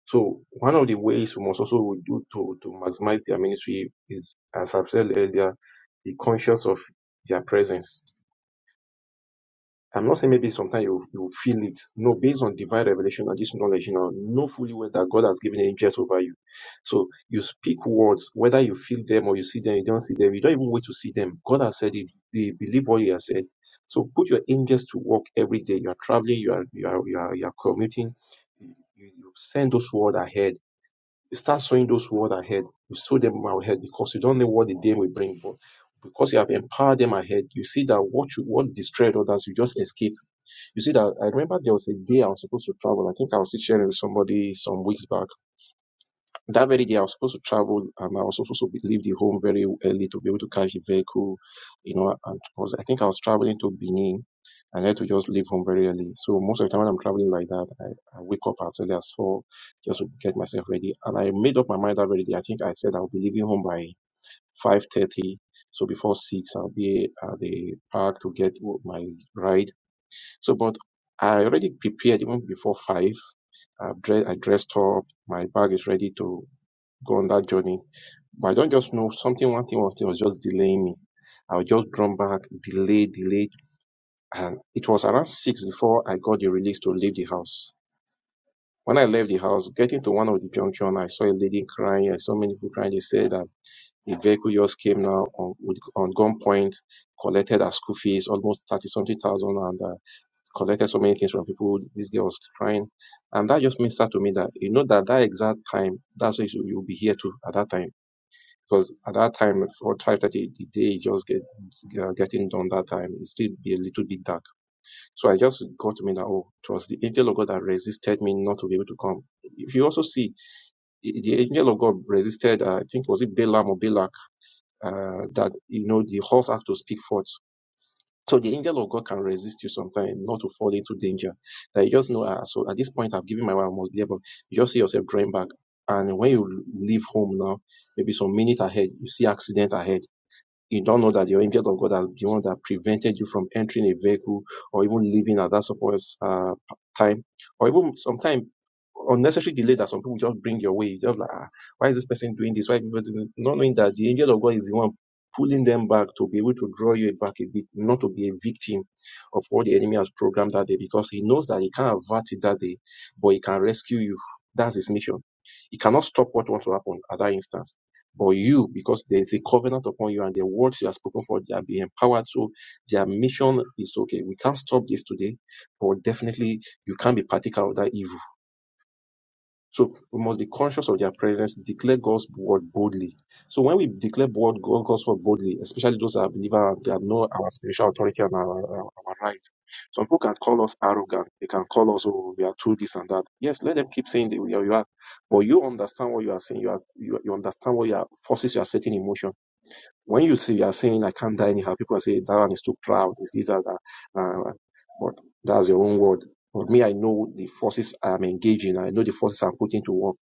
Speaker 5: So one of the ways we must also do to, to maximize their ministry is, as I've said earlier, be conscious of their presence. I'm not saying maybe sometimes you you feel it. No, based on divine revelation and this knowledge, you know, know fully well that God has given angels over you. So you speak words, whether you feel them or you see them, you don't see them, you don't even wait to see them. God has said it, they believe what He has said. So put your angels to work every day. You are traveling, you are you are you are, you are commuting, you, you send those words ahead. You start sowing those words ahead. You sow them ahead because you don't know what the day will bring, but because you have empowered them ahead, you see that what you what destroyed others, you just escape you see that I remember there was a day I was supposed to travel. I think I was sharing with somebody some weeks back. That very day I was supposed to travel and I was supposed to be- leave the home very early to be able to catch the vehicle, you know, and it was, I think I was traveling to Benin and I had to just leave home very early. So most of the time when I'm traveling like that, I, I wake up as early as four just to get myself ready. And I made up my mind that very day. I think I said I'll be leaving home by five thirty. So before six, I'll be at the park to get my ride so, but I already prepared even before five. I've dressed, I dressed up. My bag is ready to go on that journey. But I don't just know something. One thing was, was just delaying me. I was just drawn back, delay, delay, and it was around six before I got the release to leave the house. When I left the house, getting to one of the junction, I saw a lady crying. I saw many people crying. They said that the vehicle just came now on, with- on gunpoint, collected her school fees, almost thirty something thousand, and. uh, collected so many things from people. This girl was crying, and that just ministered to me that you know that that exact time, that's what you will be here to at that time. Because at that time, for five thirty, the day just get uh, getting done. That time it still be a little bit dark. So I just got to me that oh, it was the angel of God that resisted me not to be able to come. If you also see, the angel of God resisted. Uh, I think was it Balaam or Balak uh, that you know the horse had to speak forth. So the angel of God can resist you sometimes not to fall into danger. That you just know, ah, so at this point I've given my wife, I must be able. You just see yourself drawing back. And when you leave home now, maybe some minutes ahead, you see accident ahead you don't know that your injured or God has the one that prevented you from entering a vehicle or even leaving at that supposed uh, time, or even sometimes unnecessary delay that some people just bring your way. You Just like, "Ah, why is this person doing this? Why people doing-" not knowing that the angel of God is the one pulling them back to be able to draw you back a bit, not to be a victim of what the enemy has programmed that day, because he knows that he can't avert it that day, but he can rescue you. That's his mission. He cannot stop what wants to happen at that instance but you, because there is a covenant upon you and the words you have spoken for, they are being empowered. So their mission is okay. We can't stop this today, but definitely you can't be particle of that evil. So we must be conscious of their presence, declare God's word boldly. So when we declare word, God- God's word boldly, especially those that are believers that know our spiritual authority and our, our, our rights, some people can call us arrogant. They can call us, oh, we are true this and that. Yes, let them keep saying that we are, you are. But you understand what you are saying. You, are, you, you understand what you are, forces you are setting in motion when you see are saying I can't die anyhow, people say that one is too proud. It's this or that. Uh, but that's your own word. But me, I know the forces I'm engaging. I know the forces I'm putting to work.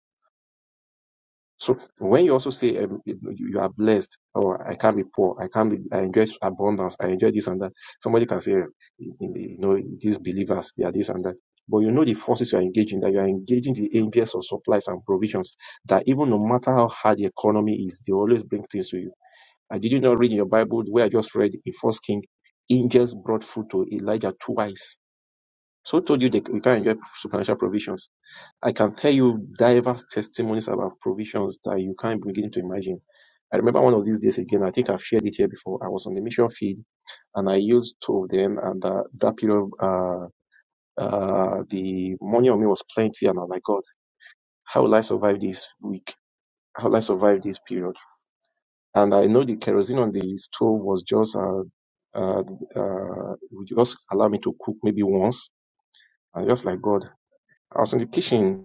Speaker 5: So when you also say um, you are blessed, or I can't be poor, I can't be, I enjoy abundance, I enjoy this and that. Somebody can say, you know, these believers, they are this and that. But you know the forces you are engaging, that you are engaging the angels of supplies and provisions, that even no matter how hard the economy is, they always bring things to you and did you not read in your Bible where I just read in First King, angels brought food to Elijah twice. So I told you that we can enjoy supernatural provisions. I can tell you diverse testimonies about provisions that you can't begin to imagine. I remember one of these days again, I think I've shared it here before. I was on the mission field and I used two of them and uh, that period, uh, uh, the money on me was plenty and I'm like, God, how will I survive this week? How will I survive this period? And I know the kerosene on the stove was just, uh, uh, uh, it would just allow me to cook maybe once. And just like God, I was in the kitchen, you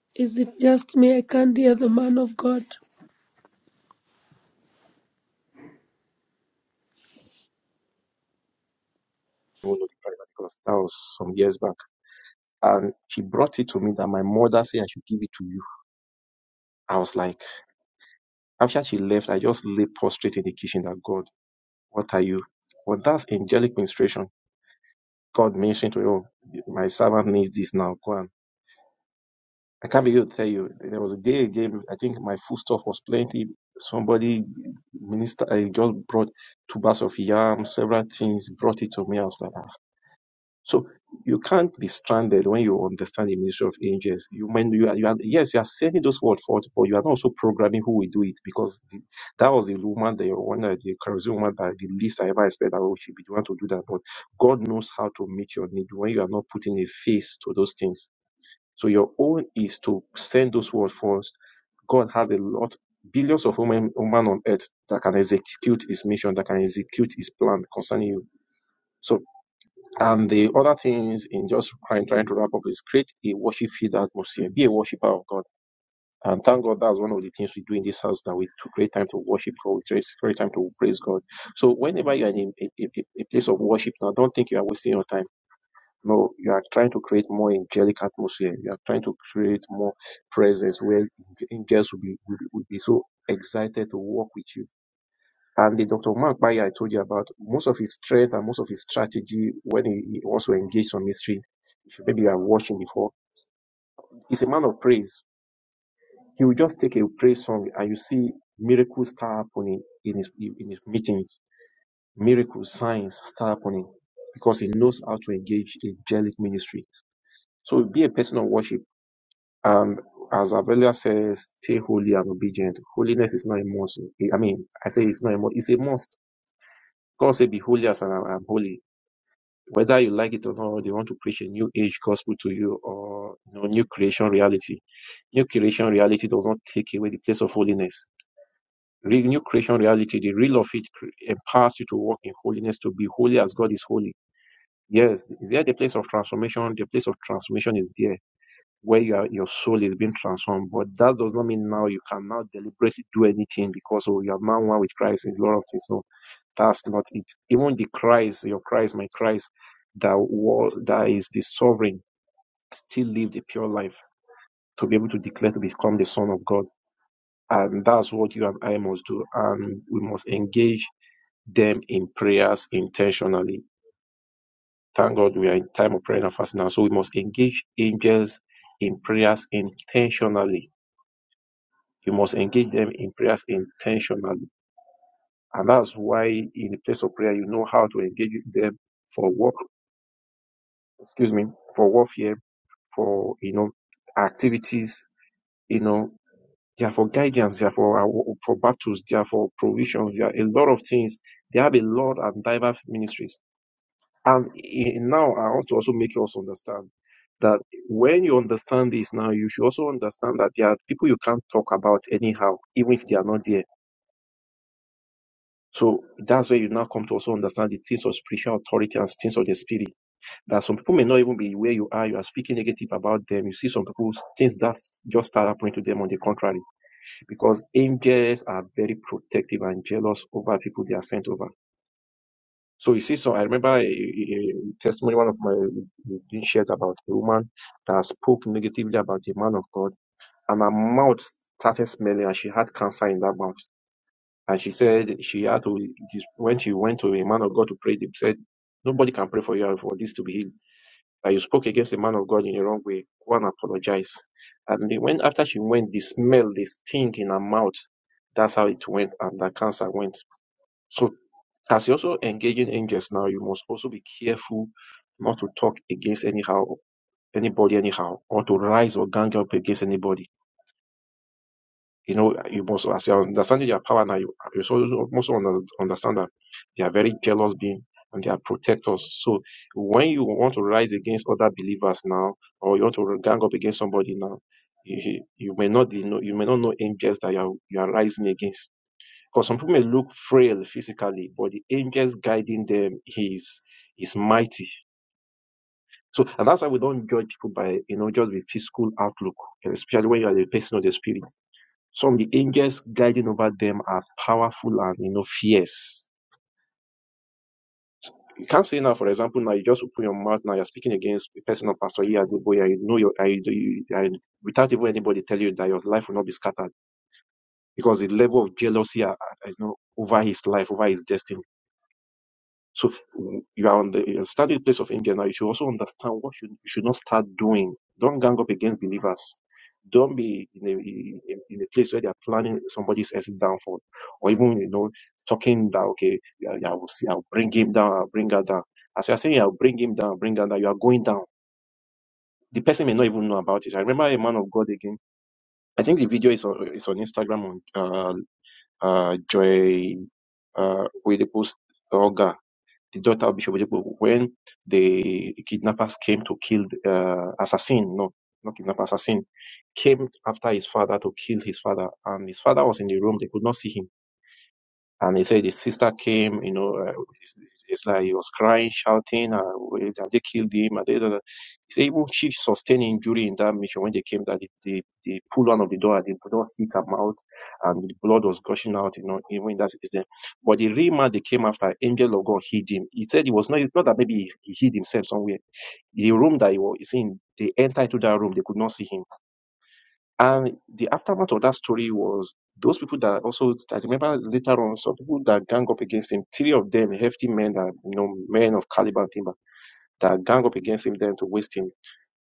Speaker 4: you. Is it just me? I can't hear the man of God.
Speaker 5: know, the driver, because that was some years back. And she brought it to me that my mother said I should give it to you. I was like, after she left, I just lay prostrate in the kitchen that God, what are you? But that's angelic ministration. God mentioned to you, my servant needs this now. Go on. I can't be able to tell you. There was a day again. I think my food stuff was plenty. Somebody minister I just brought two bags of yam, several things. Brought it to me. I was like, ah. So you can't be stranded when you understand the ministry of angels. You when you are, you are yes, you are sending those words forth, but you are not also programming who will do it because the, that was the woman, the one, that- the charismatic woman that the least I ever said that oh, she be the one to do that. But God knows how to meet your need when you are not putting a face to those things so your own is to send those words first. God has a lot, billions of women, women on earth that can execute his mission, that can execute his plan concerning you. So, and the other things in just trying, trying to wrap up is create a worship field atmosphere, be a worshiper of God. And thank God that's one of the things we do in this house that we to create time to worship God, we create create time to praise God. So whenever you're in a, a, a a place of worship now, don't think you are wasting your time no, you are trying to create more angelic atmosphere. You are trying to create more presence where angels will be will, will be so excited to work with you. And the Dr. Mark Bayer I told you about, most of his strength and most of his strategy when he, he also engaged some mystery, if you- maybe you are watching before, he's a man of praise. He will just take a praise song and you see miracles start happening in his in his meetings. Miracles, signs start happening because he knows how to engage angelic ministry. So be a person of worship Um, as Avelia says, stay holy and obedient. Holiness is not a must. I mean, I say it's not a must. It's a must. God said, be holy as I am holy. Whether you like it or not, they want to preach a new age gospel to you or you know, new creation reality. New creation reality does not take away the place of holiness. Re- New creation reality, the real of it cre- empowers you to walk in holiness, to be holy as God is holy. Yes, is there the place of transformation? The place of transformation is there where you are, your soul is being transformed. But that does not mean now you can now deliberately do anything because oh, you are now one with Christ in a lot of things. No, that's not it. Even the Christ, your Christ, my Christ, that wa- that is the sovereign, still live the pure life to be able to declare to become the Son of God. And that's what you and I must do. And we must engage them in prayers intentionally. Thank God we are in time of prayer and fasting now. So we must engage angels in prayers intentionally You must engage them in prayers intentionally. And that's why in the place of prayer, you know how to engage them for work, excuse me, for warfare, for, you know, activities, you know, they are for guidance, they are for, our- for battles, they are for provisions, they are a lot of things. They have a lot and diverse ministries. And in, now I want to also make us understand that when you understand this now, you should also understand that there are people you can't talk about anyhow, even if they are not there So that's where you now come to also understand the things of spiritual authority and things of the spirit. That some people may not even be where you are. You are speaking negative about them. You see some people things that just start happening to them on the contrary, because angels are very protective and jealous over people they are sent over. So you see, so I remember a, a a testimony one of my being shared about a woman that spoke negatively about a man of God, and her mouth started smelling, and she had cancer in that mouth. And she said she had to, when she went to a man of God to pray, they said, Nobody can pray for you for this to be healed. That you spoke against a man of God in the wrong way. Go and apologize. And they- when after she went, the smell, the stink in her mouth, that's how it went, and the cancer went. So as you're also engaging angels now, you must also be careful not to talk against anyhow anybody anyhow, or to rise or gang up against anybody You know, you must, as you're understanding their power now, you, you so- you must under- understand that they are very jealous being and they are protectors. So when you want to rise against other believers now, or you want to gang up against somebody now, you, you you may not be know, you may not know angels that you are, you are rising against. Because some people may look frail physically, but the angels guiding them is is mighty. So and that's why we don't judge people by you know just the physical outlook, especially when you are a person of the spirit some of the angels guiding over them are powerful and you know fierce. You can't say now, for example, now you just open your mouth now you're speaking against a person of Pastor Iya Adeboye. You know your I do you, I, without even anybody telling you that your life will not be scattered because the level of jealousy uh, uh, you know over his life, over his destiny. So if you are on the you study the place of India now, you should also understand what you, you should not start doing. Don't gang up against believers. Don't be in a, in, in a place where they are planning somebody's else downfall, or even you know talking that okay, yeah, yeah, I will see, I'll bring him down, I'll bring her down. As you are saying, I'll bring him down, bring her down. You are going down. The person may not even know about it. I remember a man of God again. I think the video is on, is on Instagram on uh, uh, Joy uh, Oedipu's Olga the daughter of Bishop Ojukwu, when the kidnappers came to kill uh, assassin, no, not kidnapper, assassin, came after his father to kill his father, and his father was in the room. They could not see him and he said his sister came, you know, uh, it's, it's like he was crying, shouting, and we- that they killed him. And they, he said even she sustained injury in that mission when they came, that they, they, they pulled one of the door and the door hit her mouth and the blood was gushing out, you know, even in that incident. But the real man they came after, angel of God hid him. He said it was not, it's not that maybe he, he hid himself somewhere. The room that he was in, they entered to that room, they could not see him and the aftermath of that story was those people that also, I remember later on, some people that gang up against him, three of them, hefty men that, you know, men of caliber and timber, that gang up against him then to waste him.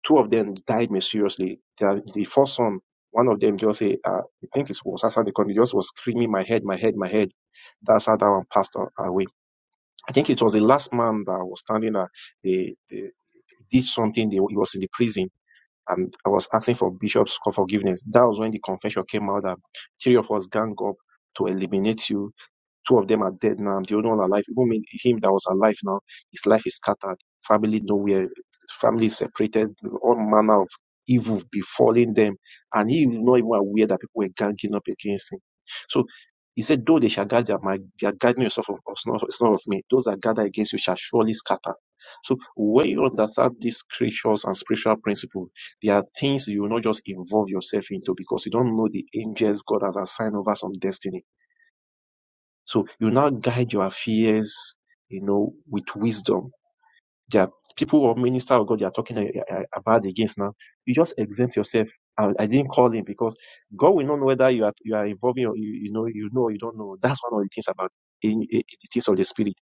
Speaker 5: Two of them died mysteriously. The, the first son, one of them just say, uh, I think it was outside the country, just was screaming, my head, my head, my head. That's how that one passed on- uh, away. I think it was the last man that was standing there. They, they did something. They, he was in the prison and I was asking for Bishop's for forgiveness. That was when the confession came out that three of us gang up to eliminate you Two of them are dead now. I'm the only one alive. Even me, him that was alive now, his life is scattered. Family nowhere. Family is separated. All manner of evil befalling them. And he was not even aware that people were ganging up against him. So he said, though they shall gather, my, they are gathering yourself of us, not, it's not of me. Those that gather against you shall surely scatter. So when you understand these creatures and spiritual principles, there are things you will not just involve yourself into because you don't know the angels God has assigned over some destiny. So you now guide your affairs, you know, with wisdom. There are people or minister of God they are talking a- a- about against now. You just exempt yourself. I, I didn't call him because God will not know whether you are you are involving or you, you know you know or you don't know. That's one of the things about in, in the things of the spirit.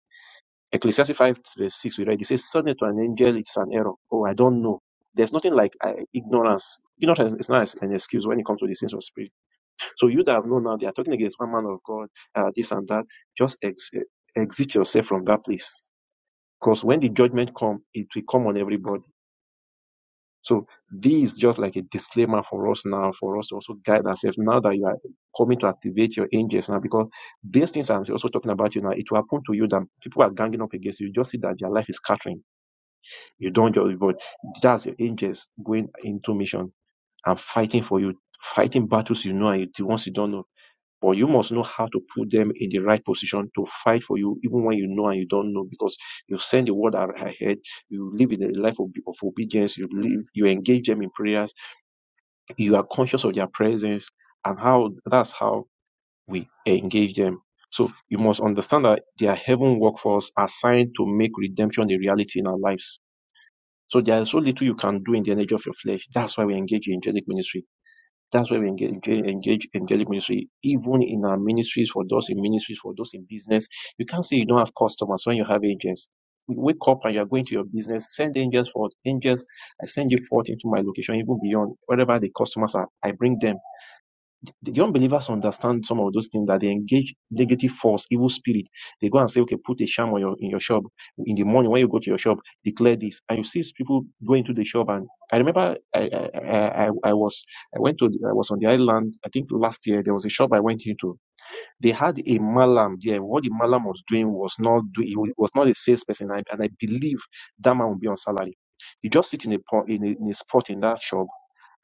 Speaker 5: Ecclesiastes five verse six we read. It says, "Suddenly to an angel, it's an error." Oh, I don't know. There's nothing like uh, ignorance. Ignorance is not an excuse when it comes to the things of spirit. So you that know now they are talking against one man of God, uh, this and that, just ex- exit yourself from that place. Because when the judgment come, it will come on everybody. So this is just like a disclaimer for us now, for us to also guide ourselves now that you are coming to activate your angels now, because these things I'm also talking about you now, it will happen to you that people are ganging up against you. You just see that your life is scattering. You don't just, but that's your angels going into mission and fighting for you, fighting battles you know and the ones you don't know but you must know how to put them in the right position to fight for you, even when you know and you don't know, because you send the word ahead, you live in a life of, of obedience, you live, you engage them in prayers, you are conscious of their presence, and how that's how we engage them. So you must understand that they are heaven workforce assigned to make redemption a reality in our lives. So there is so little you can do in the energy of your flesh. That's why we engage in angelic ministry that's why we engage, engage, engage angelic ministry, even in our ministries, for those in ministries, for those in business. You can't say you don't have customers when you have agents. You wake up and you're going to your business, send angels forth. Angels, I send you forth into my location, even beyond, wherever the customers are, I bring them the the unbelievers understand some of those things that they engage negative force, evil spirit. They go and say, okay, put a sham on your in your shop in the morning when you go to your shop, declare this, and you see people go into the shop. And I remember I I, I, I I was I went to the, I was on the island. I think last year there was a shop I went into. They had a malam there. What the malam was doing was not doing. He was not a salesperson, and I, and I believe that man will be on salary. He just sit in a po- in a, in a spot in that shop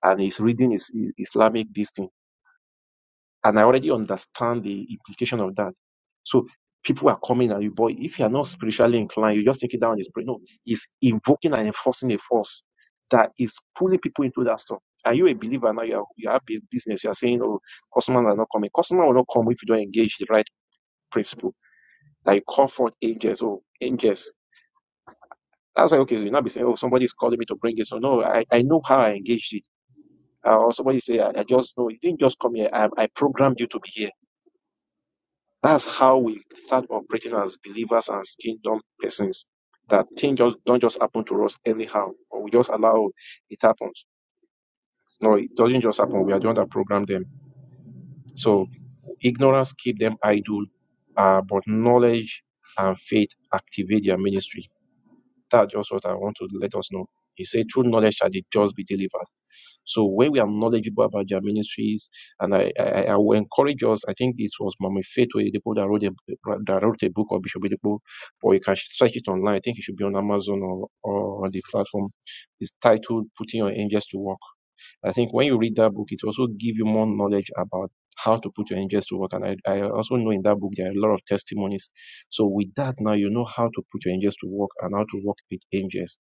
Speaker 5: and he's reading his Islamic this thing and I already understand the implication of that. So people are coming at you, but if you are not spiritually inclined, you just take it down and it's pray. No, it's invoking and enforcing a force that is pulling people into that stuff. Are you a believer now? You, are, you have bus- business. You are saying, oh, customers are not coming. Customer will not come if you don't engage the right principle. That you call forth angels. Oh, angels. That's why, okay, you'll not be saying, oh, somebody is calling me to bring it. So, no, I, I know how I engaged it. Uh, or somebody say, I, I just know. You didn't just come here. I, I programmed you to be here That's how we start operating as believers and as kingdom persons. That things just don't just happen to us anyhow, or we just allow it happens. No, it doesn't just happen. We are the one that program them. So ignorance keep them idle, uh, but knowledge and faith activate their ministry. That's just what I want to let us know. He said, "True knowledge shall the just be delivered." So when we are knowledgeable about their ministries, and I, I, I will encourage us, I think it was Mama Faith Oyedepo that wrote a, that wrote a book or Bishop Oyedepo, or you can search it online. I think it should be on Amazon or, or on the platform. It's titled Putting Your Angels to Work. I think when you read that book, it also give you more knowledge about how to put your angels to work. And I, I also know in that book there are a lot of testimonies. So with that now you know how to put your angels to work and how to work with angels.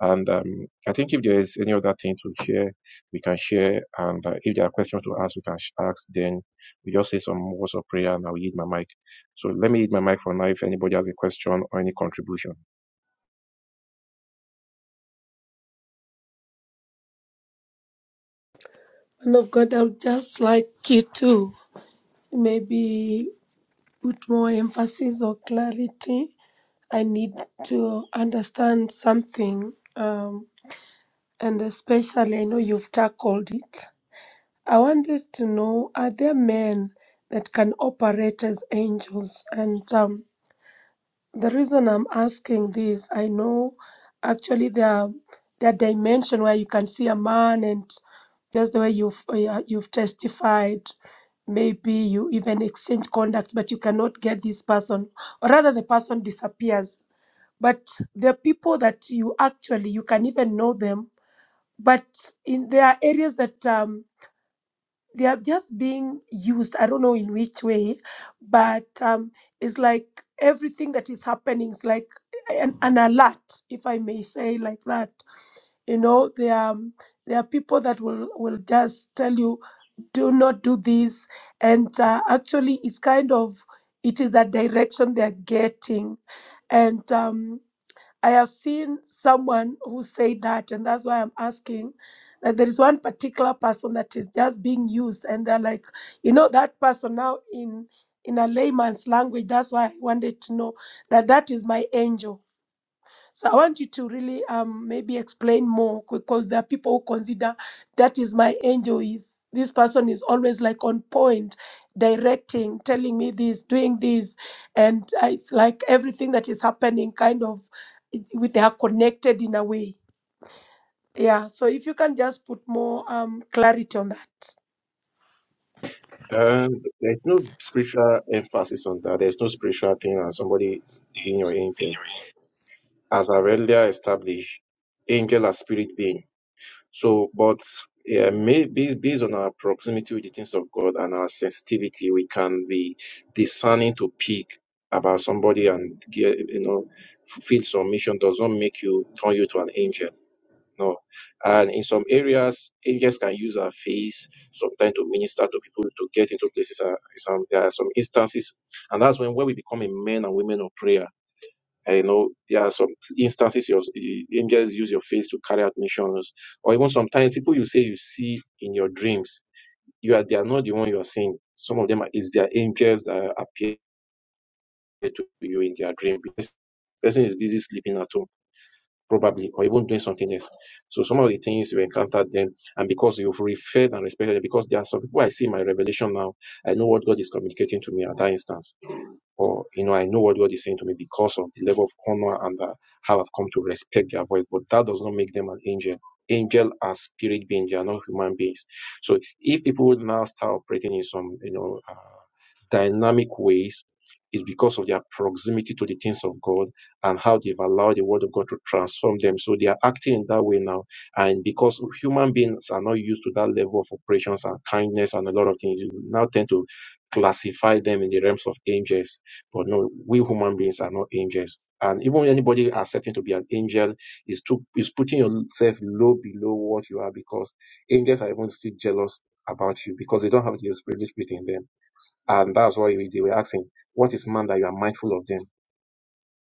Speaker 5: And um, I think if there is any other thing to share, we can share. And uh, if there are questions to ask, we can ask. Then we just say some words of prayer and I'll yield my mic. So let me yield my mic for now if anybody has a question or any contribution.
Speaker 4: Man of God, I would just like you to maybe put more emphasis or clarity. I need to understand something, um, and especially I know you've tackled it. I wanted to know are there men that can operate as angels? And um, the reason I'm asking this, I know actually there are, there are dimension where you can see a man and just the way you've uh, yeah, you've testified, maybe you even exchange conduct, but you cannot get this person, or rather the person disappears. But there are people that you actually you can even know them, but in there are areas that um, they are just being used i don't know in which way but um, it's like everything that is happening is like an, an alert if i may say like that you know there are, um, there are people that will will just tell you do not do this and uh, actually it's kind of it is a direction they're getting and um, I have seen someone who said that, and that's why I'm asking that there is one particular person that is just being used, and they're like, you know, that person now in in a layman's language. That's why I wanted to know that that is my angel so I want you to really um, maybe explain more because there are people who consider that is my angel is this person is always like on point, directing, telling me this, doing this, and uh, it's like everything that is happening kind of it- with they are connected in a way. Yeah. So if you can just put more um, clarity on that.
Speaker 5: Um, there's no spiritual emphasis on that. There's no spiritual thing as somebody being your angel. As I earlier established, angel are spirit being. So, but yeah, maybe based on our proximity with the things of God and our sensitivity, we can be discerning to pick about somebody and get, you know, fulfill some mission does not make you turn you to an angel. No. And in some areas, angels can use our face sometimes to minister to people to get into places. Uh, some, there are some instances, and that's when, when we become a men and women of prayer. I know there are some instances your the angels use your face to carry out missions, or even sometimes people you say you see in your dreams, you are they are not the one you are seeing. Some of them are, is their angels that appear to you in their dream. Because person is busy sleeping at home probably, or even doing something else. So some of the things you encountered them, and because you've referred and respected them, because there are some people I see in my revelation now, I know what God is communicating to me at that instance, or you know, I know what God is saying to me because of the level of honor and uh, how I've come to respect their voice. But that does not make them an angel. Angel are spirit beings; they are not human beings. So if people would now start operating in some, you know. uh, dynamic ways is because of their proximity to the things of God and how they've allowed the word of God to transform them. So they are acting in that way now. And because human beings are not used to that level of operations and kindness and a lot of things, you now tend to classify them in the realms of angels. But no, we human beings are not angels. And even when anybody accepting to be an angel is to is putting yourself low below what you are because angels are even still jealous about you because they don't have the Holy Spirit in them. And that's what we they were asking. What is man that you are mindful of them?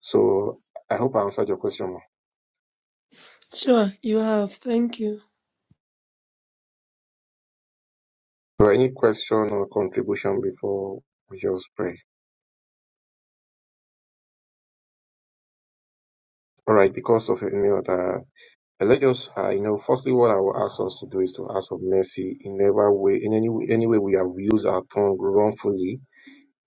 Speaker 5: So I hope I answered your question.
Speaker 4: Sure, you have. Thank you.
Speaker 5: So any question or contribution before we just pray? All right, because of you know that uh, let us uh, you know firstly what I will ask us to do is to ask for mercy in every way in any any way we have used our tongue wrongfully.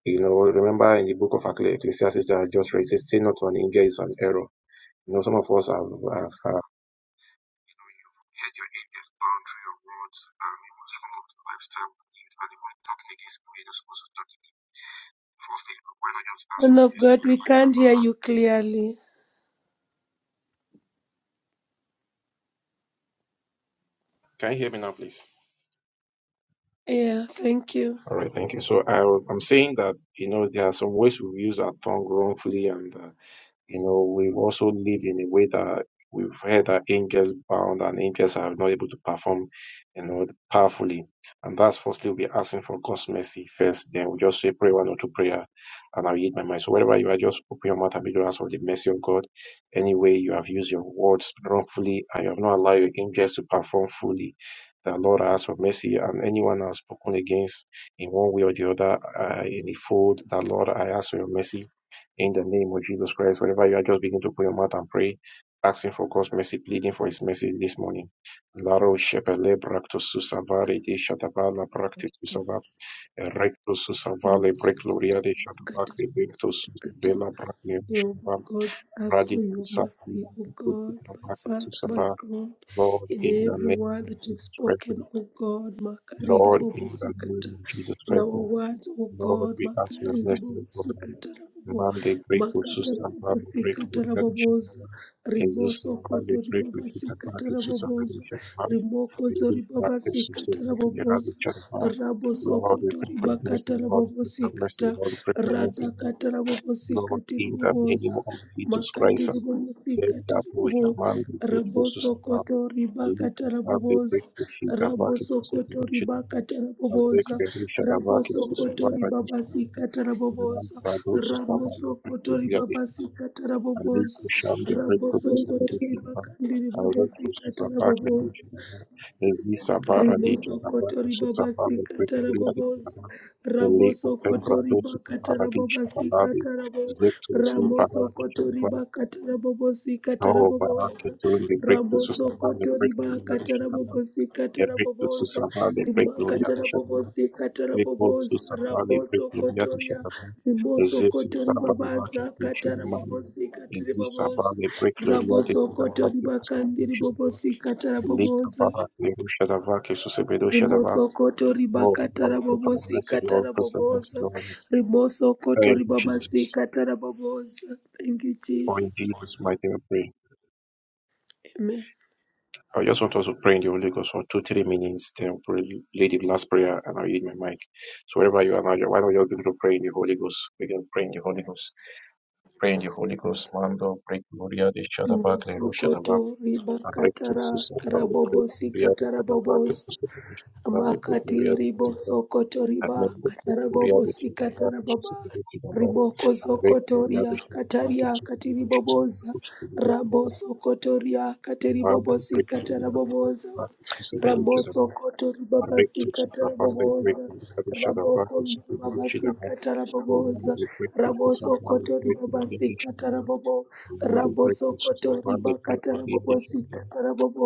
Speaker 5: You know, remember in the book of Ecclesiastes that I just read, it says, "Say not to an angel is an error." You know, some of us have, have Hadrian boundary Rome's army was followed by stampede animal tactics. Minus was attacked firstly when I just asked
Speaker 4: And
Speaker 5: for
Speaker 4: of
Speaker 5: mercy
Speaker 4: God, we
Speaker 5: wherever you
Speaker 4: can't
Speaker 5: are not
Speaker 4: hear you
Speaker 5: asked.
Speaker 4: clearly.
Speaker 5: Can you hear me now, please?
Speaker 4: Yeah. Thank you.
Speaker 5: All right, thank you. So I, I'm saying that you know there are some ways we use our tongue wrongfully and uh, You know, we've also lived in a way that we've heard that angels bound and angels are not able to perform, you know, powerfully. And that's firstly, we'll be asking for God's mercy first. Then we'll just say, pray one or two prayer, and I'll yield my mind. So wherever you are, just open your mouth and begin to ask for the mercy of God. Any way you have used your words wrongfully and you have not allowed your angels to perform fully. The Lord I ask for mercy, and anyone I've spoken against in one way or the other uh, in the fold, the Lord I ask for your mercy in the name of Jesus Christ, wherever you are, just begin to put your mouth and pray, asking for God's mercy, pleading for His mercy this morning. Laro shepele bracto susavari de shatavala bracte susava erecto susavale
Speaker 4: Masokoto
Speaker 5: brecloria de shatabac
Speaker 4: makata
Speaker 5: de bracto
Speaker 4: masokoto
Speaker 5: susavela bracne
Speaker 4: you, O
Speaker 5: shava
Speaker 4: God, we ask for
Speaker 5: radi
Speaker 4: your mercy, O God, my
Speaker 5: susavela
Speaker 4: Father, my
Speaker 5: susava.
Speaker 4: God,
Speaker 5: Lord,
Speaker 4: in
Speaker 5: in the
Speaker 4: every
Speaker 5: name
Speaker 4: word that you've
Speaker 5: of Christ,
Speaker 4: spoken, O God, Makaridi
Speaker 5: Lord,
Speaker 4: Bobo
Speaker 5: in the
Speaker 4: Sikata,
Speaker 5: name of Jesus
Speaker 4: in our
Speaker 5: Christ,
Speaker 4: words, O
Speaker 5: Lord,
Speaker 4: God,
Speaker 5: we ask for your
Speaker 4: Makaridi
Speaker 5: mercy,
Speaker 4: Bobo
Speaker 5: Lord.
Speaker 4: Sikata, Bobo,
Speaker 5: Man, they break with
Speaker 4: Makata
Speaker 5: Susan, they
Speaker 4: Bobo
Speaker 5: break
Speaker 4: Sikata,
Speaker 5: with
Speaker 4: Boboza,
Speaker 5: Jesus,
Speaker 4: Riboso
Speaker 5: and we
Speaker 4: Koto
Speaker 5: pray for
Speaker 4: Ribaba
Speaker 5: you to
Speaker 4: Sikata,
Speaker 5: practice your
Speaker 4: Boboza,
Speaker 5: salvation.
Speaker 4: Rimoko
Speaker 5: We
Speaker 4: Zori
Speaker 5: will
Speaker 4: Baba
Speaker 5: practice your
Speaker 4: Sikata,
Speaker 5: salvation. We will
Speaker 4: Boboza,
Speaker 5: practice
Speaker 4: Raboso
Speaker 5: Lord, we
Speaker 4: Koto
Speaker 5: pray for your mercy,
Speaker 4: Ribakata,
Speaker 5: Lord, we
Speaker 4: Bobo
Speaker 5: pray for your mercy,
Speaker 4: Sikata,
Speaker 5: Lord, we pray for your mercy,
Speaker 4: radhakata
Speaker 5: Lord,
Speaker 4: rabobosikati
Speaker 5: in the
Speaker 4: ribobosa
Speaker 5: name of Jesus
Speaker 4: makati
Speaker 5: Christ. Save
Speaker 4: ribobosikati
Speaker 5: that boy,
Speaker 4: ribobo
Speaker 5: Jamal, the good Jesus, and our
Speaker 4: rabosokoto
Speaker 5: Luke,
Speaker 4: ribakata
Speaker 5: and the
Speaker 4: rabobosa
Speaker 5: great Kushi, Kavakis, who said, We
Speaker 4: rabosokoto
Speaker 5: should
Speaker 4: ribakata
Speaker 5: have Zek,
Speaker 4: rabobosa
Speaker 5: the Risha, Kavakis, who
Speaker 4: rabosokoto
Speaker 5: survived, and
Speaker 4: ribabasikata
Speaker 5: Jamal,
Speaker 4: rabobosa
Speaker 5: Brado, who
Speaker 4: ramosokoto
Speaker 5: survived,
Speaker 4: ribabasikata rabobosa
Speaker 5: Aleko Shande Breko
Speaker 4: rabosokoto
Speaker 5: Kusende Kirba,
Speaker 4: ribakandi
Speaker 5: Aleko
Speaker 4: ribobosikata
Speaker 5: Susabake
Speaker 4: rabobosa
Speaker 5: Kirba, Ezisa Bara di
Speaker 4: Rimoso
Speaker 5: Kirba,
Speaker 4: kotori baba
Speaker 5: Susabale Breko
Speaker 4: sikata
Speaker 5: Buria di
Speaker 4: rabobozo.
Speaker 5: Kirba, Aleko
Speaker 4: Raboso
Speaker 5: Tembra
Speaker 4: kotori
Speaker 5: do
Speaker 4: bakata
Speaker 5: Susabara di
Speaker 4: rababa
Speaker 5: Shabalade, Zeto Supara
Speaker 4: Ramoso
Speaker 5: di
Speaker 4: kotori
Speaker 5: Kirba,
Speaker 4: bakata rabobo sikata
Speaker 5: Oro Barake Tundi Breko
Speaker 4: Ramoso
Speaker 5: Susabale
Speaker 4: kotori
Speaker 5: Breko Buria di
Speaker 4: bakata
Speaker 5: Kirba,
Speaker 4: rabobo sikata
Speaker 5: Eriko
Speaker 4: rabobozo.
Speaker 5: Susabale Breko Buria
Speaker 4: Rimakata
Speaker 5: di
Speaker 4: rabobo
Speaker 5: Kirba, Репорт создавали
Speaker 4: Ramoso kotoria.
Speaker 5: предприятия
Speaker 4: Rimoso
Speaker 5: здесь
Speaker 4: kotori
Speaker 5: собрали
Speaker 4: baba zakata
Speaker 5: включили
Speaker 4: rabobo
Speaker 5: мамы.
Speaker 4: sikata
Speaker 5: И здесь
Speaker 4: rabobozo.
Speaker 5: собрали предприятия
Speaker 4: Raboso kotori
Speaker 5: шароваки
Speaker 4: bakandi
Speaker 5: включили
Speaker 4: ribobo sikata
Speaker 5: мамы. Лика
Speaker 4: rabobozo.
Speaker 5: пара неру шароваки сусебеду
Speaker 4: Rimoso
Speaker 5: шаровак.
Speaker 4: koto
Speaker 5: Oh, Lord,
Speaker 4: ribakatara
Speaker 5: pray for the
Speaker 4: bobosi
Speaker 5: mercy, Lord,
Speaker 4: katara
Speaker 5: pray for the mercy,
Speaker 4: bobosa.
Speaker 5: Lord.
Speaker 4: Rimoso koto
Speaker 5: Thank you,
Speaker 4: ribabasi
Speaker 5: Jesus.
Speaker 4: katara bobosa. Thank you,
Speaker 5: For in
Speaker 4: Jesus.
Speaker 5: Jesus' mighty name, we pray.
Speaker 4: Amen.
Speaker 5: I just want us to pray in the Holy Ghost for two, three minutes, then pray, lay the last prayer, and I'll eat my mic. So wherever you are now, why don't you begin to pray in the Holy Ghost? Begin praying in the Holy Ghost. Pray in the Holy Ghost, Mando, break Gloria de Shadaba,
Speaker 4: Rimoso
Speaker 5: Clero Shadaba,
Speaker 4: koto
Speaker 5: break to
Speaker 4: ribakatara
Speaker 5: Susaba, break
Speaker 4: rabobosi
Speaker 5: Gloria de
Speaker 4: katara
Speaker 5: Shadaba, break
Speaker 4: bobosa.
Speaker 5: to Susaba, break
Speaker 4: Amakati
Speaker 5: Gloria de Shadaba,
Speaker 4: riboso koto riba
Speaker 5: Amen, break
Speaker 4: katara
Speaker 5: Gloria de
Speaker 4: bobosi
Speaker 5: Shadaba,
Speaker 4: katara
Speaker 5: to
Speaker 4: baba.
Speaker 5: Susaba de Shadaba,
Speaker 4: Riboko
Speaker 5: break Gloria
Speaker 4: zokotoria
Speaker 5: de Shadaba,
Speaker 4: kataria
Speaker 5: to
Speaker 4: katiri bobosa.
Speaker 5: Susaba de Shadaba, break Gloria de Shadaba,
Speaker 4: Raboso kotoria katiri
Speaker 5: Mando,
Speaker 4: bobosi
Speaker 5: break Gloria
Speaker 4: katara
Speaker 5: de
Speaker 4: bobosa.
Speaker 5: Shadaba, to de
Speaker 4: Raboso
Speaker 5: Shadaba,
Speaker 4: kotori
Speaker 5: break to
Speaker 4: babasika
Speaker 5: Susaba, break
Speaker 4: taraboboza.
Speaker 5: Gloria de Shadaba,
Speaker 4: Raboko
Speaker 5: to de
Speaker 4: Babasi
Speaker 5: Shadaba,
Speaker 4: taraboboza.
Speaker 5: break to
Speaker 4: Raboso
Speaker 5: Susaba,
Speaker 4: kotori
Speaker 5: break Gloria
Speaker 4: Babasi
Speaker 5: de Shadaba,
Speaker 4: tarabobo.
Speaker 5: Abali break
Speaker 4: Raboso
Speaker 5: Jesus,
Speaker 4: kotori
Speaker 5: Abali break with the addition
Speaker 4: bakatarabobosika
Speaker 5: of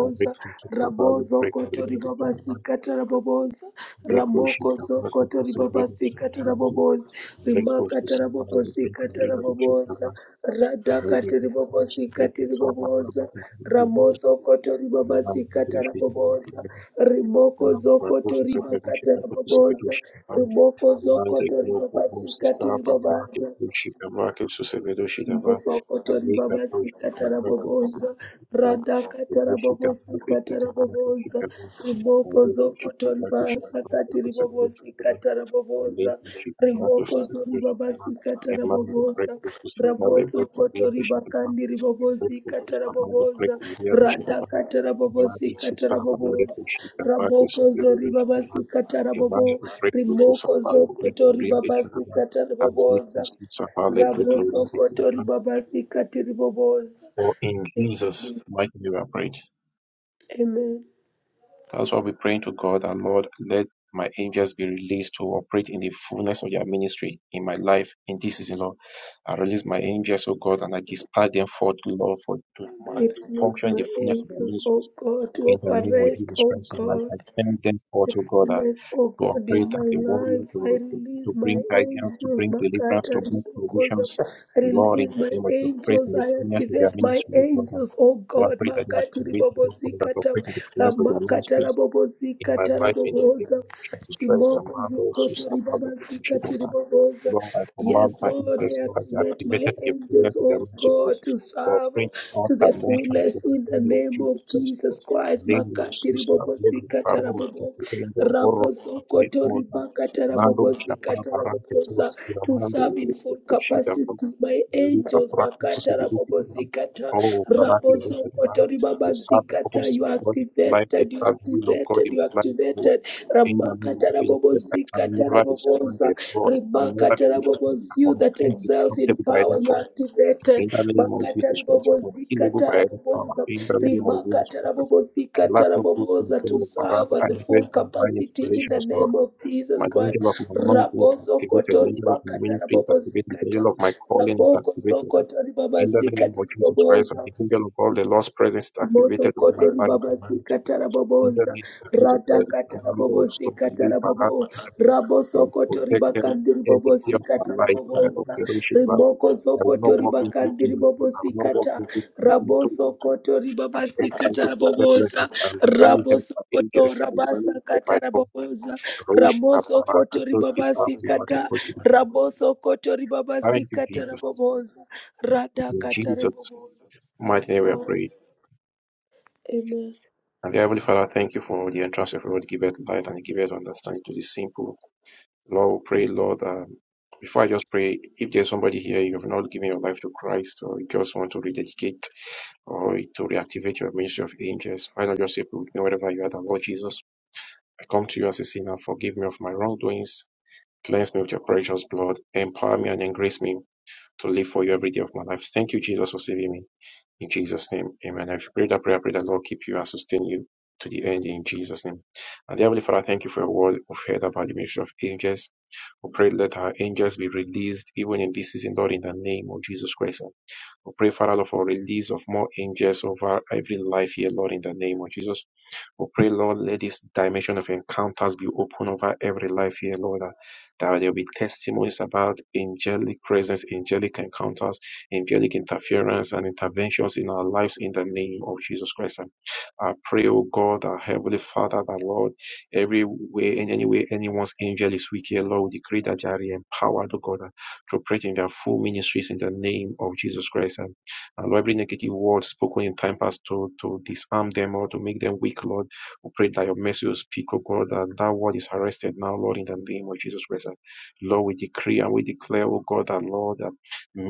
Speaker 5: a victim to de Shabbat,
Speaker 4: Rabozo
Speaker 5: break Jesus, Abali break Maria
Speaker 4: kotori
Speaker 5: de
Speaker 4: Babasi
Speaker 5: Shabbat,
Speaker 4: taraboboza.
Speaker 5: Leko
Speaker 4: Ramoko
Speaker 5: Shitabati to
Speaker 4: koto
Speaker 5: Severi
Speaker 4: ribabasika
Speaker 5: Shabbat,
Speaker 4: tarabobosa
Speaker 5: Leko
Speaker 4: rimaka
Speaker 5: to Savali break
Speaker 4: tarabobosika
Speaker 5: Maria de
Speaker 4: tarabobosa
Speaker 5: Shabbat, and all
Speaker 4: radhaka
Speaker 5: the things
Speaker 4: tiribobosika
Speaker 5: break the Savali
Speaker 4: tiribobosa
Speaker 5: to Severi Shabbat,
Speaker 4: ramoso koto
Speaker 5: Lam
Speaker 4: ribabasika
Speaker 5: Break Maria de
Speaker 4: tarabobosa
Speaker 5: Shabbat,
Speaker 4: rimoko
Speaker 5: Lam Break
Speaker 4: zokoto ribaka
Speaker 5: to Severi
Speaker 4: tarabobosa
Speaker 5: Shabbat,
Speaker 4: rimoko
Speaker 5: ambaye
Speaker 4: zokoto
Speaker 5: kidogo bosi
Speaker 4: ribabasika
Speaker 5: saba lake
Speaker 4: tiribobaza
Speaker 5: kushika vake usisevedo shika va
Speaker 4: Mosokotori
Speaker 5: amika
Speaker 4: baba
Speaker 5: to shika
Speaker 4: sikatara
Speaker 5: vake
Speaker 4: boboza,
Speaker 5: kusisevedo va
Speaker 4: rada
Speaker 5: vedo
Speaker 4: katara
Speaker 5: shika
Speaker 4: bobo
Speaker 5: vake shika
Speaker 4: sikatara
Speaker 5: vake
Speaker 4: boboza,
Speaker 5: shika vake
Speaker 4: riboko
Speaker 5: amika shika
Speaker 4: zokotori
Speaker 5: vake
Speaker 4: baba
Speaker 5: shika vake
Speaker 4: sakatiri bobo
Speaker 5: usisevedo shika va
Speaker 4: sikatara boboza,
Speaker 5: amika shika vake
Speaker 4: riboko zori
Speaker 5: usisevedo shika
Speaker 4: baba
Speaker 5: va
Speaker 4: sikatara
Speaker 5: emando
Speaker 4: boboza,
Speaker 5: breakfast usavale
Speaker 4: raboso
Speaker 5: breaking
Speaker 4: koto
Speaker 5: vya shika va
Speaker 4: bakandiri bobo
Speaker 5: breakfast
Speaker 4: sikatara
Speaker 5: usavale
Speaker 4: boboza,
Speaker 5: breaking vya shika
Speaker 4: rada
Speaker 5: va
Speaker 4: katara bobo
Speaker 5: Yesu
Speaker 4: sikatara
Speaker 5: saba lake
Speaker 4: boboza,
Speaker 5: shika vake
Speaker 4: raboko
Speaker 5: usisevedo
Speaker 4: zori baba
Speaker 5: shika va
Speaker 4: sikatara
Speaker 5: a man
Speaker 4: bobo,
Speaker 5: Imam breakthrough to
Speaker 4: riboko
Speaker 5: Safale breakthrough
Speaker 4: zokotori baba
Speaker 5: Riadichanaba
Speaker 4: sikatara
Speaker 5: as they to
Speaker 4: boboza.
Speaker 5: Safale breakthrough
Speaker 4: Raboso kotori
Speaker 5: Riadichanaba.
Speaker 4: babasi katiri boboza.
Speaker 5: For in
Speaker 4: Thank you,
Speaker 5: Jesus'
Speaker 4: Jesus.
Speaker 5: mighty name we are prayed.
Speaker 4: Amen.
Speaker 5: That's why we pray to God and Lord, let my angels be released to operate in the fullness of your ministry in my life in this season, Lord. I release my angels, O God, and I dispatch them forth, Lord, for to,
Speaker 4: And
Speaker 5: to
Speaker 4: I release
Speaker 5: function in
Speaker 4: my
Speaker 5: the fullness of your
Speaker 4: angels,
Speaker 5: ministry
Speaker 4: oh God, to
Speaker 5: in the name of
Speaker 4: operate,
Speaker 5: Jesus
Speaker 4: oh
Speaker 5: Christ. And I
Speaker 4: God.
Speaker 5: I send them
Speaker 4: the
Speaker 5: forth, O God,
Speaker 4: fullness, O
Speaker 5: to
Speaker 4: God, in
Speaker 5: operate
Speaker 4: my
Speaker 5: as a warrior,
Speaker 4: life. I
Speaker 5: to, to, to
Speaker 4: release my
Speaker 5: bring guidance, to
Speaker 4: angels,
Speaker 5: bring deliverance,
Speaker 4: Makata
Speaker 5: to bring
Speaker 4: Rikukoza.
Speaker 5: provisions.
Speaker 4: I
Speaker 5: Lord, in
Speaker 4: release
Speaker 5: the
Speaker 4: my
Speaker 5: name of your praise
Speaker 4: angels.
Speaker 5: and the
Speaker 4: I
Speaker 5: fullness of your
Speaker 4: activate my
Speaker 5: ministry, O God. And
Speaker 4: angels, O
Speaker 5: Lord, I
Speaker 4: God,
Speaker 5: pray that you
Speaker 4: Makati
Speaker 5: activate the Lord, that
Speaker 4: Ribobozikata,
Speaker 5: operate in the fullness of your
Speaker 4: Ramakata
Speaker 5: ministry in my
Speaker 4: Rabobozikata
Speaker 5: life, in the name
Speaker 4: Raboboza.
Speaker 5: of Jesus Christ, and
Speaker 4: Riboko
Speaker 5: man, also,
Speaker 4: Zokoto
Speaker 5: and man, the appreciation of
Speaker 4: Ribabazikati
Speaker 5: God.
Speaker 4: Riboboza.
Speaker 5: Lord, I
Speaker 4: Yes,
Speaker 5: command my
Speaker 4: Lord, I
Speaker 5: interest, Lord, that you
Speaker 4: activate my
Speaker 5: activated the
Speaker 4: angels,
Speaker 5: fullness of your
Speaker 4: O
Speaker 5: ministry, Lord,
Speaker 4: God, to
Speaker 5: to
Speaker 4: serve
Speaker 5: operate in all
Speaker 4: to the
Speaker 5: dimensions in
Speaker 4: fullness
Speaker 5: the
Speaker 4: in the
Speaker 5: name of
Speaker 4: name of
Speaker 5: Jesus Christ.
Speaker 4: Jesus Christ.
Speaker 5: Lendo
Speaker 4: Makati
Speaker 5: sustainable
Speaker 4: Ribobozikata
Speaker 5: parrot che
Speaker 4: Raboboza.
Speaker 5: prendo borro a tre
Speaker 4: Rabosokoto
Speaker 5: cosa
Speaker 4: ribakata
Speaker 5: mando un chapa
Speaker 4: rabobozikata
Speaker 5: parante to
Speaker 4: raboboza to
Speaker 5: stiramando
Speaker 4: serve in
Speaker 5: le
Speaker 4: full
Speaker 5: produci da
Speaker 4: capacity. My
Speaker 5: lì a
Speaker 4: angels
Speaker 5: pratico si
Speaker 4: bakata
Speaker 5: deduce da
Speaker 4: Kotori,
Speaker 5: o parate le cose da
Speaker 4: rabosokoto
Speaker 5: the sad the
Speaker 4: ribabazikata.
Speaker 5: purposes
Speaker 4: You
Speaker 5: of
Speaker 4: are
Speaker 5: God in my life the
Speaker 4: activated. You
Speaker 5: sad will of God
Speaker 4: activated.
Speaker 5: in
Speaker 4: You
Speaker 5: my
Speaker 4: are
Speaker 5: life Lord
Speaker 4: activated.
Speaker 5: in the name of
Speaker 4: Ramakata
Speaker 5: Jesus Christ I can
Speaker 4: rabobozikata
Speaker 5: never be
Speaker 4: raboboza
Speaker 5: stranded Lord I can never
Speaker 4: ribakata
Speaker 5: be defeated
Speaker 4: raboboz. You
Speaker 5: I'm
Speaker 4: that excels in
Speaker 5: indestructible by
Speaker 4: power.
Speaker 5: any
Speaker 4: You
Speaker 5: form
Speaker 4: activated
Speaker 5: in the name of
Speaker 4: makata
Speaker 5: Jesus Christ I'm
Speaker 4: ribobozika
Speaker 5: unable by any power
Speaker 4: taraboboza
Speaker 5: in the name of
Speaker 4: rimaka
Speaker 5: Jesus Christ
Speaker 4: tarabobozika
Speaker 5: lack of goodness,
Speaker 4: taraboboza
Speaker 5: so
Speaker 4: to
Speaker 5: Father,
Speaker 4: serve at
Speaker 5: I
Speaker 4: the full
Speaker 5: invite divine
Speaker 4: capacity in the
Speaker 5: activations, Lord.
Speaker 4: name of
Speaker 5: My
Speaker 4: Jesus
Speaker 5: angel of
Speaker 4: Christ
Speaker 5: my mountain is
Speaker 4: rabozo
Speaker 5: activated, the
Speaker 4: kotori
Speaker 5: angel of my
Speaker 4: makata
Speaker 5: ministry is activated, the
Speaker 4: rabobozika ta
Speaker 5: angel of my calling is
Speaker 4: raboko
Speaker 5: activated.
Speaker 4: zokotori
Speaker 5: In the
Speaker 4: babazika
Speaker 5: name of Jesus Christ, and
Speaker 4: taraboboza
Speaker 5: the angel of all the Lord's presence is
Speaker 4: Moso
Speaker 5: activated over my
Speaker 4: kotori
Speaker 5: life.
Speaker 4: baba sikatara
Speaker 5: In the
Speaker 4: boboza.
Speaker 5: name of Jesus
Speaker 4: Rata
Speaker 5: Christ, I
Speaker 4: katara
Speaker 5: command
Speaker 4: bobo
Speaker 5: those to believe
Speaker 4: sikatara
Speaker 5: I have
Speaker 4: bobo. Rabo sokotori
Speaker 5: protected
Speaker 4: bakandiri bobo
Speaker 5: every day of my
Speaker 4: sikatara
Speaker 5: life by
Speaker 4: boboza.
Speaker 5: operation. Lord.
Speaker 4: Rimoko
Speaker 5: I will not
Speaker 4: sokotori
Speaker 5: walk into
Speaker 4: bakandiri
Speaker 5: evil.
Speaker 4: bobo
Speaker 5: I will not walk
Speaker 4: kata,
Speaker 5: into
Speaker 4: Rabo
Speaker 5: into
Speaker 4: sokotori
Speaker 5: I
Speaker 4: baba
Speaker 5: enter to
Speaker 4: sikatara
Speaker 5: declare
Speaker 4: boboza.
Speaker 5: blessings and divinely
Speaker 4: Rabo
Speaker 5: help my
Speaker 4: koto
Speaker 5: angels and
Speaker 4: rabasa
Speaker 5: divinely help my
Speaker 4: katara
Speaker 5: God.
Speaker 4: boboza.
Speaker 5: Rosh
Speaker 4: Ramo
Speaker 5: Abara,
Speaker 4: sokotori
Speaker 5: Ketosis,
Speaker 4: baba
Speaker 5: Abara,
Speaker 4: kata, Rabo sokotori baba
Speaker 5: Thank you,
Speaker 4: sikatara
Speaker 5: Jesus.
Speaker 4: boboza. rada
Speaker 5: In
Speaker 4: katara
Speaker 5: Jesus'
Speaker 4: boboza.
Speaker 5: mighty
Speaker 4: Yes,
Speaker 5: name we are
Speaker 4: Lord.
Speaker 5: praying.
Speaker 4: Amen.
Speaker 5: And the Heavenly Father, thank you for the entrance of your word. Give us light and give us understanding to this simple. Lord, we pray, Lord, um, before I just pray, if there's somebody here, you have not given your life to Christ or you just want to rededicate or to reactivate your ministry of angels, why not just say, put me wherever you are, the Lord Jesus. I come to you as a sinner. Forgive me of my wrongdoings. Cleanse me with your precious blood. Empower me and embrace me to live for you every day of my life. Thank you, Jesus, for saving me. In Jesus' name, amen. If you pray that prayer, I pray that Lord keep you and sustain you to the end in Jesus' name. And dear Heavenly Father, thank you for your word we've heard about the ministry of angels. We pray let our angels be released even in this season, Lord, in the name of Jesus Christ. We pray, Father, Lord, for release of more angels over every life here, Lord, in the name of Jesus. We pray, Lord, let this dimension of encounters be open over every life here, Lord, that that there will be testimonies about angelic presence, angelic encounters, angelic interference, and interventions in our lives in the name of Jesus Christ. And I pray, O God, our Heavenly Father, that Lord, every way, in any way, anyone's angel is weak here, Lord, we decree that they are empowered, O God, to operate in their full ministries in the name of Jesus Christ. And and Lord, every negative word spoken in time past to, to disarm them or to make them weak, Lord. We pray that your mercy will speak, O God, that that word is arrested now, Lord, in the name of Jesus Christ. Lord, we decree and we declare, O God, that Lord, that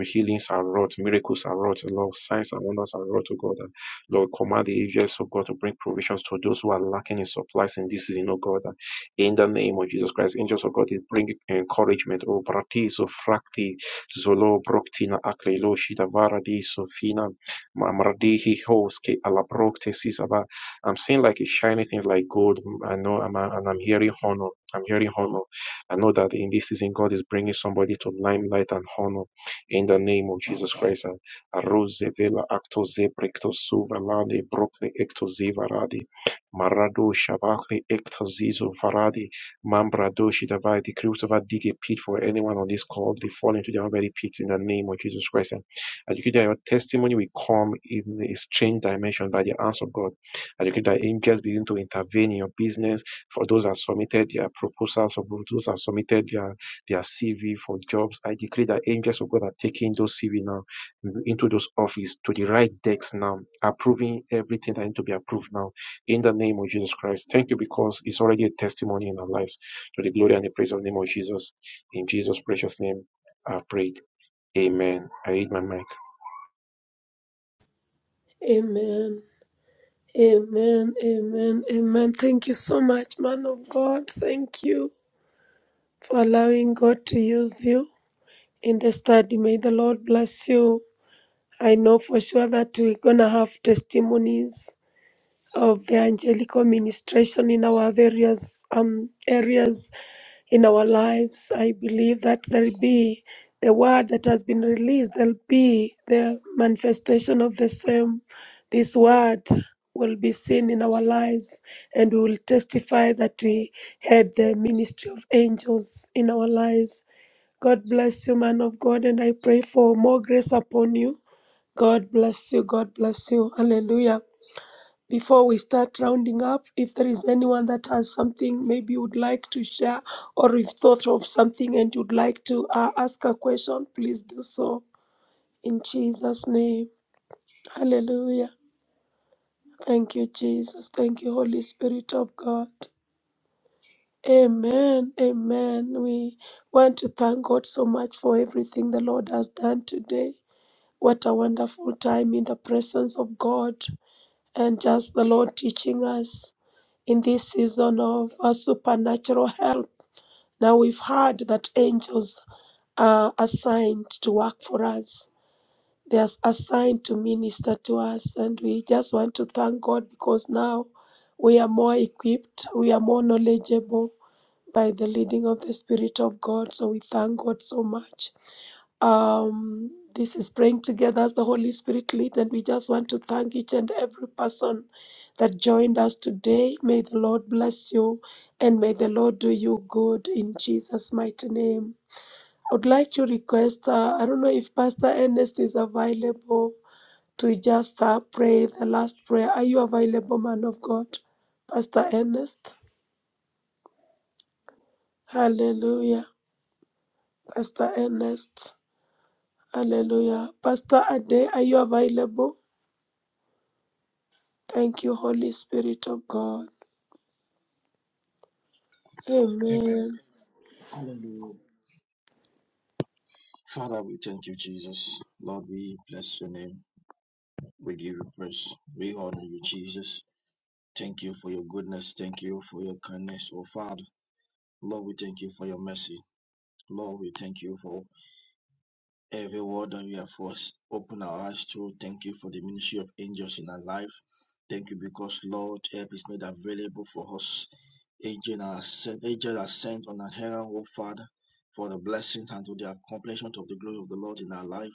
Speaker 5: healings are wrought, miracles are wrought, Lord, signs and wonders are wrought, O God. And Lord, command the angels, O God, to bring provisions to those who are lacking in supplies in this season, O God. that In the name of Jesus Christ, angels of God, they bring encouragement. O Brati, Zofrakti, Zolo, Broktina, Aklelo, Shidavara, Di, Sofina, Mamradi, Hihoske, Alabrokte, Sisava, I'm seeing like a shiny things like gold. I know, I'm, and I'm hearing honor. I'm hearing honor. I know that in this season, God is bringing somebody to limelight and honor in the name of Jesus Christ. And rose vela acto zebrecto suvalade brokle ecto zivaradi marado shavakle ecto zizo varadi mambrado shidavai. The Christopher dig a pit for anyone on this call. They fall into their own very pits in the name of Jesus Christ. And you that your testimony will come in a strange dimension by the answer of God I decree that angels begin to intervene in your business for those that submitted their proposals, for those that submitted their, their CV for jobs. I decree that angels of God are taking those CV now into those offices to the right decks now, approving everything that needs to be approved now in the name of Jesus Christ. Thank you because it's already a testimony in our lives to the glory and the praise of the name of Jesus. In Jesus' precious name, I prayed. Amen. I read my mic.
Speaker 4: Amen. Amen. Amen. Amen. Thank you so much, man of God. Thank you for allowing God to use you in the study. May the Lord bless you. I know for sure that we're going to have testimonies of evangelical ministration in our various um, areas in our lives. I believe that there'll be the word that has been released, there'll be the manifestation of the same. This word will be seen in our lives, and we will testify that we had the ministry of angels in our lives. God bless you, man of God, and I pray for more grace upon you. God bless you. God bless you. Hallelujah. Before we start rounding up, if there is anyone that has something maybe you would like to share or you've thought of something and you'd like to uh, ask a question, please do so. In Jesus' name, hallelujah. Thank you, Jesus. Thank you, Holy Spirit of God. Amen. Amen. We want to thank God so much for everything the Lord has done today. What a wonderful time in the presence of God. and just the Lord teaching us in this season of uh, supernatural help. Now we've heard that angels are assigned to work for us. They are assigned to minister to us, and we just want to thank God because now we are more equipped, we are more knowledgeable by the leading of the Spirit of God. So we thank God so much. Um, this is praying together as the Holy Spirit leads, and we just want to thank each and every person that joined us today. May the Lord bless you and may the Lord do you good in Jesus' mighty name. I would like to request, uh, I don't know if Pastor Ernest is available to just uh, pray the last prayer. Are you available, man of God? Pastor Ernest? Hallelujah. Pastor Ernest. Hallelujah. Pastor Ade, are you available? Thank you, Holy Spirit of God.
Speaker 3: Amen.
Speaker 4: Amen.
Speaker 3: Hallelujah. Father, we thank you, Jesus. Lord, we bless your name. We give you praise. We honor you, Jesus. Thank you for your goodness. Thank you for your kindness, oh Father. Lord, we thank you for your mercy. Lord, we thank you for Every word that you have for us, open our eyes to. Thank you for the ministry of angels in our life. Thank you because, Lord, help is made available for us. Angels are sent, Angels are sent on an errand, O Father, for the blessings and to the accomplishment of the glory of the Lord in our life.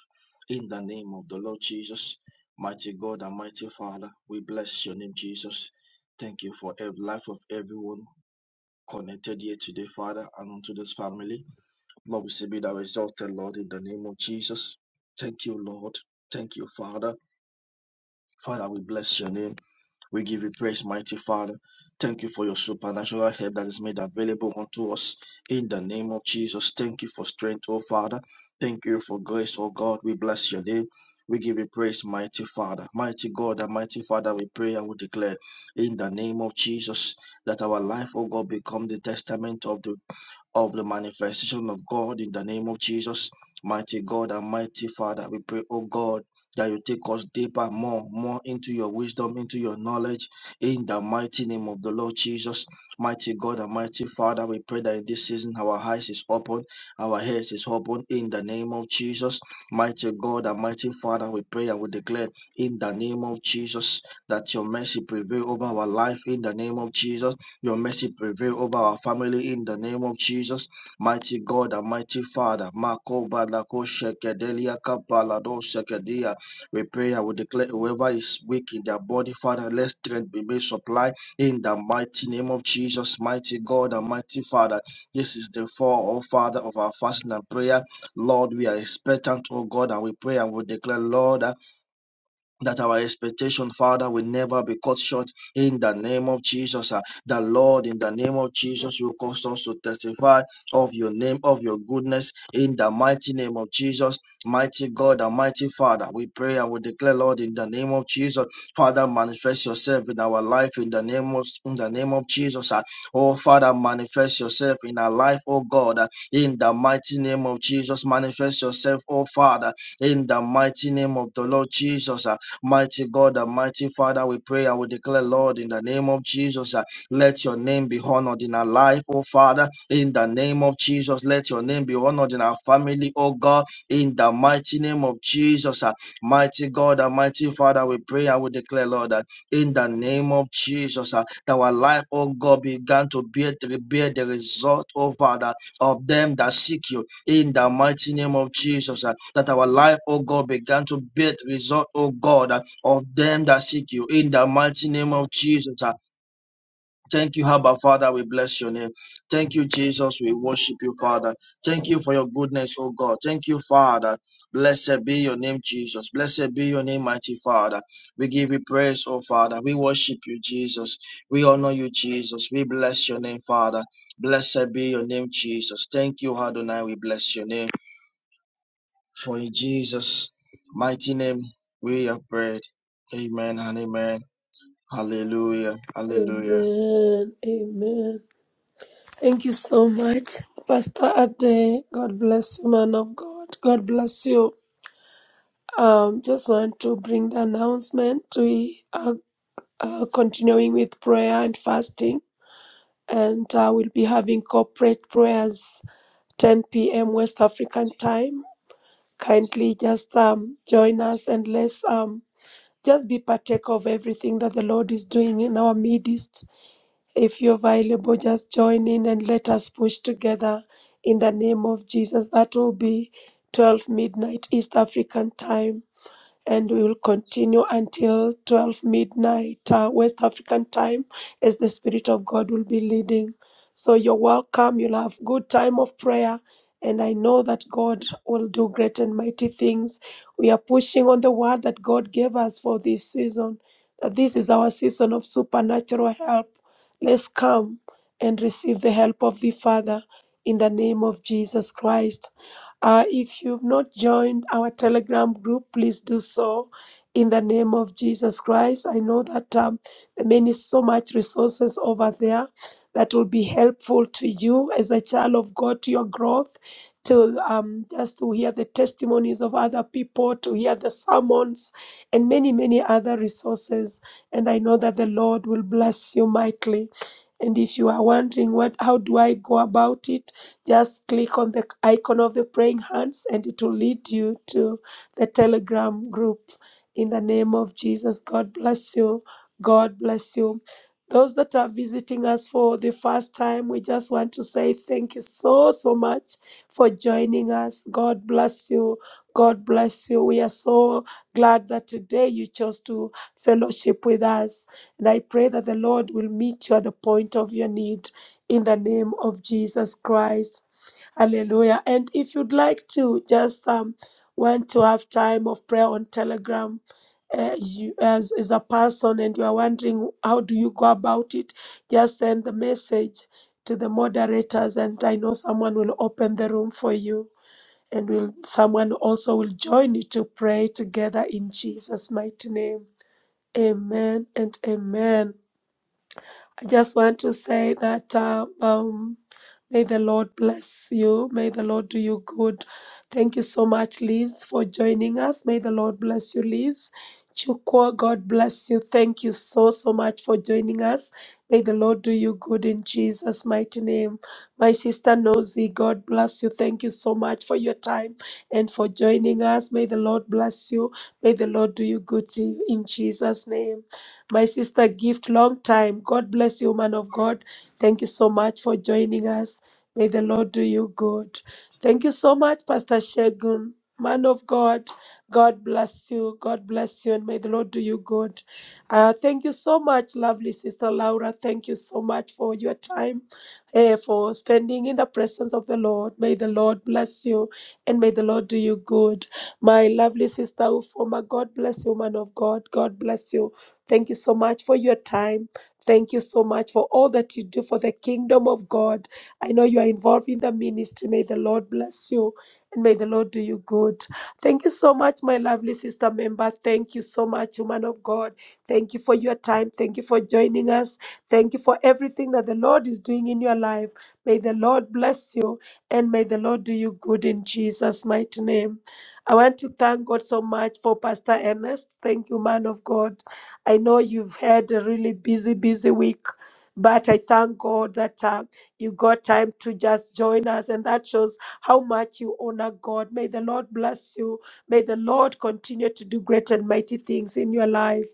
Speaker 3: In the name of the Lord Jesus, mighty God and mighty Father, we bless your name, Jesus. Thank you for every life of everyone connected here today, Father, and unto this family. Lord, we say be thou exalted, Lord, in the name of Jesus. Thank you, Lord. Thank you, Father. Father, we bless your name. We give you praise, mighty Father. Thank you for your supernatural help that is made available unto us in the name of Jesus. Thank you for strength, oh Father. Thank you for grace, oh God. We bless your name. We give you praise, mighty Father. Mighty God and mighty Father, we pray and we declare in the name of Jesus that our life, oh God, become the testament of the of the manifestation of God in the name of Jesus. Mighty God and mighty Father, we pray, oh God, that you take us deeper, more, more into your wisdom, into your knowledge, in the mighty name of the Lord Jesus. Mighty God and mighty Father, we pray that in this season our eyes is open, our heads is open, in the name of Jesus. Mighty God and mighty Father, we pray and we declare, in the name of Jesus, that your mercy prevail over our life, in the name of Jesus your mercy prevail over our family in the name of Jesus. Mighty God and mighty Father. Mako Balako Shekedelia Kapalado Shekedia. We pray and we declare whoever is weak in their body, Father, let strength be made supply in the mighty name of Jesus, mighty God and mighty Father. This is the fall, oh Father, of our fasting and prayer. Lord, we are expectant, O God, and we pray and we declare, Lord, uh, that our expectation, Father, will never be cut short in the name of Jesus. ah. The Lord, in the name of Jesus, will cause us to testify of your name, of your goodness, in the mighty name of Jesus. Mighty God and mighty Father, we pray and we declare, Lord, in the name of Jesus, Father, manifest yourself in our life in the name of in the name of Jesus. ah. Oh Father, manifest yourself in our life, oh God, ah, in the mighty name of Jesus. Manifest yourself, oh Father, in the mighty name of the Lord Jesus. ah. Mighty God and mighty Father, we pray and we declare, Lord, in the name of Jesus, uh, let your name be honored in our life, oh Father. In the name of Jesus, let your name be honored in our family, oh God. In the mighty name of Jesus, uh, mighty God and mighty Father, we pray and we declare, Lord, that in the name of Jesus, uh, that our life, oh God, began to bear, bear the result, oh Father, of them that seek you in the mighty name of Jesus, uh, that our life, oh God, began to bear result, oh God, uh, of them that seek you. In the mighty name of Jesus, uh, thank you, Abba Father. We bless your name. Thank you, Jesus. We worship you, Father. Thank you for your goodness, oh God. Thank you, Father. Blessed be your name, Jesus. Blessed be your name, mighty Father. We give you praise, oh Father. We worship you, Jesus. We honor you, Jesus. We bless your name, Father. Blessed be your name, Jesus. Thank you, Adonai. We bless your name. For in Jesus' mighty name we have prayed. Amen and amen. Hallelujah. Hallelujah.
Speaker 4: Amen. Amen. Thank you so much, Pastor Ade. God bless you, man of God. God bless you. Um, just want to bring the announcement. We are uh, continuing with prayer and fasting, and uh, we'll be having corporate prayers 10 p.m. West African time. Kindly just um, join us and let's um, just be partake of everything that the Lord is doing in our midst. If you're available, just join in and let us push together in the name of Jesus. That will be 12 midnight East African time and we will continue until 12 midnight uh, West African time as the Spirit of God will be leading. So you're welcome. You'll have good time of prayer. And I know that God will do great and mighty things. We are pushing on the word that God gave us for this season. That this is our season of supernatural help. Let's come and receive the help of the Father in the name of Jesus Christ. Uh, if you've not joined our Telegram group, please do so in the name of Jesus Christ. I know that um, there many so much resources over there that will be helpful to you as a child of God to your growth. To um, just to hear the testimonies of other people, to hear the sermons, and many, many other resources. And I know that the Lord will bless you mightily. And if you are wondering what, how do I go about it? Just click on the icon of the praying hands and it will lead you to the Telegram group. In the name of Jesus, God bless you. God bless you. Those that are visiting us for the first time, we just want to say thank you so, so much for joining us. God bless you. God bless you. We are so glad that today you chose to fellowship with us. And I pray that the Lord will meet you at the point of your need in the name of Jesus Christ. Hallelujah. And if you'd like to just um, want to have time of prayer on Telegram uh, you, as, as a person and you are wondering how do you go about it, just send the message to the moderators and I know someone will open the room for you and will someone also will join you to pray together in Jesus mighty name. Amen and amen. I just want to say that uh, um, may the Lord bless you. May the Lord do you good. Thank you so much, Liz, for joining us. May the Lord bless you, Liz. Chukwa, God bless you. Thank you so, so much for joining us. May the Lord do you good in Jesus' mighty name. My sister Nosy, God bless you. Thank you so much for your time and for joining us. May the Lord bless you. May the Lord do you good in in Jesus' name. My sister Gift, long time. God bless you, man of God. Thank you so much for joining us. May the Lord do you good. Thank you so much, Pastor Shegun, man of God. God bless you. God bless you, and may the Lord do you good. Uh, thank you so much, lovely sister Laura. Thank you so much for your time, eh, for spending in the presence of the Lord. May the Lord bless you, and may the Lord do you good. My lovely sister Ufoma, God bless you, man of God. God bless you. Thank you so much for your time. Thank you so much for all that you do for the kingdom of God. I know you are involved in the ministry. May the Lord bless you and may the Lord do you good. Thank you so much, my lovely sister member. Thank you so much, woman of God. Thank you for your time. Thank you for joining us. Thank you for everything that the Lord is doing in your life. May the Lord bless you and may the Lord do you good in Jesus' mighty name. I want to thank God so much for Pastor Ernest. Thank you, man of God. I know you've had a really busy, busy week, but I thank God that uh, you got time to just join us, and that shows how much you honor God. May the Lord bless you. May the Lord continue to do great and mighty things in your life.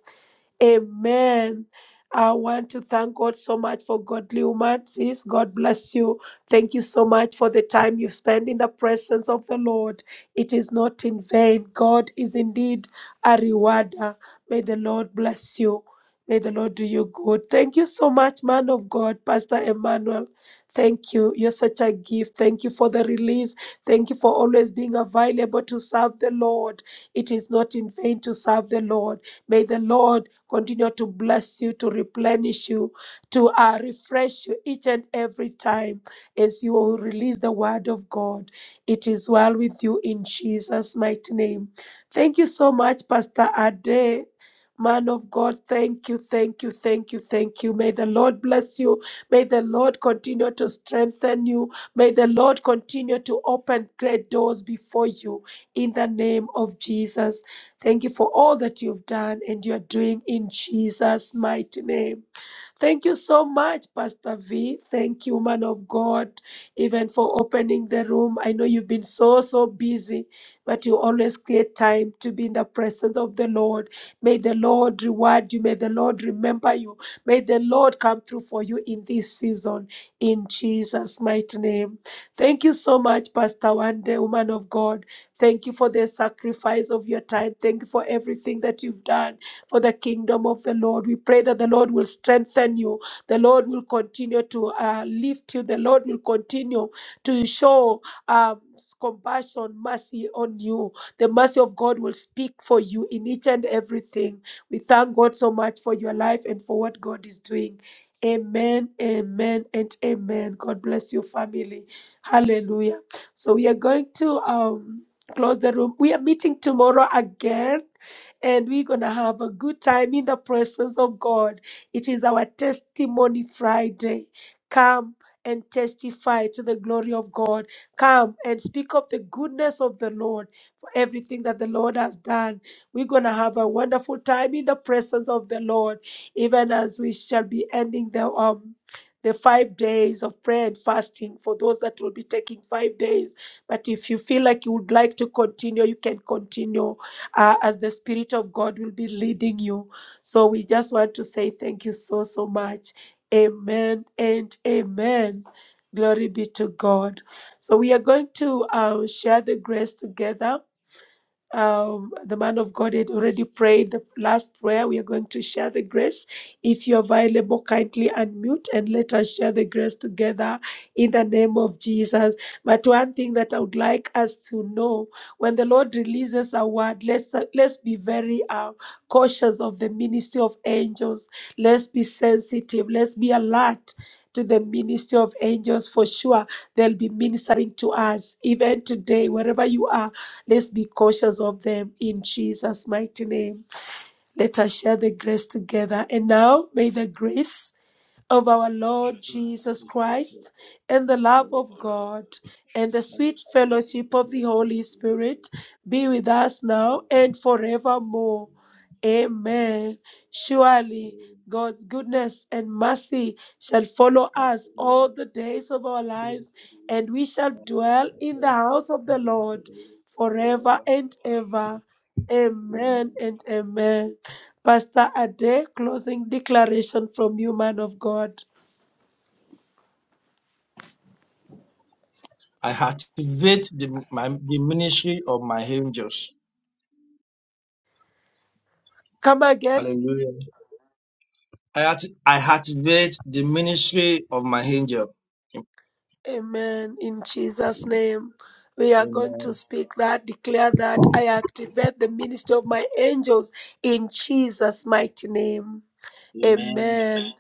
Speaker 4: Amen. I want to thank God so much for godly woman. humanities. God bless you. Thank you so much for the time you've spent in the presence of the Lord. It is not in vain. God is indeed a rewarder. May the Lord bless you. May the Lord do you good. Thank you so much, man of God, Pastor Emmanuel. Thank you. You're such a gift. Thank you for the release. Thank you for always being available to serve the Lord. It is not in vain to serve the Lord. May the Lord continue to bless you, to replenish you, to uh, refresh you each and every time as you release the word of God. It is well with you in Jesus' mighty name. Thank you so much, Pastor Ade. Man of God, thank you, thank you, thank you, thank you. May the Lord bless you. May the Lord continue to strengthen you. May the Lord continue to open great doors before you in the name of Jesus. Thank you for all that you've done and you're doing in Jesus' mighty name. Thank you so much, Pastor V. Thank you, man of God, even for opening the room. I know you've been so, so busy, but you always create time to be in the presence of the Lord. May the Lord reward you. May the Lord remember you. May the Lord come through for you in this season, in Jesus' mighty name. Thank you so much, Pastor Wande, woman of God. Thank you for the sacrifice of your time. Thank you for everything that you've done for the kingdom of the Lord. We pray that the Lord will strengthen you. The Lord will continue to uh, lift you. The Lord will continue to show um, compassion, mercy on you. The mercy of God will speak for you in each and everything. We thank God so much for your life and for what God is doing. Amen, amen, and amen. God bless you, family. Hallelujah. So we are going to um, close the room. We are meeting tomorrow again and we're going to have a good time in the presence of God. It is our testimony Friday. Come and testify to the glory of God. Come and speak of the goodness of the Lord for everything that the Lord has done. We're going to have a wonderful time in the presence of the Lord, even as we shall be ending the um the five days of prayer and fasting for those that will be taking five days. But if you feel like you would like to continue, you can continue uh, as the Spirit of God will be leading you. So we just want to say thank you so, so much. Amen and amen. Glory be to God. So we are going to uh, share the grace together um, the man of God had already prayed the last prayer. We are going to share the grace. If you're available, kindly unmute and let us share the grace together in the name of Jesus. But one thing that I would like us to know when the Lord releases a word, let's, let's be very uh, cautious of the ministry of angels. Let's be sensitive. Let's be alert. To the ministry of angels, for sure, they'll be ministering to us even today, wherever you are Let's be cautious of them in Jesus' mighty name. Let us share the grace together. And now, may the grace of our Lord Jesus Christ and the love of God and the sweet fellowship of the Holy Spirit be with us now and forevermore. Amen. Surely God's goodness and mercy shall follow us all the days of our lives, and we shall dwell in the house of the Lord forever and ever. Amen and amen. Pastor Ade, closing declaration from you, man of God.
Speaker 3: I activate the, my, the ministry of my angels.
Speaker 4: Come again.
Speaker 3: Hallelujah. I, act, I activate the ministry of my angel.
Speaker 4: Amen. In Jesus' name, we are going to
Speaker 3: Amen.
Speaker 4: speak that, declare that I activate the ministry of my angels in Jesus' mighty name.
Speaker 3: Amen.
Speaker 4: Amen.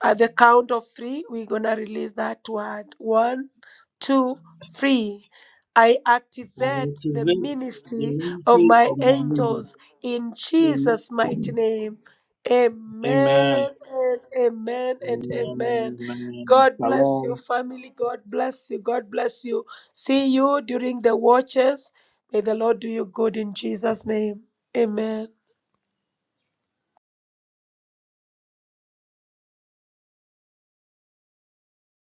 Speaker 4: At the count of three, we're gonna release that word. One, two, three. I activate the ministry of my angels in Jesus' mighty name. Amen and amen and amen. God bless you, family. God bless you. God bless you. See you during the watches. May the Lord do you good in Jesus' name. Amen.